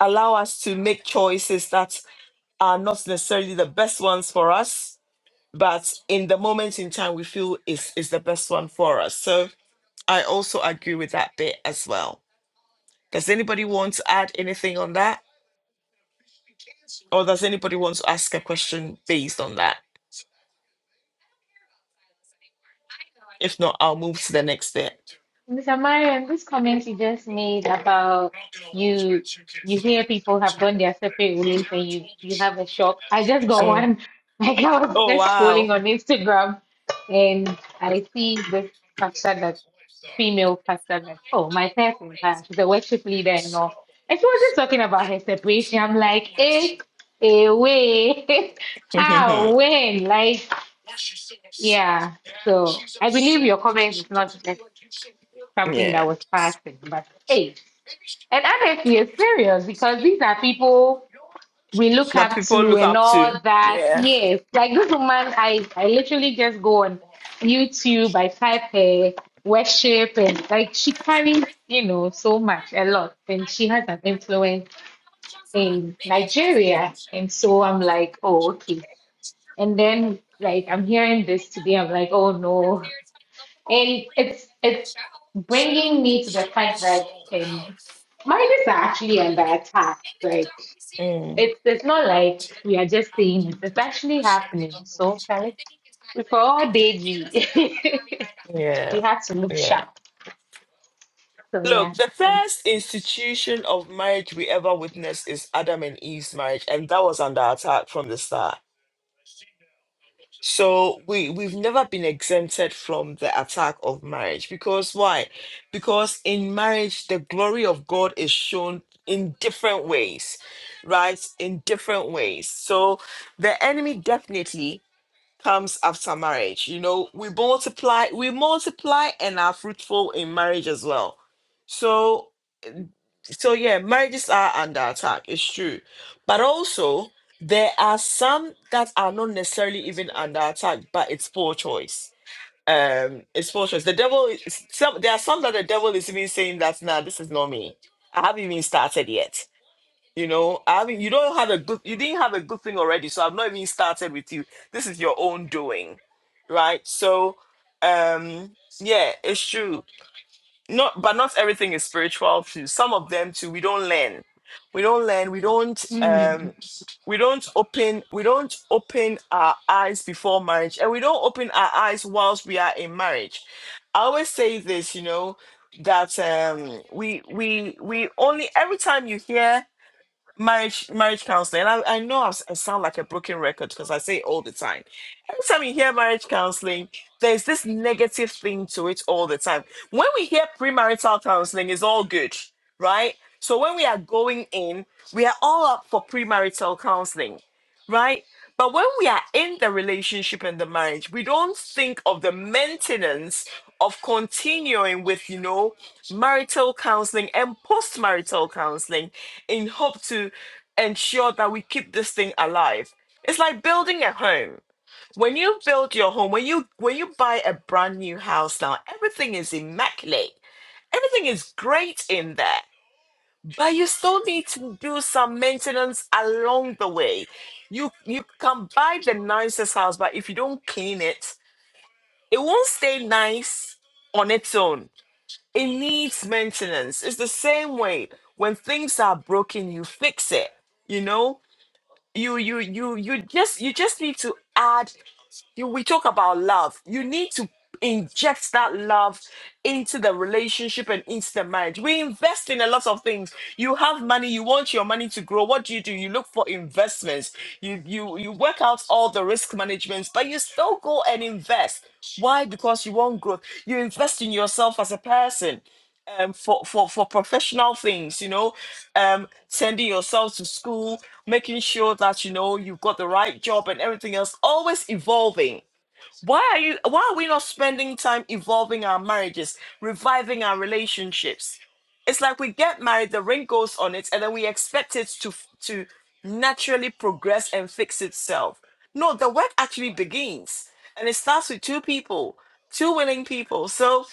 Speaker 1: allow us to make choices that are not necessarily the best ones for us but in the moment in time we feel is is the best one for us so i also agree with that bit as well does anybody want to add anything on that Or does anybody want to ask a question based on that? If not, I'll move to the next step.
Speaker 2: Mr. Marion, this comment you just made about you you hear people have gone their separate ways and you you have a shock. I just got
Speaker 1: Mm.
Speaker 2: one. Like I was
Speaker 1: Oh
Speaker 2: just scrolling
Speaker 1: wow.
Speaker 2: on Instagram and I see this pastor that female pastor that oh my person pastor, she's a worship leader and all. And she was just talking about her separation. I'm like, eh, eh, away. How?
Speaker 1: yeah.
Speaker 2: When? Like Yeah. So I believe your comment is not just something that was
Speaker 1: That
Speaker 2: passing, but hey. And honestly, it's serious because these are people we look up
Speaker 1: people
Speaker 2: to
Speaker 1: look
Speaker 2: and
Speaker 1: up
Speaker 2: all
Speaker 1: to.
Speaker 2: that.
Speaker 1: Yeah.
Speaker 2: Yes. Like this woman, I, I literally just go on YouTube, I type her worship and like she carries, you know, so much, a lot. And she has an influence in Nigeria. And so I'm like, oh, okay. And then like I'm hearing this today, I'm like, oh no. And it's it's bringing me to the fact that um, marriages are actually under attack. Like it's it's not like we are just saying it. It's actually happening. So Kelly, before all day G, we have to look
Speaker 1: Yeah.
Speaker 2: sharp. So
Speaker 1: Look, the first institution of marriage we ever witnessed is Adam and Eve's marriage, and that was under attack from the start. So we we've never been exempted from the attack of marriage because why? Because in marriage the glory of God is shown in different ways, right? In different ways. So the enemy definitely comes after marriage. You know, we multiply, we multiply and are fruitful in marriage as well. So so yeah, marriages are under attack. It's true, but also there are some that are not necessarily even under attack, but it's poor choice. Um, it's poor choice. The devil. Is, some there are some that the devil is even saying that nah, this is not me. I haven't even started yet. You know, I mean, you don't have a good. You didn't have a good thing already, so I've not even started with you. This is your own doing, right? So, um, yeah, it's true no, but not everything is spiritual too. Some of them too, we don't learn. We don't learn. We don't
Speaker 2: yeah.
Speaker 1: um we don't open we don't open our eyes before marriage and we don't open our eyes whilst we are in marriage. I always say this, you know, that um we we we only every time you hear marriage marriage counseling. And I, I know I, s- I sound like a broken record because I say it all the time. Every time you hear marriage counseling, there's this negative thing to it all the time. When we hear premarital counseling, it's all good, right? So when we are going in, we are all up for premarital counseling, right? But when we are in the relationship and the marriage, we don't think of the maintenance of continuing with, you know, marital counseling and post marital counseling in hope to ensure that we keep this thing alive. It's like building a home. When you build your home, when you when you buy a brand new house now, everything is immaculate. Everything is great in there. But you still need to do some maintenance along the way. You you can buy the nicest house, but if you don't clean it, it won't stay nice on its own. It needs maintenance. It's the same way when things are broken, you fix it you know you you you you just you just need to add you we talk about love you need to inject that love into the relationship and into the marriage we invest in a lot of things you have money you want your money to grow what do you do you look for investments you you you work out all the risk managements but you still go and invest why because you want growth you invest in yourself as a person um, for, for, for professional things, you know, um, sending yourself to school, making sure that, you know, you've got the right job and everything else, always evolving why are you why are we not spending time evolving our marriages, reviving our relationships? It's like we get married, the ring goes on it, and then we expect it to to naturally progress and fix itself. No, the work actually begins. And it starts with two people, two willing people. So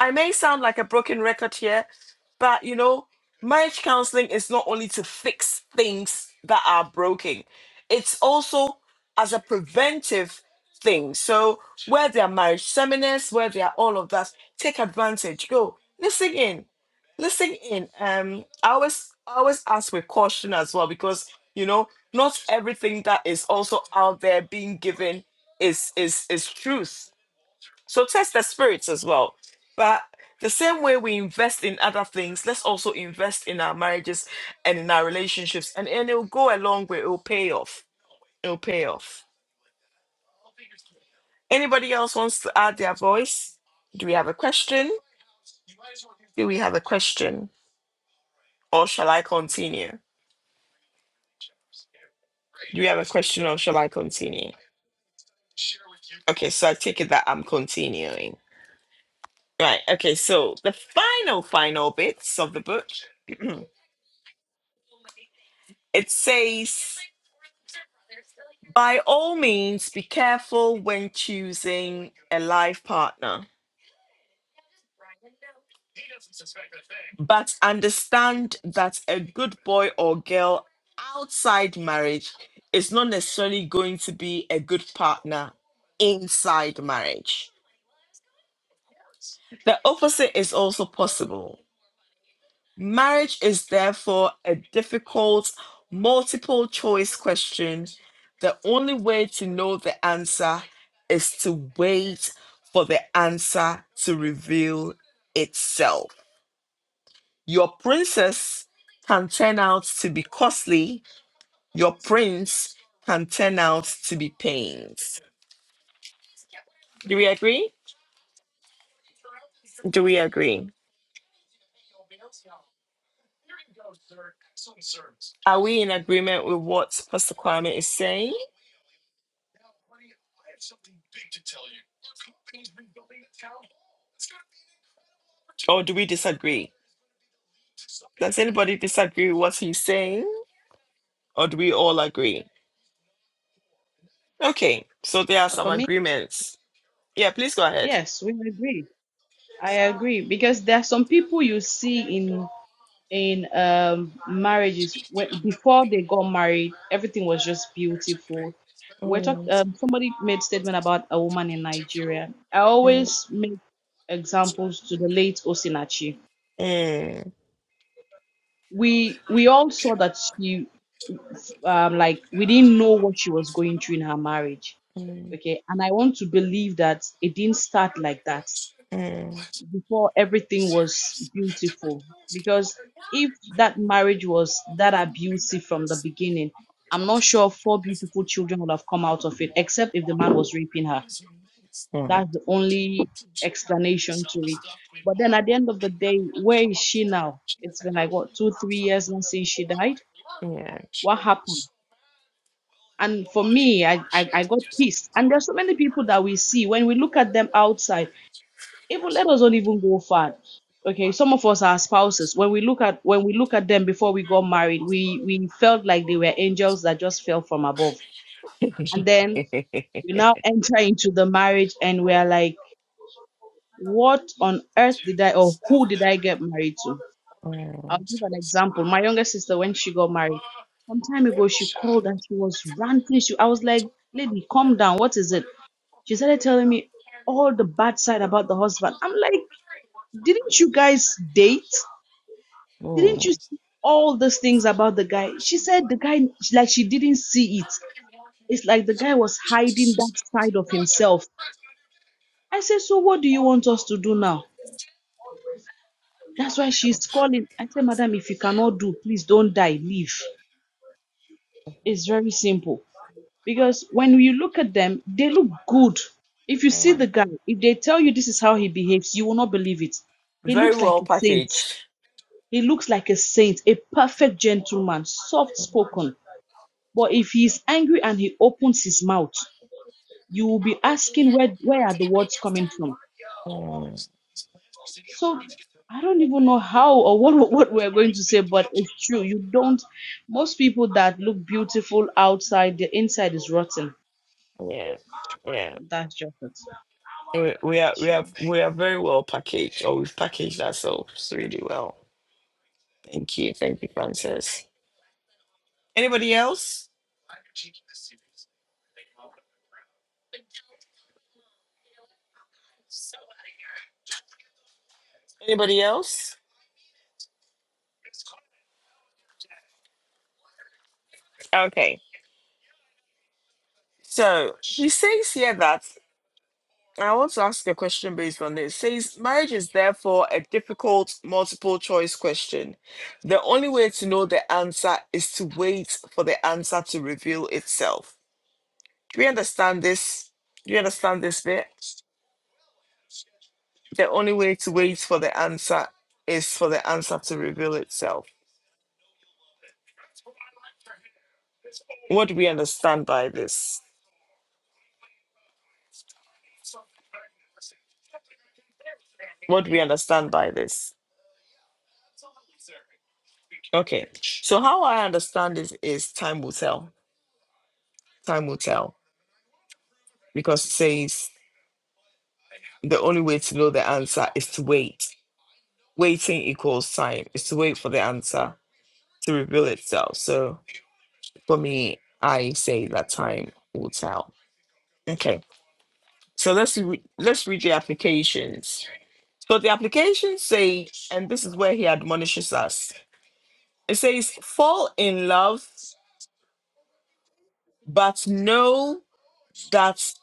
Speaker 1: I may sound like a broken record here, but you know, marriage counseling is not only to fix things that are broken, it's also as a preventive Things So where there are marriage seminars, where there are all of that, take advantage. Go listen in, listen in. Um, I always I always ask with caution as well because you know not everything that is also out there being given is is is truth. So test the spirits as well. But the same way we invest in other things, let's also invest in our marriages and in our relationships, and and it'll go a long way. It'll pay off. It'll pay off. Anybody else wants to add their voice? Do we have a question? Do we have a question? Or shall I continue? Do we have a question or shall I continue? Okay, so I take it that I'm continuing. Right, okay, so the final, final bits of the book it says, by all means, be careful when choosing a life partner. But understand that a good boy or girl outside marriage is not necessarily going to be a good partner inside marriage. The opposite is also possible. Marriage is therefore a difficult, multiple choice question. The only way to know the answer is to wait for the answer to reveal itself. Your princess can turn out to be costly. Your prince can turn out to be pains. Do we agree? Do we agree? Are we in agreement with what Pastor Kwame is saying, or do we disagree? Does anybody disagree with what he's saying, or do we all agree? Okay, so there are some
Speaker 6: For me,
Speaker 1: agreements. Yeah, please go ahead.
Speaker 6: yes, we agree. I agree because there are some people you see in in um marriages when before they got married everything was just beautiful we're talking um, somebody made statement about a woman in nigeria i
Speaker 1: Yes.
Speaker 6: always make examples to the late osinachi
Speaker 1: Mm,
Speaker 6: we we all saw that she um like we didn't know what she was going through in her marriage
Speaker 1: mm,
Speaker 6: okay and i want to believe that it didn't start like that before everything was beautiful. Because if that marriage was that abusive from the beginning, I'm not sure four beautiful children would have come out of it, except if the man was raping her.
Speaker 1: mm.
Speaker 6: That's the only explanation to it. But then at the end of the day, where is she now? It's been like what two, three years now since she died.
Speaker 1: Yeah.
Speaker 6: What happened? And for me, I, I, I got pissed. And there's so many people that we see when we look at them outside even let us not even go far okay some of us are spouses when we look at when we look at them before we got married we we felt like they were angels that just fell from above and then we now enter into the marriage and we are like what on earth did i or who did i get married to i'll
Speaker 1: Mm,
Speaker 6: give an example my younger sister when she got married some time ago she called and she was ranting she, i was like lady calm down what is it she started telling me all the bad side about the husband i'm like didn't you guys date Didn't
Speaker 1: mm.
Speaker 6: you see all those things about the guy? She said the guy, like she didn't see it. It's like the guy was hiding that side of himself. I said, So what do you want us to do now? That's why she's calling. I said, Madam, if you cannot do, please don't die, leave. It's very simple. Because when you look at them, they look good. If you see the guy, if they tell you this is how he behaves, you will not believe it. He
Speaker 1: Very
Speaker 6: looks like
Speaker 1: well
Speaker 6: a saint.
Speaker 1: packaged.
Speaker 6: He looks like a saint, a perfect gentleman, soft spoken. But if he's angry and he opens his mouth, you will be asking where where are the words coming from. So I don't even know how or what what we're going to say, but it's true. You don't. Most people that look beautiful outside, the inside is rotten.
Speaker 1: Yeah, yeah.
Speaker 6: That's just it.
Speaker 1: We, we are
Speaker 6: It's
Speaker 1: we
Speaker 6: true.
Speaker 1: are we are very well packaged, or we've packaged ourselves really well. Thank you, thank you, Francis. Anybody else? Anybody else? Okay. So she says here that I want to ask a question based on this. Says marriage is therefore a difficult multiple choice question. The only way to know the answer is to wait for the answer to reveal itself. Do we understand this? Do you understand this bit? The only way to wait for the answer is for the answer to reveal itself. What do we understand by this? What do we understand by this? Okay. So how I understand this is time will tell. Time will tell. Because it says the only way to know the answer is to wait. Waiting equals time. It's to wait for the answer to reveal itself. So for me, I say that time will tell. Okay. So let's re- let's read the applications. So the application says, and this is where he admonishes us. It says, fall in love, but know that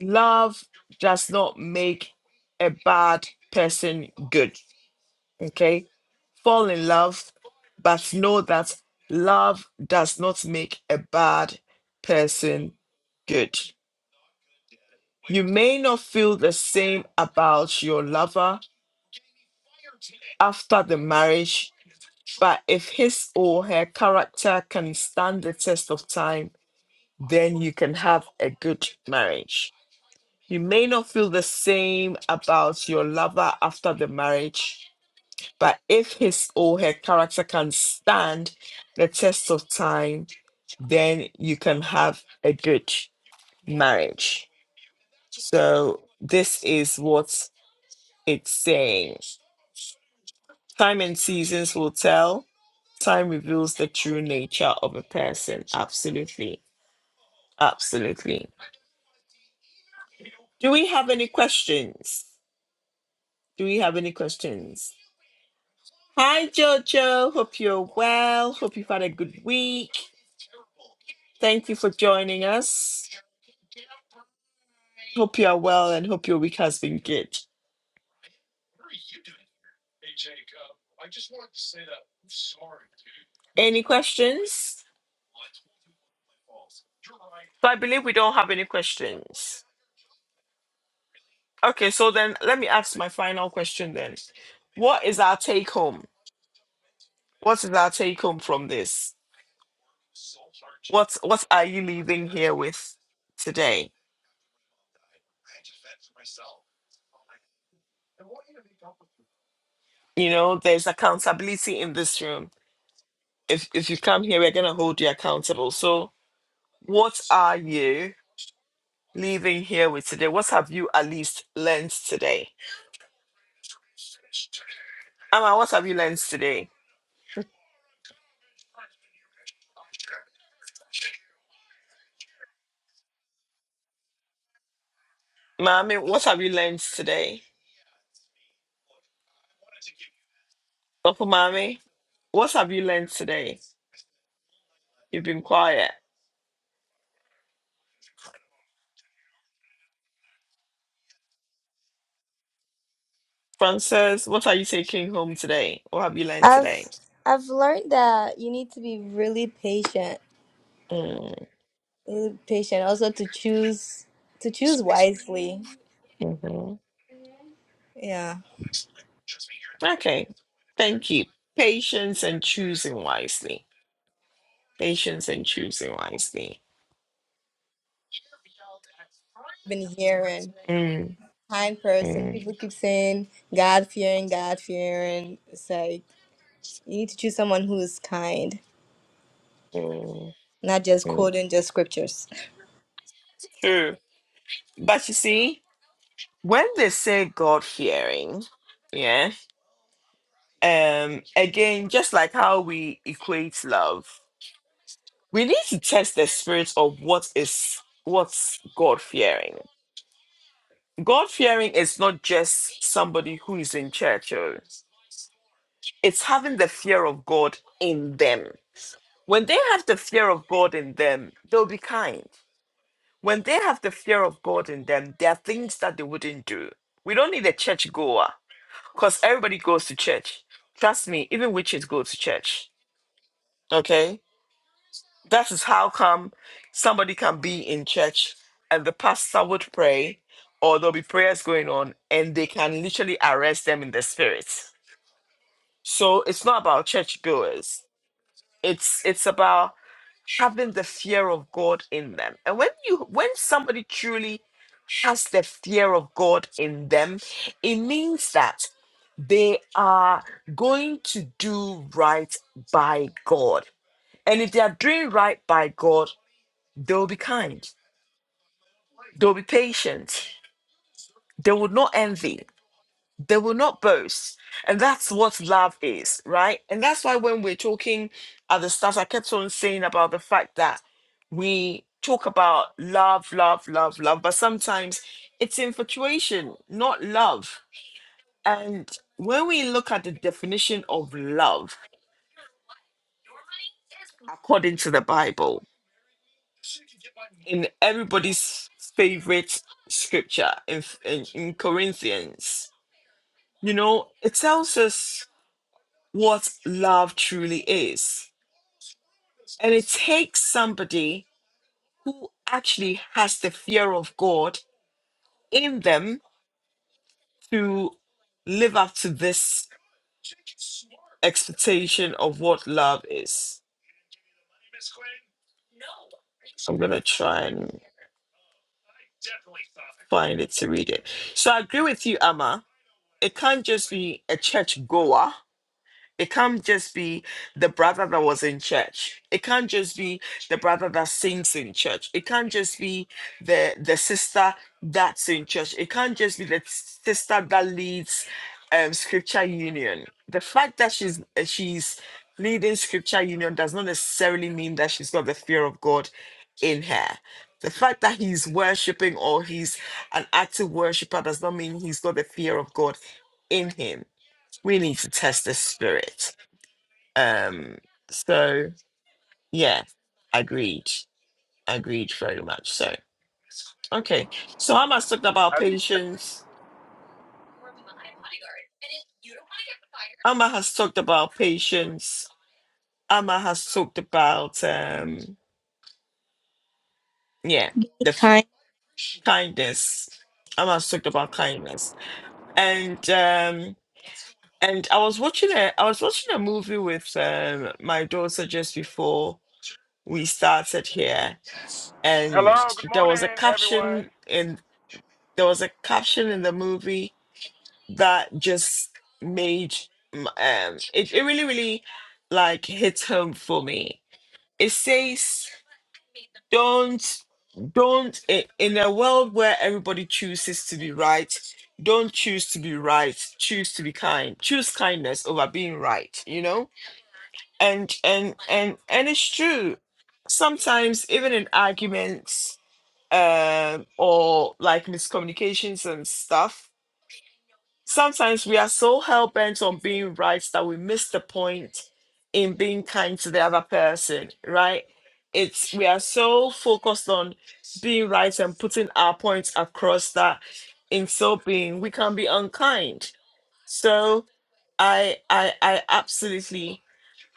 Speaker 1: love does not make a bad person good. Okay? Fall in love, but know that love does not make a bad person good. You may not feel the same about your lover after the marriage But if his or her character can stand the test of time, then you can have a good marriage. You may not feel the same about your lover after the marriage, but if his or her character can stand the test of time, then you can have a good marriage. So, this is what it's saying. Time and seasons will tell, time reveals the true nature of a person. Absolutely. Absolutely. Do we have any questions? Do we have any questions? Hi, Jojo. Hope you're well. Hope you've had a good week. Thank you for joining us. Hope you are well and hope your week has been good. Any questions? So I believe we don't have any questions. Okay, so then let me ask my final question Our take home. What is our take home from this? What, what are you leaving with today? You know, there's accountability in this room if if you come here, we're gonna hold you accountable. So what are you leaving here with today? What have you at least learned today? Amma, what have you learned today? Mommy, what have you learned today? Papa Mommy, what have you learned today? You've been quiet. Frances, what are you taking home today? What have you learned
Speaker 8: I've
Speaker 1: today?
Speaker 8: I've learned that you need to be really patient,
Speaker 1: Mm,
Speaker 8: really patient. Also to choose to choose wisely.
Speaker 1: mhm.
Speaker 8: Yeah,
Speaker 1: Okay. Thank you. Patience and choosing wisely. Patience and choosing wisely.
Speaker 8: I've been hearing
Speaker 1: Mm,
Speaker 8: kind person. People
Speaker 1: mm,
Speaker 8: keep saying God fearing, God fearing. It's like you need to choose someone who is kind,
Speaker 1: mm,
Speaker 8: not just
Speaker 1: mm.
Speaker 8: quoting just scriptures.
Speaker 1: True. But you see, when they say God fearing, yeah, um, again, just like how we equate love, we need to test the spirit of what is what's God fearing. God fearing is not just somebody who is in church, oh. it's having the fear of God in them. When they have the fear of God in them, they'll be kind. When they have the fear of God in them, there are things that they wouldn't do. We don't need a churchgoer. Because everybody goes to church. Trust me, even witches go to church. Okay? That is how come somebody can be in church and the pastor would pray, or there'll be prayers going on, and they can literally arrest them in the spirit. So it's not about church goers. It's it's about having the fear of God in them. And when you when somebody truly has the fear of God in them, it means that They are going to do right by God. And if they are doing right by God, they will be kind, they will be patient, they will not envy, they will not boast. And that's what love is, right? And that's why when we're talking at the start, I kept on saying about the fact that we talk about love, love, love, love, but sometimes it's infatuation, not love. And when we look at the definition of love, according to the Bible, in everybody's favorite scripture in, in, in Corinthians. You know, it tells us what love truly is. And it takes somebody who actually has the fear of God in them to live up to this expectation of what love is. So I'm going to try and find it to read it. So I agree with you, Amma. It can't just be a church goer It can't just be the brother that was in church. It can't just be the brother that sings in church. It can't just be the the sister that's in church. It can't just be the sister that leads um, scripture union. The fact that she's uh, she's leading scripture union does not necessarily mean that she's got the fear of God in her. The fact that he's worshiping or he's an active worshiper does not mean he's got the fear of God in him. We need to test the spirit um, so yeah, agreed, agreed very much. So okay, so Amma has talked about
Speaker 9: Uh,
Speaker 1: patience. Amma has talked about patience. Amma has talked about um, yeah, the f-
Speaker 8: Kind
Speaker 1: kindness. Amma has talked about kindness, and um, and I was watching a I was watching a movie with um my daughter just before we started here, and
Speaker 9: Hello, good
Speaker 1: there was a
Speaker 9: morning,
Speaker 1: caption
Speaker 9: everyone.
Speaker 1: in there was a caption in the movie that just made m- um it, it really really like hit home for me it says don't don't i- in a world where everybody chooses to be right don't choose to be right choose to be kind choose kindness over being right you know and and and it's true sometimes even in arguments um or like miscommunications and stuff sometimes we are so hell bent on being right that we miss the point in being kind to the other person, right? It's we are so focused on being right and putting our points across that in so being we can be unkind. So I I I absolutely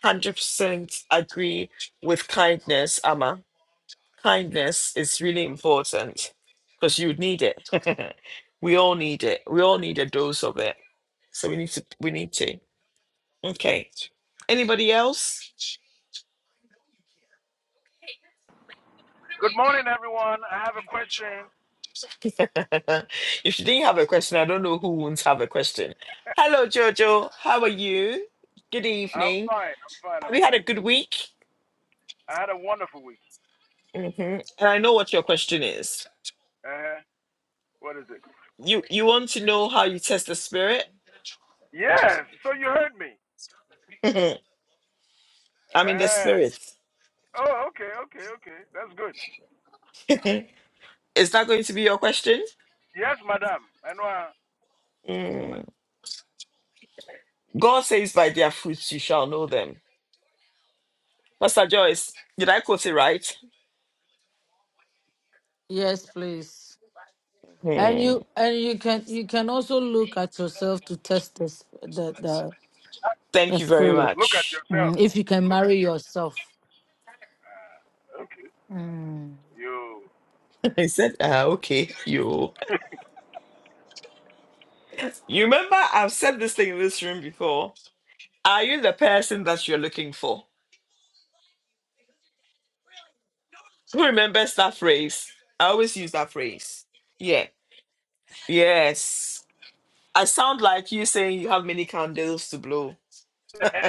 Speaker 1: one hundred percent agree with kindness, Amma. Kindness is really important because you need it. we all need it. We all need a dose of it. So we need to we need to. Okay. Anybody else?
Speaker 9: Good morning, everyone. I have a question.
Speaker 1: if you didn't have a question, I don't know who won't have a question. Hello, Jojo. How are you? Good
Speaker 9: I'm
Speaker 1: evening.
Speaker 9: fine. I'm fine.
Speaker 1: Have
Speaker 9: I'm
Speaker 1: you had
Speaker 9: fine.
Speaker 1: a good week?
Speaker 9: I had a wonderful week.
Speaker 1: hmm And I know what your question is.
Speaker 9: Uh huh. What is it?
Speaker 1: You you want to know how you test the spirit?
Speaker 9: Yes. So you heard me.
Speaker 1: I'm in the
Speaker 9: Uh,
Speaker 1: spirit.
Speaker 9: oh, okay, okay, okay. That's good.
Speaker 1: is that going to be your question?
Speaker 9: Yes, madam. I know. I
Speaker 1: God says, by their fruits you shall know them. Pastor Joyce, did I quote it right?
Speaker 5: Yes, please. And
Speaker 1: Hmm.
Speaker 5: you and you can you can also look at yourself to test this the the, the
Speaker 1: Thank you very
Speaker 5: spirit.
Speaker 9: look at
Speaker 1: much.
Speaker 9: yourself.
Speaker 5: Mm, if you can marry yourself.
Speaker 9: Okay.
Speaker 5: Mm.
Speaker 9: You.
Speaker 1: I said, uh, okay, you. You remember, I've said this thing in this room before. Are you the person that you're looking for? Who remembers that phrase? I always use that phrase. Yeah. Yes. I sound like you saying you have many candles to blow.
Speaker 9: that,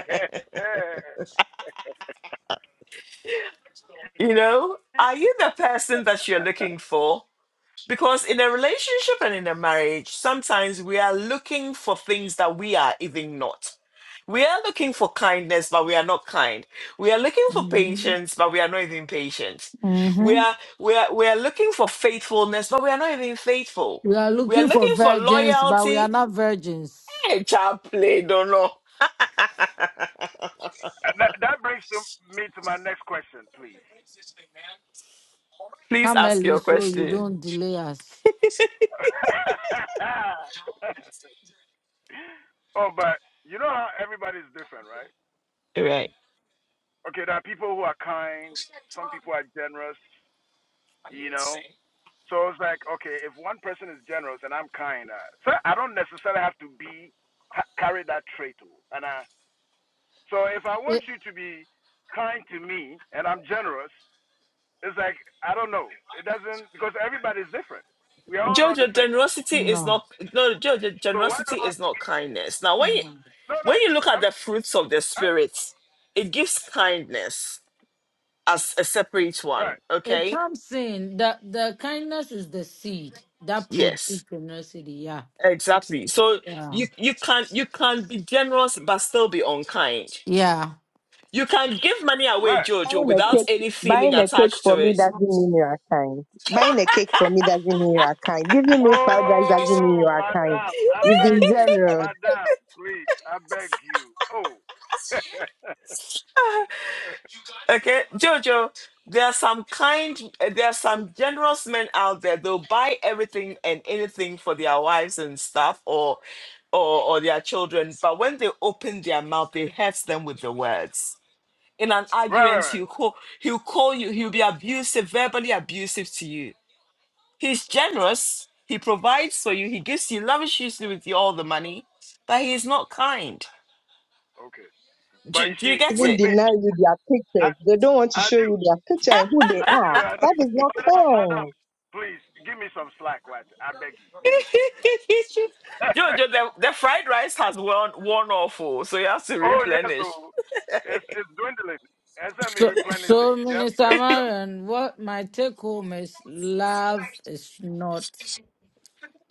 Speaker 1: You know, are you the person that you're looking for? Because in a relationship and in a marriage, sometimes we are looking for things that we are even not. We are looking for kindness, but we are not kind. We are looking for
Speaker 5: hmm
Speaker 1: patience, but we are not even patient. We are we are we are looking for faithfulness, but we are not even faithful.
Speaker 5: We are
Speaker 1: We are
Speaker 5: looking for
Speaker 1: looking for
Speaker 5: virgins, but we are
Speaker 1: loyalty.
Speaker 5: not virgins.
Speaker 1: Hey, child, play, don't know.
Speaker 9: that brings to me to my next question, please.
Speaker 1: Please
Speaker 5: Come
Speaker 1: ask
Speaker 5: early
Speaker 1: your
Speaker 5: so you
Speaker 1: question.
Speaker 5: don't delay us.
Speaker 9: oh, but you know how everybody's different, right?
Speaker 1: All Right.
Speaker 9: okay, there are people who are kind, some people are generous, you know. So it's like, okay, if one person is generous and I'm kind, uh, so I don't necessarily have to be ha- carry that trait. oh. And I, so if I want
Speaker 5: It,
Speaker 9: you to be kind to me and I'm generous, it's like I don't know. It doesn't because everybody's different. We are all not the
Speaker 1: Jojo,
Speaker 9: same.
Speaker 1: generosity is
Speaker 5: no.
Speaker 1: not no Jojo,
Speaker 9: So why do
Speaker 1: generosity
Speaker 9: I
Speaker 1: is
Speaker 9: have to
Speaker 1: not
Speaker 9: be?
Speaker 1: kindness. Now when you
Speaker 5: Mm.
Speaker 9: No, no.
Speaker 1: When you look at
Speaker 9: I'm,
Speaker 1: the fruits of the
Speaker 9: I,
Speaker 1: spirit, it gives kindness as a separate one.
Speaker 9: right,
Speaker 5: It
Speaker 1: Okay.
Speaker 5: comes in that the kindness is the seed that produces
Speaker 1: Yes.
Speaker 5: generosity. Yeah.
Speaker 1: Exactly. So
Speaker 5: Yeah.
Speaker 1: you you can you can be generous but still be unkind.
Speaker 5: Yeah.
Speaker 1: You can give money away,
Speaker 9: right.
Speaker 1: Jojo,
Speaker 7: Buying a
Speaker 1: without
Speaker 7: cake,
Speaker 1: any feeling
Speaker 7: buying a cake
Speaker 1: attached
Speaker 7: for
Speaker 1: to
Speaker 7: me
Speaker 1: it.
Speaker 7: doesn't mean you are kind. Buying a cake for me doesn't mean you are kind. Giving me fried rice doesn't mean
Speaker 9: Oh,
Speaker 7: you are kind.
Speaker 9: madam, I
Speaker 7: You've
Speaker 9: beg
Speaker 7: been
Speaker 9: you,
Speaker 7: generous.
Speaker 9: madam, please, I beg you. Oh,
Speaker 1: Okay, Jojo, there are some kind, uh, there are some generous men out there. They'll buy everything and anything for their wives and stuff, or, or, or their children. But when they open their mouth, they hurt them with the words. In an
Speaker 9: right, right,
Speaker 1: argument,
Speaker 9: right.
Speaker 1: he'll call, he'll call you. He'll be abusive, verbally abusive to you. He's
Speaker 9: Okay,
Speaker 1: generous. He provides for you. He gives you, lavishes you with you all the money, but he's not kind.
Speaker 9: okay. But
Speaker 1: Do,
Speaker 9: you
Speaker 1: do you
Speaker 9: see,
Speaker 1: get
Speaker 9: with
Speaker 7: Even
Speaker 1: it?
Speaker 9: me,
Speaker 7: deny you their
Speaker 9: I,
Speaker 7: pictures. They don't want to
Speaker 9: I
Speaker 7: show
Speaker 9: do,
Speaker 7: you their picture and who they
Speaker 9: I do,
Speaker 7: are.
Speaker 9: I do.
Speaker 7: That is not
Speaker 9: Madam, madam,
Speaker 7: kind.
Speaker 9: please, give me some slack, right? I beg you, give me some slack.
Speaker 1: Jojo, the, the fried rice has worn worn off, oh, so you have to
Speaker 9: oh yes,
Speaker 1: replenish.
Speaker 9: oh, it's it's dwindling. SME
Speaker 5: So,
Speaker 9: replenish it.
Speaker 5: so
Speaker 9: Yep,
Speaker 5: Minister
Speaker 9: yep, yep.
Speaker 5: Marion, what my take home is love is not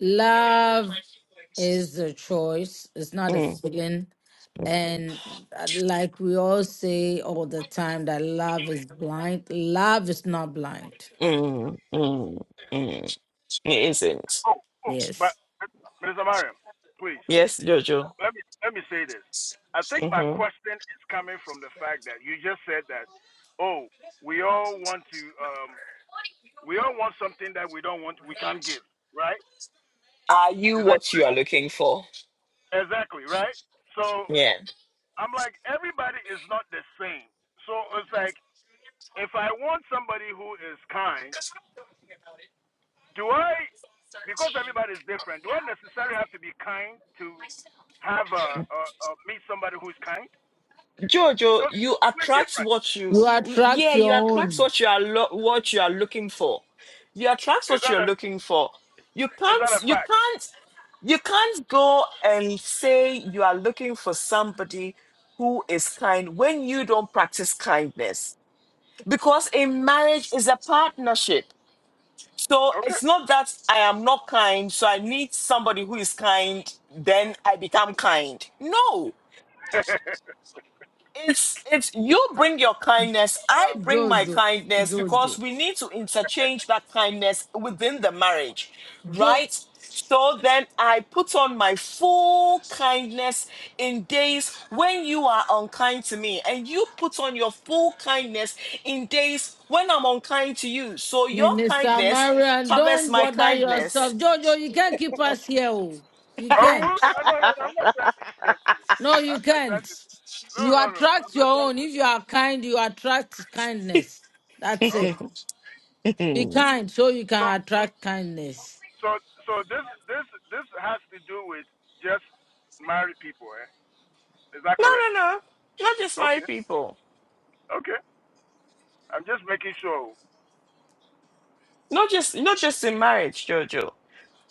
Speaker 5: love is a choice. It's not a
Speaker 1: Mm,
Speaker 5: feeling, and uh, like we all say all the time, that love is blind. Love is not blind.
Speaker 1: mm, mm, mm. It isn't.
Speaker 9: Oh, oh, but
Speaker 5: Yes,
Speaker 9: Mr. Mariam, please.
Speaker 1: Yes, Jojo.
Speaker 9: let me let me say this. I think my
Speaker 1: hmm
Speaker 9: question is coming from the fact that you just said that, oh, we all want to, um, we all want something that we don't want, we can't give, right?
Speaker 1: Are you
Speaker 9: Is that
Speaker 1: what you are looking for?
Speaker 9: exactly right? So
Speaker 1: Yeah,
Speaker 9: I'm like, everybody is not the same. So it's like, if I want somebody who is kind, do I, because everybody is different, do I necessarily have to be kind to have a, a, a meet somebody who's kind?
Speaker 1: Jojo,
Speaker 9: Because
Speaker 1: you
Speaker 9: we're
Speaker 1: attract
Speaker 9: different.
Speaker 1: what you.
Speaker 5: you attract
Speaker 1: Yeah,
Speaker 5: your
Speaker 1: you attract
Speaker 5: own.
Speaker 1: what you are lo- what you are looking for. You attract
Speaker 9: Is
Speaker 1: what you
Speaker 9: that
Speaker 1: are
Speaker 9: a
Speaker 1: looking for. You
Speaker 9: is
Speaker 1: can't.
Speaker 9: that a
Speaker 1: You
Speaker 9: fact?
Speaker 1: can't. You can't go and say you are looking for somebody who is kind when you don't practice kindness. Because a marriage is a partnership. So
Speaker 9: Okay.
Speaker 1: it's not that I am not kind, so I need somebody who is kind, then I become kind. No. It's it's you bring your kindness, I bring my
Speaker 5: Jojo,
Speaker 1: kindness because
Speaker 5: Jojo,
Speaker 1: we need to interchange that kindness within the marriage,
Speaker 5: Jojo.
Speaker 1: right? So then I put on my full kindness in days when you are unkind to me, and you put on your full kindness in days when I'm unkind to you. So your
Speaker 5: Minister
Speaker 1: kindness
Speaker 5: Marian,
Speaker 1: covers
Speaker 5: don't
Speaker 1: my
Speaker 5: bother yourself.
Speaker 1: kindness.
Speaker 5: Jojo, you can't keep us here. Oh. You
Speaker 9: oh,
Speaker 5: can't.
Speaker 9: look, I- no, no, no, I'm not trying to do that to you.
Speaker 5: No, you
Speaker 9: I'm not trying
Speaker 5: can't.
Speaker 9: to. No,
Speaker 5: You
Speaker 9: no, no, I'm
Speaker 5: attract your
Speaker 9: not trying.
Speaker 5: own.
Speaker 9: To,
Speaker 5: If you are kind, you attract kindness. That's
Speaker 1: no,
Speaker 5: it.
Speaker 9: okay.
Speaker 5: Be
Speaker 1: no,
Speaker 5: kind so you
Speaker 9: So,
Speaker 5: can attract kindness.
Speaker 9: so, so this, this, this has to do with just married people, eh? Is that correct?
Speaker 1: no. Not just
Speaker 9: Okay.
Speaker 1: married people.
Speaker 9: Okay. I'm just making sure.
Speaker 1: Not just not just in marriage, Jojo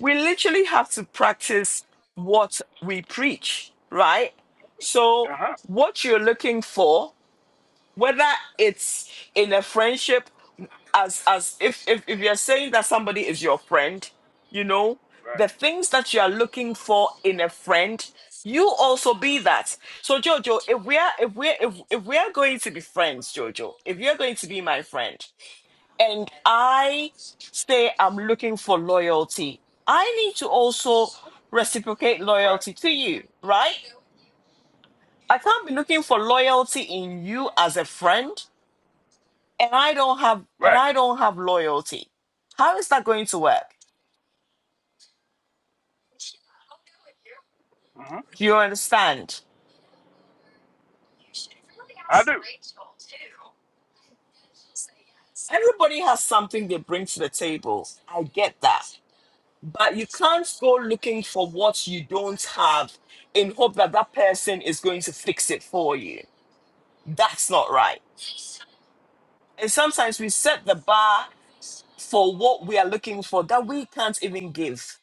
Speaker 1: we literally have to practice what we preach, right? So,
Speaker 9: Uh huh.
Speaker 1: what you're looking for, whether it's in a friendship, as as if if, if you're saying that somebody is your friend, you know,
Speaker 9: Right.
Speaker 1: the things that you are looking for in a friend, you also be that. So, Jojo, if we are if we are if, if we are going to be friends, Jojo, if you're going to be my friend and I say I'm looking for loyalty, I need to also reciprocate
Speaker 9: Right.
Speaker 1: loyalty to you, right? I can't be looking for loyalty in you as a friend and I don't have and
Speaker 9: Right.
Speaker 1: I don't have loyalty. How is that going to work?
Speaker 9: Uh-huh.
Speaker 1: Do you understand?
Speaker 9: I do.
Speaker 1: Everybody has something they bring to the table. I get that. But you can't go looking for what you don't have in hope that that person is going to fix it for you. That's not right And sometimes we set the bar for what we are looking for that we can't even give.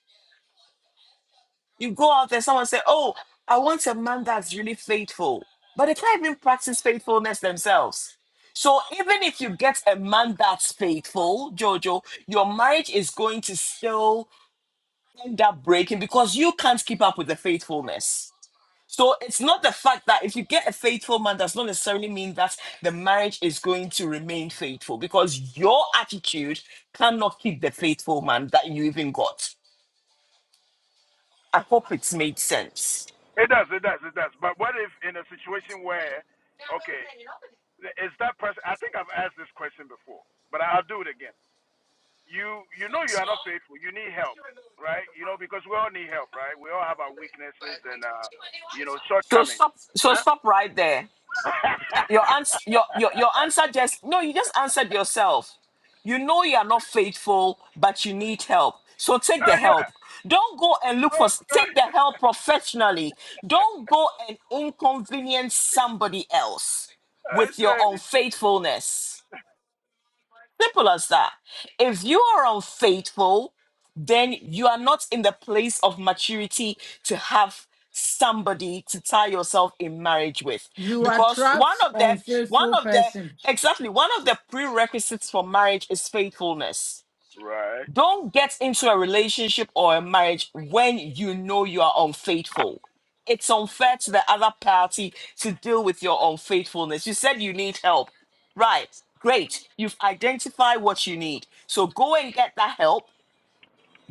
Speaker 1: You go out there, someone say, Oh, I want a man that's really faithful. But they can't even practice faithfulness themselves. So even if you get a man that's faithful, Jojo, your marriage is going to still end up breaking because you can't keep up with the faithfulness. So it's not the fact that if you get a faithful man does not necessarily mean that the marriage is going to remain faithful because your attitude cannot keep the faithful man that you even got. I hope it's made sense.
Speaker 9: It does. It does. It does. But what if in a situation where, okay, is that person? I think I've asked this question before, but I'll do it again you you know you are not faithful. You need help, right? You know because we all need help, right? We all have our weaknesses and uh, you know
Speaker 1: So
Speaker 9: shortcomings.
Speaker 1: stop so
Speaker 9: Huh?
Speaker 1: stop right there Your answer, your, your your answer just no, you just answered yourself. You know you are not faithful, but you need help. So take the
Speaker 9: Uh, yeah.
Speaker 1: help. Don't go and look
Speaker 9: So,
Speaker 1: for take
Speaker 9: uh,
Speaker 1: the help professionally. Don't go and inconvenience somebody else
Speaker 9: I
Speaker 1: with your
Speaker 9: said,
Speaker 1: unfaithfulness. Simple as that. If you are unfaithful, then you are not in the place of maturity to have somebody to tie yourself in marriage with
Speaker 5: You
Speaker 1: because one
Speaker 5: attract
Speaker 1: of the one
Speaker 5: unfaithful
Speaker 1: of the
Speaker 5: person.
Speaker 1: exactly one of the prerequisites for marriage is faithfulness
Speaker 9: right.
Speaker 1: don't get into a relationship or a marriage when you know you are unfaithful it's unfair to the other party to deal with your unfaithfulness you said you need help right great you've identified what you need so go and get that help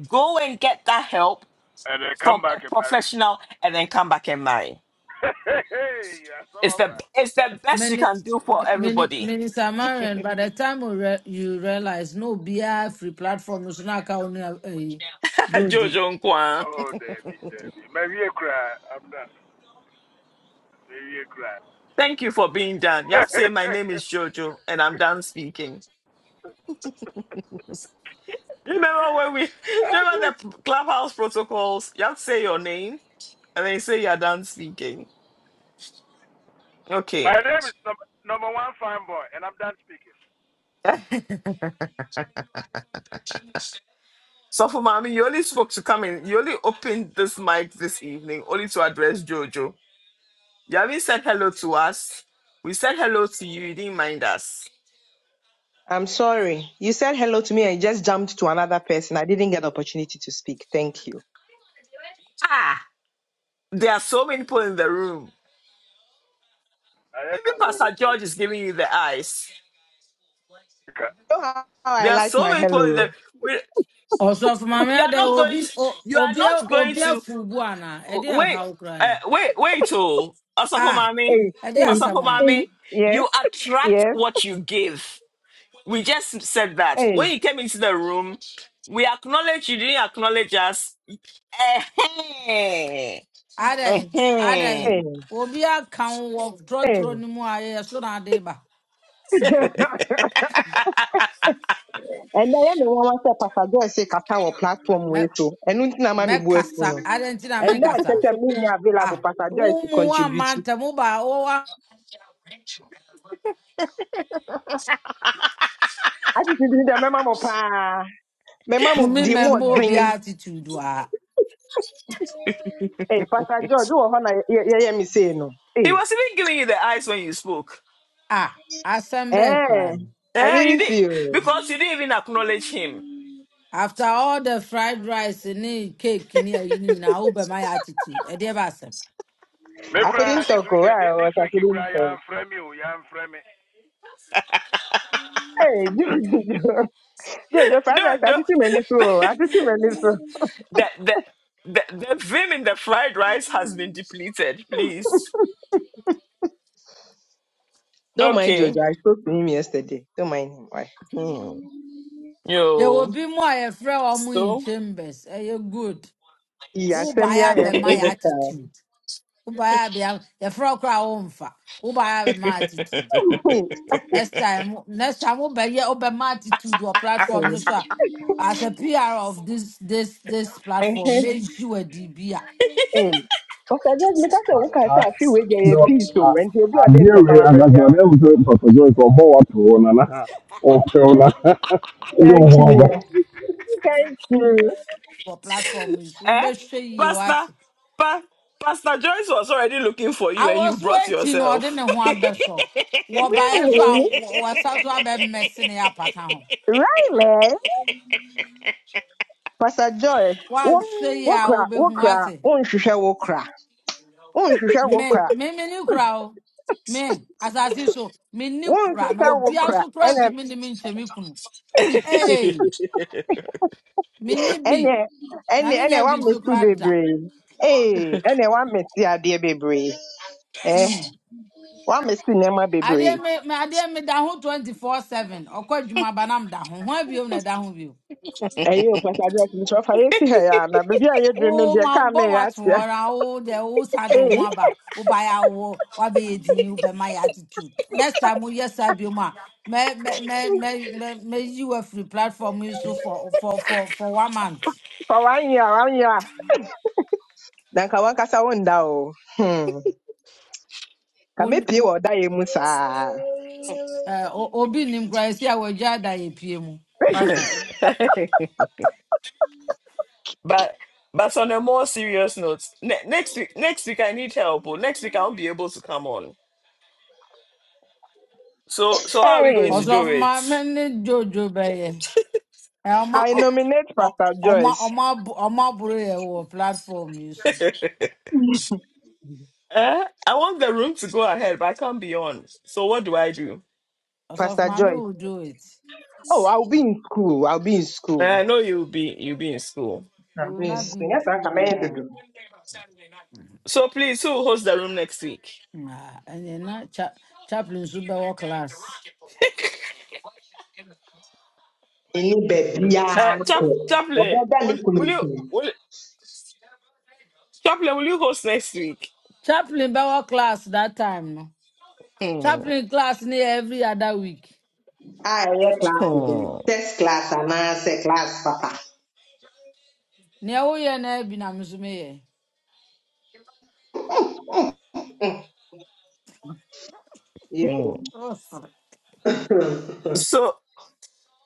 Speaker 1: Go and get that help
Speaker 9: And then
Speaker 1: from
Speaker 9: come back
Speaker 1: a
Speaker 9: and marry.
Speaker 1: professional and then come back and marry.
Speaker 9: hey, yeah, some
Speaker 1: It's
Speaker 9: of
Speaker 1: the
Speaker 9: us.
Speaker 1: it's the best you
Speaker 5: Many,
Speaker 1: can do for
Speaker 5: many,
Speaker 1: everybody.
Speaker 5: Minister Marian, by the time you, re- you realize, no, be a free platform. So now, can only, eh, Jojo.
Speaker 1: Jojo Nkwan.
Speaker 9: Oh, Debbie, Debbie, maybe you cry. I'm done. Maybe you cry.
Speaker 1: Thank you for being done. You have to say my name is Jojo and I'm done speaking. Remember when we remember the clubhouse protocols? You have to say your name and then you say you're done speaking.
Speaker 9: My
Speaker 1: Okay.
Speaker 9: name is number, number one fine boy, and I'm done speaking.
Speaker 1: So for mommy, you only spoke to come in. You only opened this mic this evening only to address Jojo. You haven't said hello to us. We said hello to you. You didn't mind us.
Speaker 7: I'm sorry. You said hello to me and you just jumped to another person. I didn't get the opportunity to speak. Thank you.
Speaker 1: Ah, there are so many people in the room.
Speaker 9: I
Speaker 1: Even
Speaker 9: echo.
Speaker 1: Pastor George is giving you the eyes.
Speaker 7: You know how how I
Speaker 1: There are
Speaker 7: like
Speaker 1: so
Speaker 7: my
Speaker 1: many people in
Speaker 7: hello.
Speaker 1: the. We,
Speaker 5: Ọsọfọ maame
Speaker 1: you are
Speaker 5: ada
Speaker 1: not
Speaker 5: obi
Speaker 1: going to.
Speaker 5: o-
Speaker 1: You are
Speaker 5: obi a-
Speaker 1: not going
Speaker 5: obi
Speaker 1: to.
Speaker 5: afurubu ana ɛde
Speaker 1: Wait,
Speaker 5: ahaw kura
Speaker 1: uh,
Speaker 5: ni
Speaker 1: wait, wait. Oh, also for
Speaker 5: Ah.
Speaker 1: mommy.
Speaker 7: Hey,
Speaker 5: ɛde
Speaker 7: hey,
Speaker 1: Also
Speaker 5: asɛm a
Speaker 7: hey. Yes,
Speaker 1: You attract
Speaker 7: yes.
Speaker 1: what you give. We just said that
Speaker 7: Hey,
Speaker 1: when you came into the room. We acknowledge you didn't acknowledge us. Eh heh.
Speaker 5: adan
Speaker 1: Eh
Speaker 5: adan
Speaker 1: heh.
Speaker 7: hey,
Speaker 5: obi aka wo wɔ
Speaker 7: hey.
Speaker 5: trɔtrɔ ne mu a yɛyɛ so na ade ba
Speaker 1: he
Speaker 7: ɛnɛ yɛ ne nwanwa say, pastor joy se kasa wɔ platform
Speaker 5: mɛ
Speaker 7: We so ɛno nti na ma me bu afu
Speaker 5: mɛkasa
Speaker 7: no
Speaker 5: adan ti na
Speaker 7: ɛnɛ akyɛ
Speaker 5: mɛkasa
Speaker 7: sɛ menya
Speaker 5: a
Speaker 7: available pastor
Speaker 5: wo
Speaker 7: joy se
Speaker 5: mu ama
Speaker 7: contribute
Speaker 5: manta wo ba wo wa
Speaker 7: attitude ni dɛ mɛma mo paa mɛma mo
Speaker 5: kumi
Speaker 7: deɛ mu
Speaker 5: mɛmba
Speaker 7: ɔdwen
Speaker 5: obi attitude a
Speaker 7: ee pastor george do hɔ na yɛ- yɛyɛ me say no ee
Speaker 1: was even giving you the eyes when you spoke.
Speaker 5: Ah. asɛm bɛɛ kura
Speaker 7: ɛɛ
Speaker 5: ni
Speaker 7: i
Speaker 1: Eh, you
Speaker 7: didn't
Speaker 1: did
Speaker 7: see you
Speaker 1: because you didn't even acknowledge him.
Speaker 5: after all the fried rice ni cake ni ayi ni nyinaa wo bɛma yɛ attitude ɛdeɛ ba asɛm.
Speaker 9: Me
Speaker 7: i couldn't
Speaker 9: cry this
Speaker 7: talk o
Speaker 9: weekend. This,
Speaker 7: i was
Speaker 9: this
Speaker 7: i
Speaker 9: week you
Speaker 7: couldn't
Speaker 9: cry. You
Speaker 7: talk
Speaker 9: am me. You I'm are me.
Speaker 7: ee jojo jojo fried
Speaker 1: No,
Speaker 7: rice
Speaker 1: no.
Speaker 7: atutu m'ani so o atutu m'ani so
Speaker 1: the, the, the, the vim in the fried rice has been depleted, please.
Speaker 7: don't mind jojo
Speaker 1: Okay.
Speaker 7: i spoke to him yesterday don't mind him why.
Speaker 1: Hmm.
Speaker 5: There will
Speaker 1: Yo.
Speaker 5: be more a friend wɔn mo in
Speaker 1: So
Speaker 5: chambers ɛyɛ good
Speaker 7: Iya,
Speaker 5: woba
Speaker 7: asɛm yi
Speaker 5: yɛ
Speaker 7: ayɛ
Speaker 5: abɛma my
Speaker 7: critical.
Speaker 5: attitude woba yɛ abɛ yɛfrɛ wo koraa womfa woba yɛ abɛma my attitude next time next time who buy up. wobɛyɛ my attitude wɔ platform no sir, as a pr of this this this platform make wadi bi
Speaker 7: ọsàdé mi kásẹ̀ wò kásẹ̀ àfi ìwé jẹyẹ
Speaker 3: na
Speaker 7: peace o
Speaker 3: a-
Speaker 7: ẹni tí obi ọdẹ
Speaker 3: adeɛ I
Speaker 7: ntọ́kwara bẹ̀bí
Speaker 3: ankasa na
Speaker 7: àwọn.
Speaker 3: ɛmu sɛ for joy sɛ ɔbɔ wato hɔ nana ɔfɛw na ɛde wo
Speaker 7: thank
Speaker 3: ho
Speaker 7: you
Speaker 3: aba
Speaker 7: thank you
Speaker 5: for wɔ platform yi so
Speaker 1: Eh?
Speaker 5: wobɛhwɛ yie
Speaker 1: Pastor,
Speaker 5: wate
Speaker 1: pa- Pastor Joyce was already looking for you and
Speaker 5: awɔ
Speaker 1: you
Speaker 5: so
Speaker 1: brought
Speaker 5: woakyi no ɔde ne
Speaker 1: yourself.
Speaker 5: ho abɛsɔ wɔbaeɛ so
Speaker 7: Really?
Speaker 5: a wɔ- wɔsa so abɛmmɛse ne yɛ apata ho
Speaker 7: Really? Pastor Joy, wo
Speaker 5: wahwɛ yie
Speaker 7: wo
Speaker 5: a
Speaker 7: kra, wo
Speaker 5: wobɛhu
Speaker 7: kra,
Speaker 5: wate
Speaker 7: wo nhwehwɛ wo kra, wo nhwehwɛ wo
Speaker 5: me
Speaker 7: kra,
Speaker 5: me me ni kura o me asase so me ni
Speaker 7: wo
Speaker 5: kura na
Speaker 7: nhwehwɛ wo
Speaker 5: obi
Speaker 7: kra.
Speaker 5: nso kura
Speaker 7: Ɛnɛ
Speaker 5: ntumi ni me nkyɛ me kunu hey me ni
Speaker 7: ɛnɛ
Speaker 5: bi na
Speaker 7: ɛnɛ
Speaker 5: me
Speaker 7: ɛnɛ
Speaker 5: nya
Speaker 7: wa
Speaker 5: bi nso
Speaker 7: mesi
Speaker 5: kura da
Speaker 7: bebree. Ee, ɛnɛ wa mesi baby. bebree. Ɛɛ,
Speaker 5: mm.
Speaker 7: wa mesi nneɛma bebree.
Speaker 5: adeɛ me me adeɛ me da ho twenty four seven ɔkɔ adwuma ba da ho ho abiem na da ho bio.
Speaker 7: ɛyɛ opasade akyimkyerɛ ɔfa yɛsi ha yɛ ana baabi a yɛduru no
Speaker 5: Oh,
Speaker 7: deɛ
Speaker 5: my
Speaker 7: kaa
Speaker 5: boy,
Speaker 7: no yɛ akyea
Speaker 5: watoɔra o Oh, the sa de of
Speaker 7: ei
Speaker 5: aba o ba ya wo wa bɛ yɛ din o bɛ attitude next time o yes, I be mu a May, may, may, may, may, you yi free platform yi so for for for for one month
Speaker 7: fa wanyɛ a wanyɛ a na nka wankasa wonda o Hmm. ka
Speaker 5: o n-
Speaker 7: mepie
Speaker 5: o
Speaker 7: wɔ ɔda yɛ mu
Speaker 5: ɛɛ o- obi nim kura esi a wɔgya da yɛ pie my, wati
Speaker 1: but but on a more serious note, ne- next week next week I need help. oh. Next week I won't be able to come on. So so how are we
Speaker 7: Hey,
Speaker 1: going to do
Speaker 5: ɔsɔfo
Speaker 1: it?
Speaker 5: maame ne jojo bɛyɛ ɛ ɔma
Speaker 7: I
Speaker 5: ɔ
Speaker 7: nominate
Speaker 5: ɔ
Speaker 7: Pastor
Speaker 5: ɔma
Speaker 7: Joyce.
Speaker 5: ɔma abo- ɔma aburo yɛ wɔ my, yi so
Speaker 1: Eh? I want the room to go ahead, but I can't be on. So what do I do?
Speaker 5: ɔsɔfo
Speaker 7: Pastor
Speaker 5: maame
Speaker 7: Joyce.
Speaker 5: will do it
Speaker 7: Oh, I'll be in school. I'll be in
Speaker 1: And
Speaker 7: school.
Speaker 1: I know you'll be you'll be in school.
Speaker 5: he
Speaker 7: I'll
Speaker 5: will
Speaker 7: be in
Speaker 5: not be
Speaker 7: school.
Speaker 5: in
Speaker 7: Yes, I
Speaker 5: school
Speaker 7: can make
Speaker 5: biara.
Speaker 7: do?
Speaker 1: So please, who hosts the room next week?
Speaker 5: Ah, and then na cha chaplain nso bɛwɔ class
Speaker 7: Any baby,
Speaker 1: uh, Chap- Chaplain,
Speaker 7: ọbẹda ne
Speaker 1: will,
Speaker 7: kunu
Speaker 1: will you,
Speaker 7: nkyɛn
Speaker 1: will, Chaplain, will you host next week?
Speaker 5: chaplain bɛwɔ class that time no
Speaker 1: Hmm,
Speaker 5: chaplain class near every other week
Speaker 7: a ɛyɛ class today.
Speaker 1: hmm,
Speaker 7: test class anaasɛ class papa
Speaker 5: Near woyɛ no abi na me nso
Speaker 7: Yeah.
Speaker 1: hmm. So,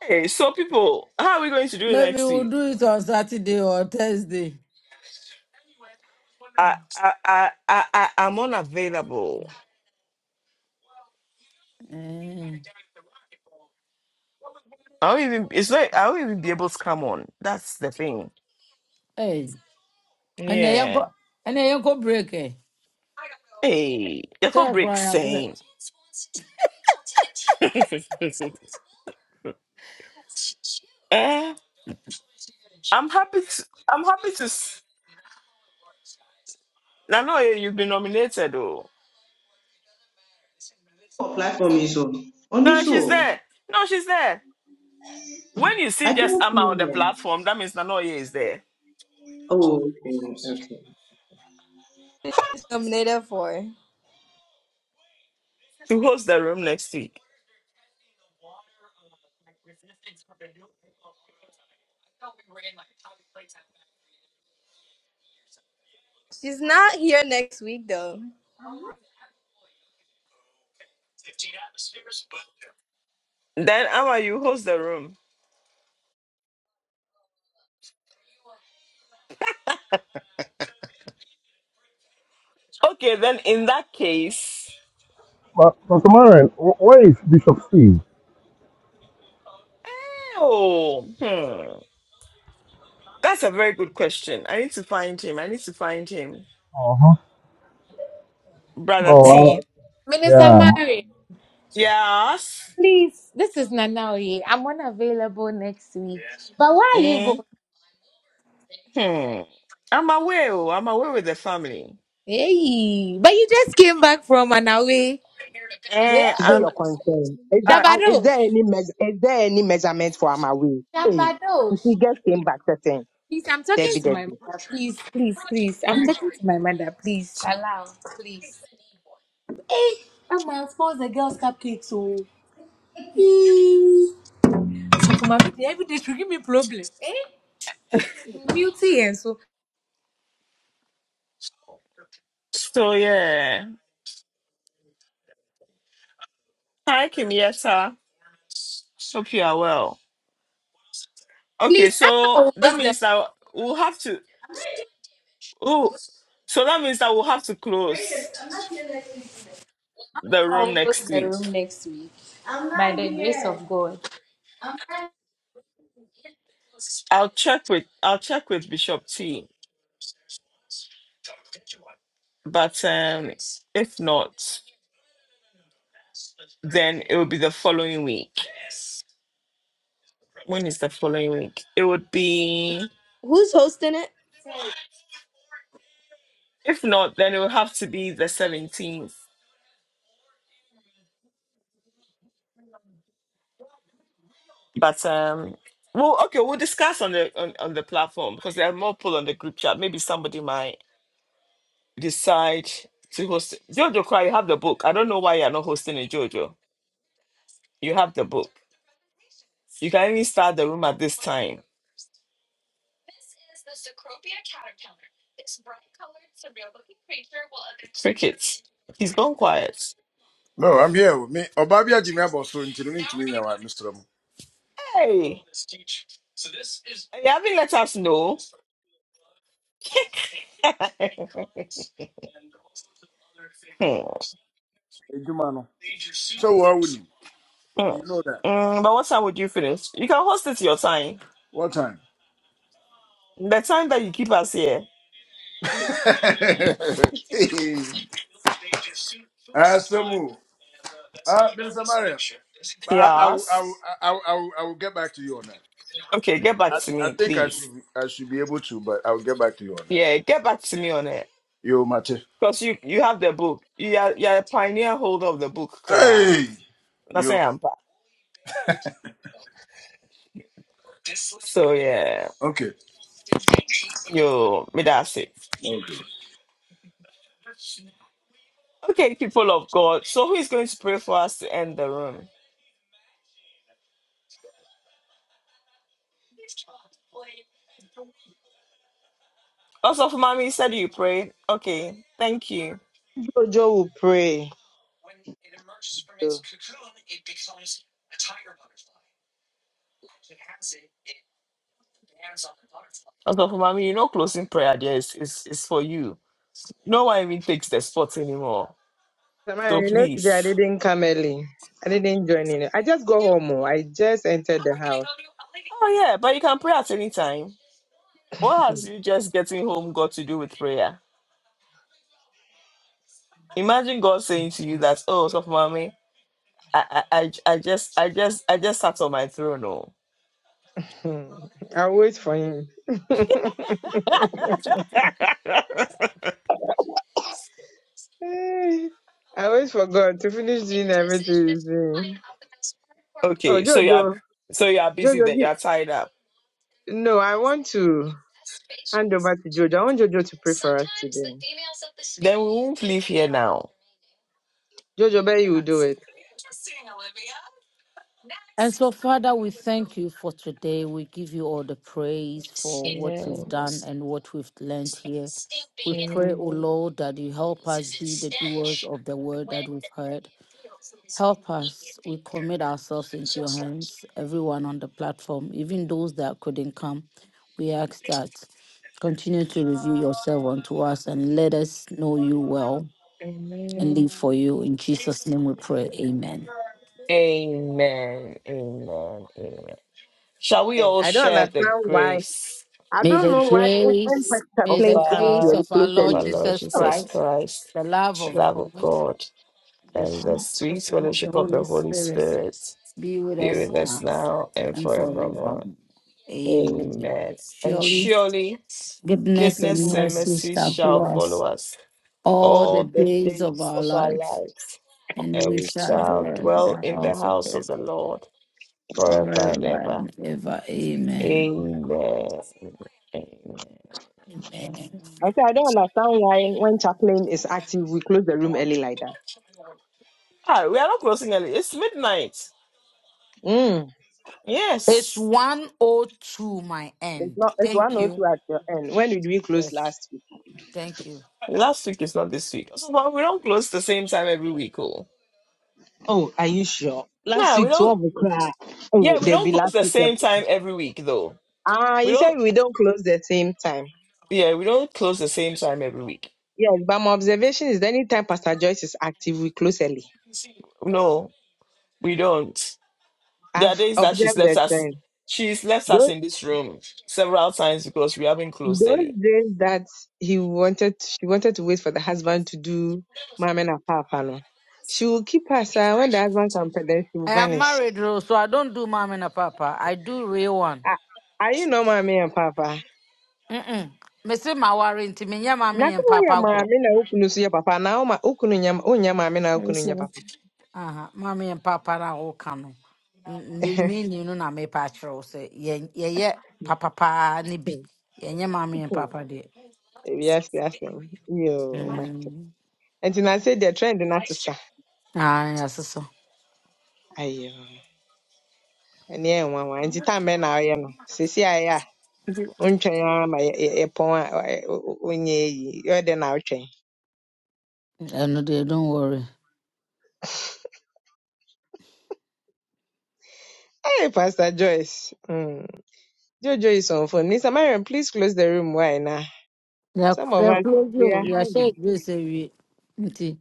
Speaker 1: hey, so people, how are we going to do it
Speaker 5: maybe
Speaker 1: next
Speaker 5: we'll
Speaker 1: week?
Speaker 5: do it on saturday or thursday
Speaker 1: I, I, I, I, I- I'm unavailable.
Speaker 5: Mm.
Speaker 1: I won't even. It's like I won't even be able to come on. That's the thing.
Speaker 5: Hey, ɛnea
Speaker 1: Yeah.
Speaker 5: and ɛnea yɛnkɔ break ɛ
Speaker 1: Hey, the call
Speaker 5: sɛ
Speaker 1: break
Speaker 5: yɛkora yɛabrɛ
Speaker 1: saying. Eh, happy. To, I'm happy to. s- I know eh, you've been nominated though.
Speaker 7: What platform is on? On
Speaker 1: No,
Speaker 7: this
Speaker 1: she's
Speaker 7: one.
Speaker 1: there. No, she's there. When you see
Speaker 7: I
Speaker 1: just
Speaker 7: can't
Speaker 1: Amma
Speaker 7: see
Speaker 1: on the
Speaker 7: them.
Speaker 1: platform, that means Nanoye is there.
Speaker 7: Oh, okay, okay.
Speaker 8: is nominated for.
Speaker 1: You host the room next week.
Speaker 8: She's not here next week though.
Speaker 1: Then Amma, you host the room. Okay, then in that case,
Speaker 3: But, Pastor Marion, wh- where is Bishop Steve?
Speaker 1: oh, hmm. that's a very good question. I need to find him. I need to find him,
Speaker 3: Uh-huh. Oh,
Speaker 1: brother T.
Speaker 3: wow.
Speaker 8: Minister
Speaker 3: yeah.
Speaker 8: Mary,
Speaker 1: Yes.
Speaker 8: please, this is Nanaoye. I'm unavailable next week. But why are you going?
Speaker 1: Mm, Hmm. I'm away. oh, I'm away with the family.
Speaker 8: Hey, but you just came back from an away. Hey,
Speaker 1: Eh,
Speaker 7: Is it
Speaker 1: I'm.
Speaker 7: your concern? Is that
Speaker 1: Uh,
Speaker 7: uh, is there
Speaker 8: Shabadosh,
Speaker 7: any meas is there any measurement for my way? Hey, if
Speaker 8: Shabadosh.
Speaker 7: we get came back certain,
Speaker 8: Please, I'm talking
Speaker 7: Debbie
Speaker 8: to my
Speaker 7: Debbie.
Speaker 8: mother. Please, please, please. I'm talking to my mother. Please, allow, please. I'm gonna force the girls' cupcakes. So, please. So my baby, every day she give me problem. Beauty and so,
Speaker 1: so yeah. Hi, Kim. Yes, sir. Hope you are well. Okay,
Speaker 8: please. I
Speaker 1: so
Speaker 8: will
Speaker 1: that
Speaker 8: host the.
Speaker 1: means that we'll have to. Oh, so that means that we'll have to
Speaker 8: Bring it.
Speaker 1: close
Speaker 8: I'm not here next week.
Speaker 1: the
Speaker 8: I
Speaker 1: room
Speaker 8: will host
Speaker 1: next
Speaker 8: the
Speaker 1: week.
Speaker 8: room next week. I'm not By the here. grace of God.
Speaker 1: I'll check with I'll check with Bishop T. But um, if not, then it will be the following week. When is the following week? It would be.
Speaker 8: Who's hosting it? Terry.
Speaker 1: If not, then it will have to be the seventeenth. But um, well, okay, we'll discuss on the on, on the platform because there are more people on the group chat. Maybe somebody might decide to host Jojo Cry, you have the book. I don't know why you're not hosting it, Jojo. You have the book. You can even start the room at this time. Look it. He's gone quiet.
Speaker 9: No, I'm here with me. Obabia Jimmy Abosso until me to me now, Mr. Mo.
Speaker 1: Hey, you haven't let us know.
Speaker 9: Hey, Juma, no. So what would him? You know that.
Speaker 1: Mm, but what time would you finish? You can host it your time.
Speaker 9: What time?
Speaker 1: The time that you keep us here.
Speaker 9: Ah, Samu. Ah, there's a Mario. I, I, will- I,
Speaker 1: Yes.
Speaker 9: will- I, will- I, will- I will get back to you on that.
Speaker 1: Okay, get back to
Speaker 9: I, I
Speaker 1: me,
Speaker 9: think I
Speaker 1: please.
Speaker 9: should be, I should be able to, but I will get back to you on that.
Speaker 1: Yeah, get back to me on it.
Speaker 9: Yo, Mate.
Speaker 1: Because you, you have the book. You are, you are a pioneer holder of the book, Kra.
Speaker 9: Hey,
Speaker 1: That's why
Speaker 9: yo.
Speaker 1: I'm back. So, yeah.
Speaker 9: Okay.
Speaker 1: Yo, me that's it.
Speaker 9: Okay.
Speaker 1: Okay, people of God. So who is going to pray for us to end the room? Also for mommy, you said you pray. Okay, thank you.
Speaker 7: Jojo will pray.
Speaker 1: Also for mommy, you know closing prayer there is is, is for you. No one even takes the spot anymore.
Speaker 7: Samara,
Speaker 1: So
Speaker 7: you know, today I
Speaker 1: please.
Speaker 7: didn't come early. I didn't join in. I just go home. oh. I just entered the house.
Speaker 1: Oh yeah, but you can pray at any time. What has you just getting home got to do with prayer? Imagine God saying to you that, oh, so mommy, I, I I I just I just I just sat on my throne.
Speaker 7: Hmm. I'll wait for him.
Speaker 1: Oh.
Speaker 7: I wait for God to finish doing everything. he's doing. Oh,
Speaker 1: Yeah, So y'all,
Speaker 7: Jojo.
Speaker 1: so y'all busy
Speaker 7: Jojo,
Speaker 1: then. Y'all.
Speaker 7: No, I want to hand over to Jojo. I want Jojo to pray for us today. Jojo, bet you will do it.
Speaker 5: And so, Father, we thank you for today. We give you all the praise for what you've done and what we've learned here. We pray, O Lord, that you help us be the doers of the word that we've heard. Help us. We commit ourselves into your hands, everyone on the platform, even those that couldn't come. We ask that continue to reveal yourself unto us and let us know you well and
Speaker 1: Amen.
Speaker 5: live for you. In Jesus' name we pray. Amen.
Speaker 1: Amen. Amen. Amen. Shall we
Speaker 7: And
Speaker 1: all
Speaker 7: I don't
Speaker 1: share the
Speaker 7: understand why.
Speaker 1: grace
Speaker 7: I
Speaker 5: May
Speaker 7: don't
Speaker 5: the
Speaker 7: know why when
Speaker 5: grace, may
Speaker 1: of
Speaker 7: chaplain
Speaker 5: the
Speaker 7: comes
Speaker 5: grace
Speaker 7: here,
Speaker 1: our
Speaker 7: we
Speaker 5: of our
Speaker 7: close
Speaker 1: of
Speaker 5: Lord
Speaker 1: our
Speaker 7: early.
Speaker 1: Lord
Speaker 5: Jesus
Speaker 7: Oh,
Speaker 1: Jesus
Speaker 5: Christ,
Speaker 1: Christ,
Speaker 5: the love
Speaker 1: the
Speaker 5: of
Speaker 1: love of
Speaker 5: God,
Speaker 1: God,
Speaker 5: the
Speaker 1: and the
Speaker 5: sweet
Speaker 1: sweet
Speaker 5: fellowship of the
Speaker 1: fellowship of the
Speaker 5: Holy
Speaker 1: Holy
Speaker 5: Spirit
Speaker 1: Spirit
Speaker 5: be with
Speaker 1: be
Speaker 5: us
Speaker 1: with us
Speaker 5: now
Speaker 1: now and
Speaker 5: and forever.
Speaker 1: forevermore.
Speaker 5: Amen.
Speaker 1: Amen. And
Speaker 5: Surely
Speaker 1: surely
Speaker 5: goodness and
Speaker 1: goodness and
Speaker 5: mercy
Speaker 1: mercy
Speaker 5: shall
Speaker 1: shall
Speaker 5: follow
Speaker 1: follow
Speaker 5: us
Speaker 1: us
Speaker 5: all the
Speaker 1: all the
Speaker 5: days of
Speaker 1: days
Speaker 5: our
Speaker 1: of our
Speaker 5: life,
Speaker 1: lives.
Speaker 5: and
Speaker 1: and
Speaker 5: we
Speaker 1: we
Speaker 5: shall
Speaker 1: shall
Speaker 5: dwell in the
Speaker 1: dwell in the
Speaker 5: house of the
Speaker 1: house of the
Speaker 5: Lord
Speaker 1: Lord forever and
Speaker 5: forever
Speaker 1: ever.
Speaker 5: and ever. Amen.
Speaker 1: Amen. Amen.
Speaker 5: Amen.
Speaker 7: I say I don't understand why when chaplain is active, we close the room early like that.
Speaker 1: Ah, we are not closing early. It's midnight.
Speaker 7: Mm.
Speaker 5: It's
Speaker 1: Yes.
Speaker 5: 102, my
Speaker 7: It's
Speaker 5: end.
Speaker 7: not. It's one
Speaker 5: Thank
Speaker 7: or
Speaker 5: you.
Speaker 7: two at your end. When did we close
Speaker 5: Yes.
Speaker 7: last week?
Speaker 5: Thank you.
Speaker 1: Last week is not this week. So but we don't close the same time every week, oh.
Speaker 7: Oh, are you sure? Last
Speaker 1: Nah, we
Speaker 7: week,
Speaker 1: don't
Speaker 7: twelve o'clock. Oh,
Speaker 1: yeah, we
Speaker 7: there be
Speaker 1: don't close
Speaker 7: last
Speaker 1: the
Speaker 7: week.
Speaker 1: same time every week though.
Speaker 7: Ah,
Speaker 1: We
Speaker 7: you said
Speaker 1: don't
Speaker 7: we don't close the same time.
Speaker 1: yeah, we don't close the same time every week.
Speaker 7: Yes, but my observation is that anytime Pastor Joyce is active, we close early.
Speaker 1: No, we don't. There are
Speaker 7: I've
Speaker 1: days that she's
Speaker 7: observed
Speaker 1: left
Speaker 7: that
Speaker 1: us
Speaker 7: trend.
Speaker 1: she's left us
Speaker 7: Those,
Speaker 1: in this room several times because we haven't closed
Speaker 7: those
Speaker 1: early.
Speaker 7: days that he wanted, she wanted to wait for the husband to do mama and papa, no. she will keep her side. When the husband comes, then she will
Speaker 5: I am
Speaker 7: vanish.
Speaker 5: married, though, so I don't do mommy and papa. I do real one.
Speaker 7: Ah, Are you know mommy and papa?
Speaker 5: Mm-mm. Me say my warranty, me yeah, mommy
Speaker 7: Nothing
Speaker 5: and
Speaker 7: we are
Speaker 5: papa grow.
Speaker 7: mommy na ukunu suya papa. Now ma ukunu nyama unya mommy na ukunu nya papa.
Speaker 5: Uh-huh. Mommy and papa na all can. Me you know na me patro say ye ye yeah papa pa ni bi. Ye yeah, mommy and
Speaker 7: Hmm, hmm.
Speaker 5: papa de.
Speaker 7: Yes, yes, um, yo, my.
Speaker 5: Mm.
Speaker 7: And then I said the trend not to sa.
Speaker 5: Ah, yes, so.
Speaker 7: Ayo. ɛne yɛ nwanwa nti tan bɛn na ɔyɛ no sisi a ɛyɛ a wontwɛn ara ma yɛ- yɛ- yɛpɔn a ɛ- ɛ- wo- wonyɛ eyi yɛ dɛn na wotwɛn
Speaker 5: And no, they don't worry.
Speaker 7: hey pastor joyce mm. jojo is on phone mr mariam please close the room why na
Speaker 5: They yeah,
Speaker 7: some of
Speaker 5: close
Speaker 7: us we
Speaker 5: you.
Speaker 7: are
Speaker 5: You Yeah, share
Speaker 7: hungry
Speaker 5: grace away.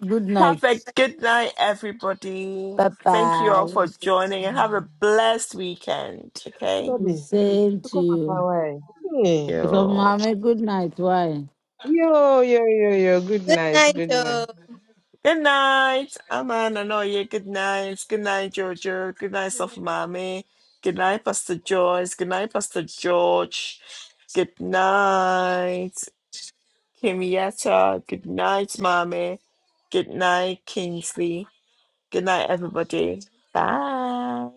Speaker 5: Good night.
Speaker 1: Have a good night, everybody.
Speaker 5: Bye
Speaker 1: Thank you
Speaker 5: bye.
Speaker 1: all for joining and have a blessed weekend.
Speaker 7: Hey,
Speaker 1: Okay.
Speaker 7: baby
Speaker 5: The same to
Speaker 7: because of our
Speaker 5: you.
Speaker 7: why hey.
Speaker 5: So,
Speaker 1: You.
Speaker 5: mommy, good night. Why?
Speaker 7: yo yo yo yo good
Speaker 8: Good
Speaker 7: night
Speaker 8: night,
Speaker 7: good night.
Speaker 8: Joe.
Speaker 1: Good night. Aman Anoye. Good night. Good night, Jojo. Good night,
Speaker 8: Yeah.
Speaker 1: Soft Mommy. Good night, Pastor Joyce. Good night, Pastor George. Good night, Kimieta. Good night, Mommy. Good night, Kingsley. Good night, everybody. Bye.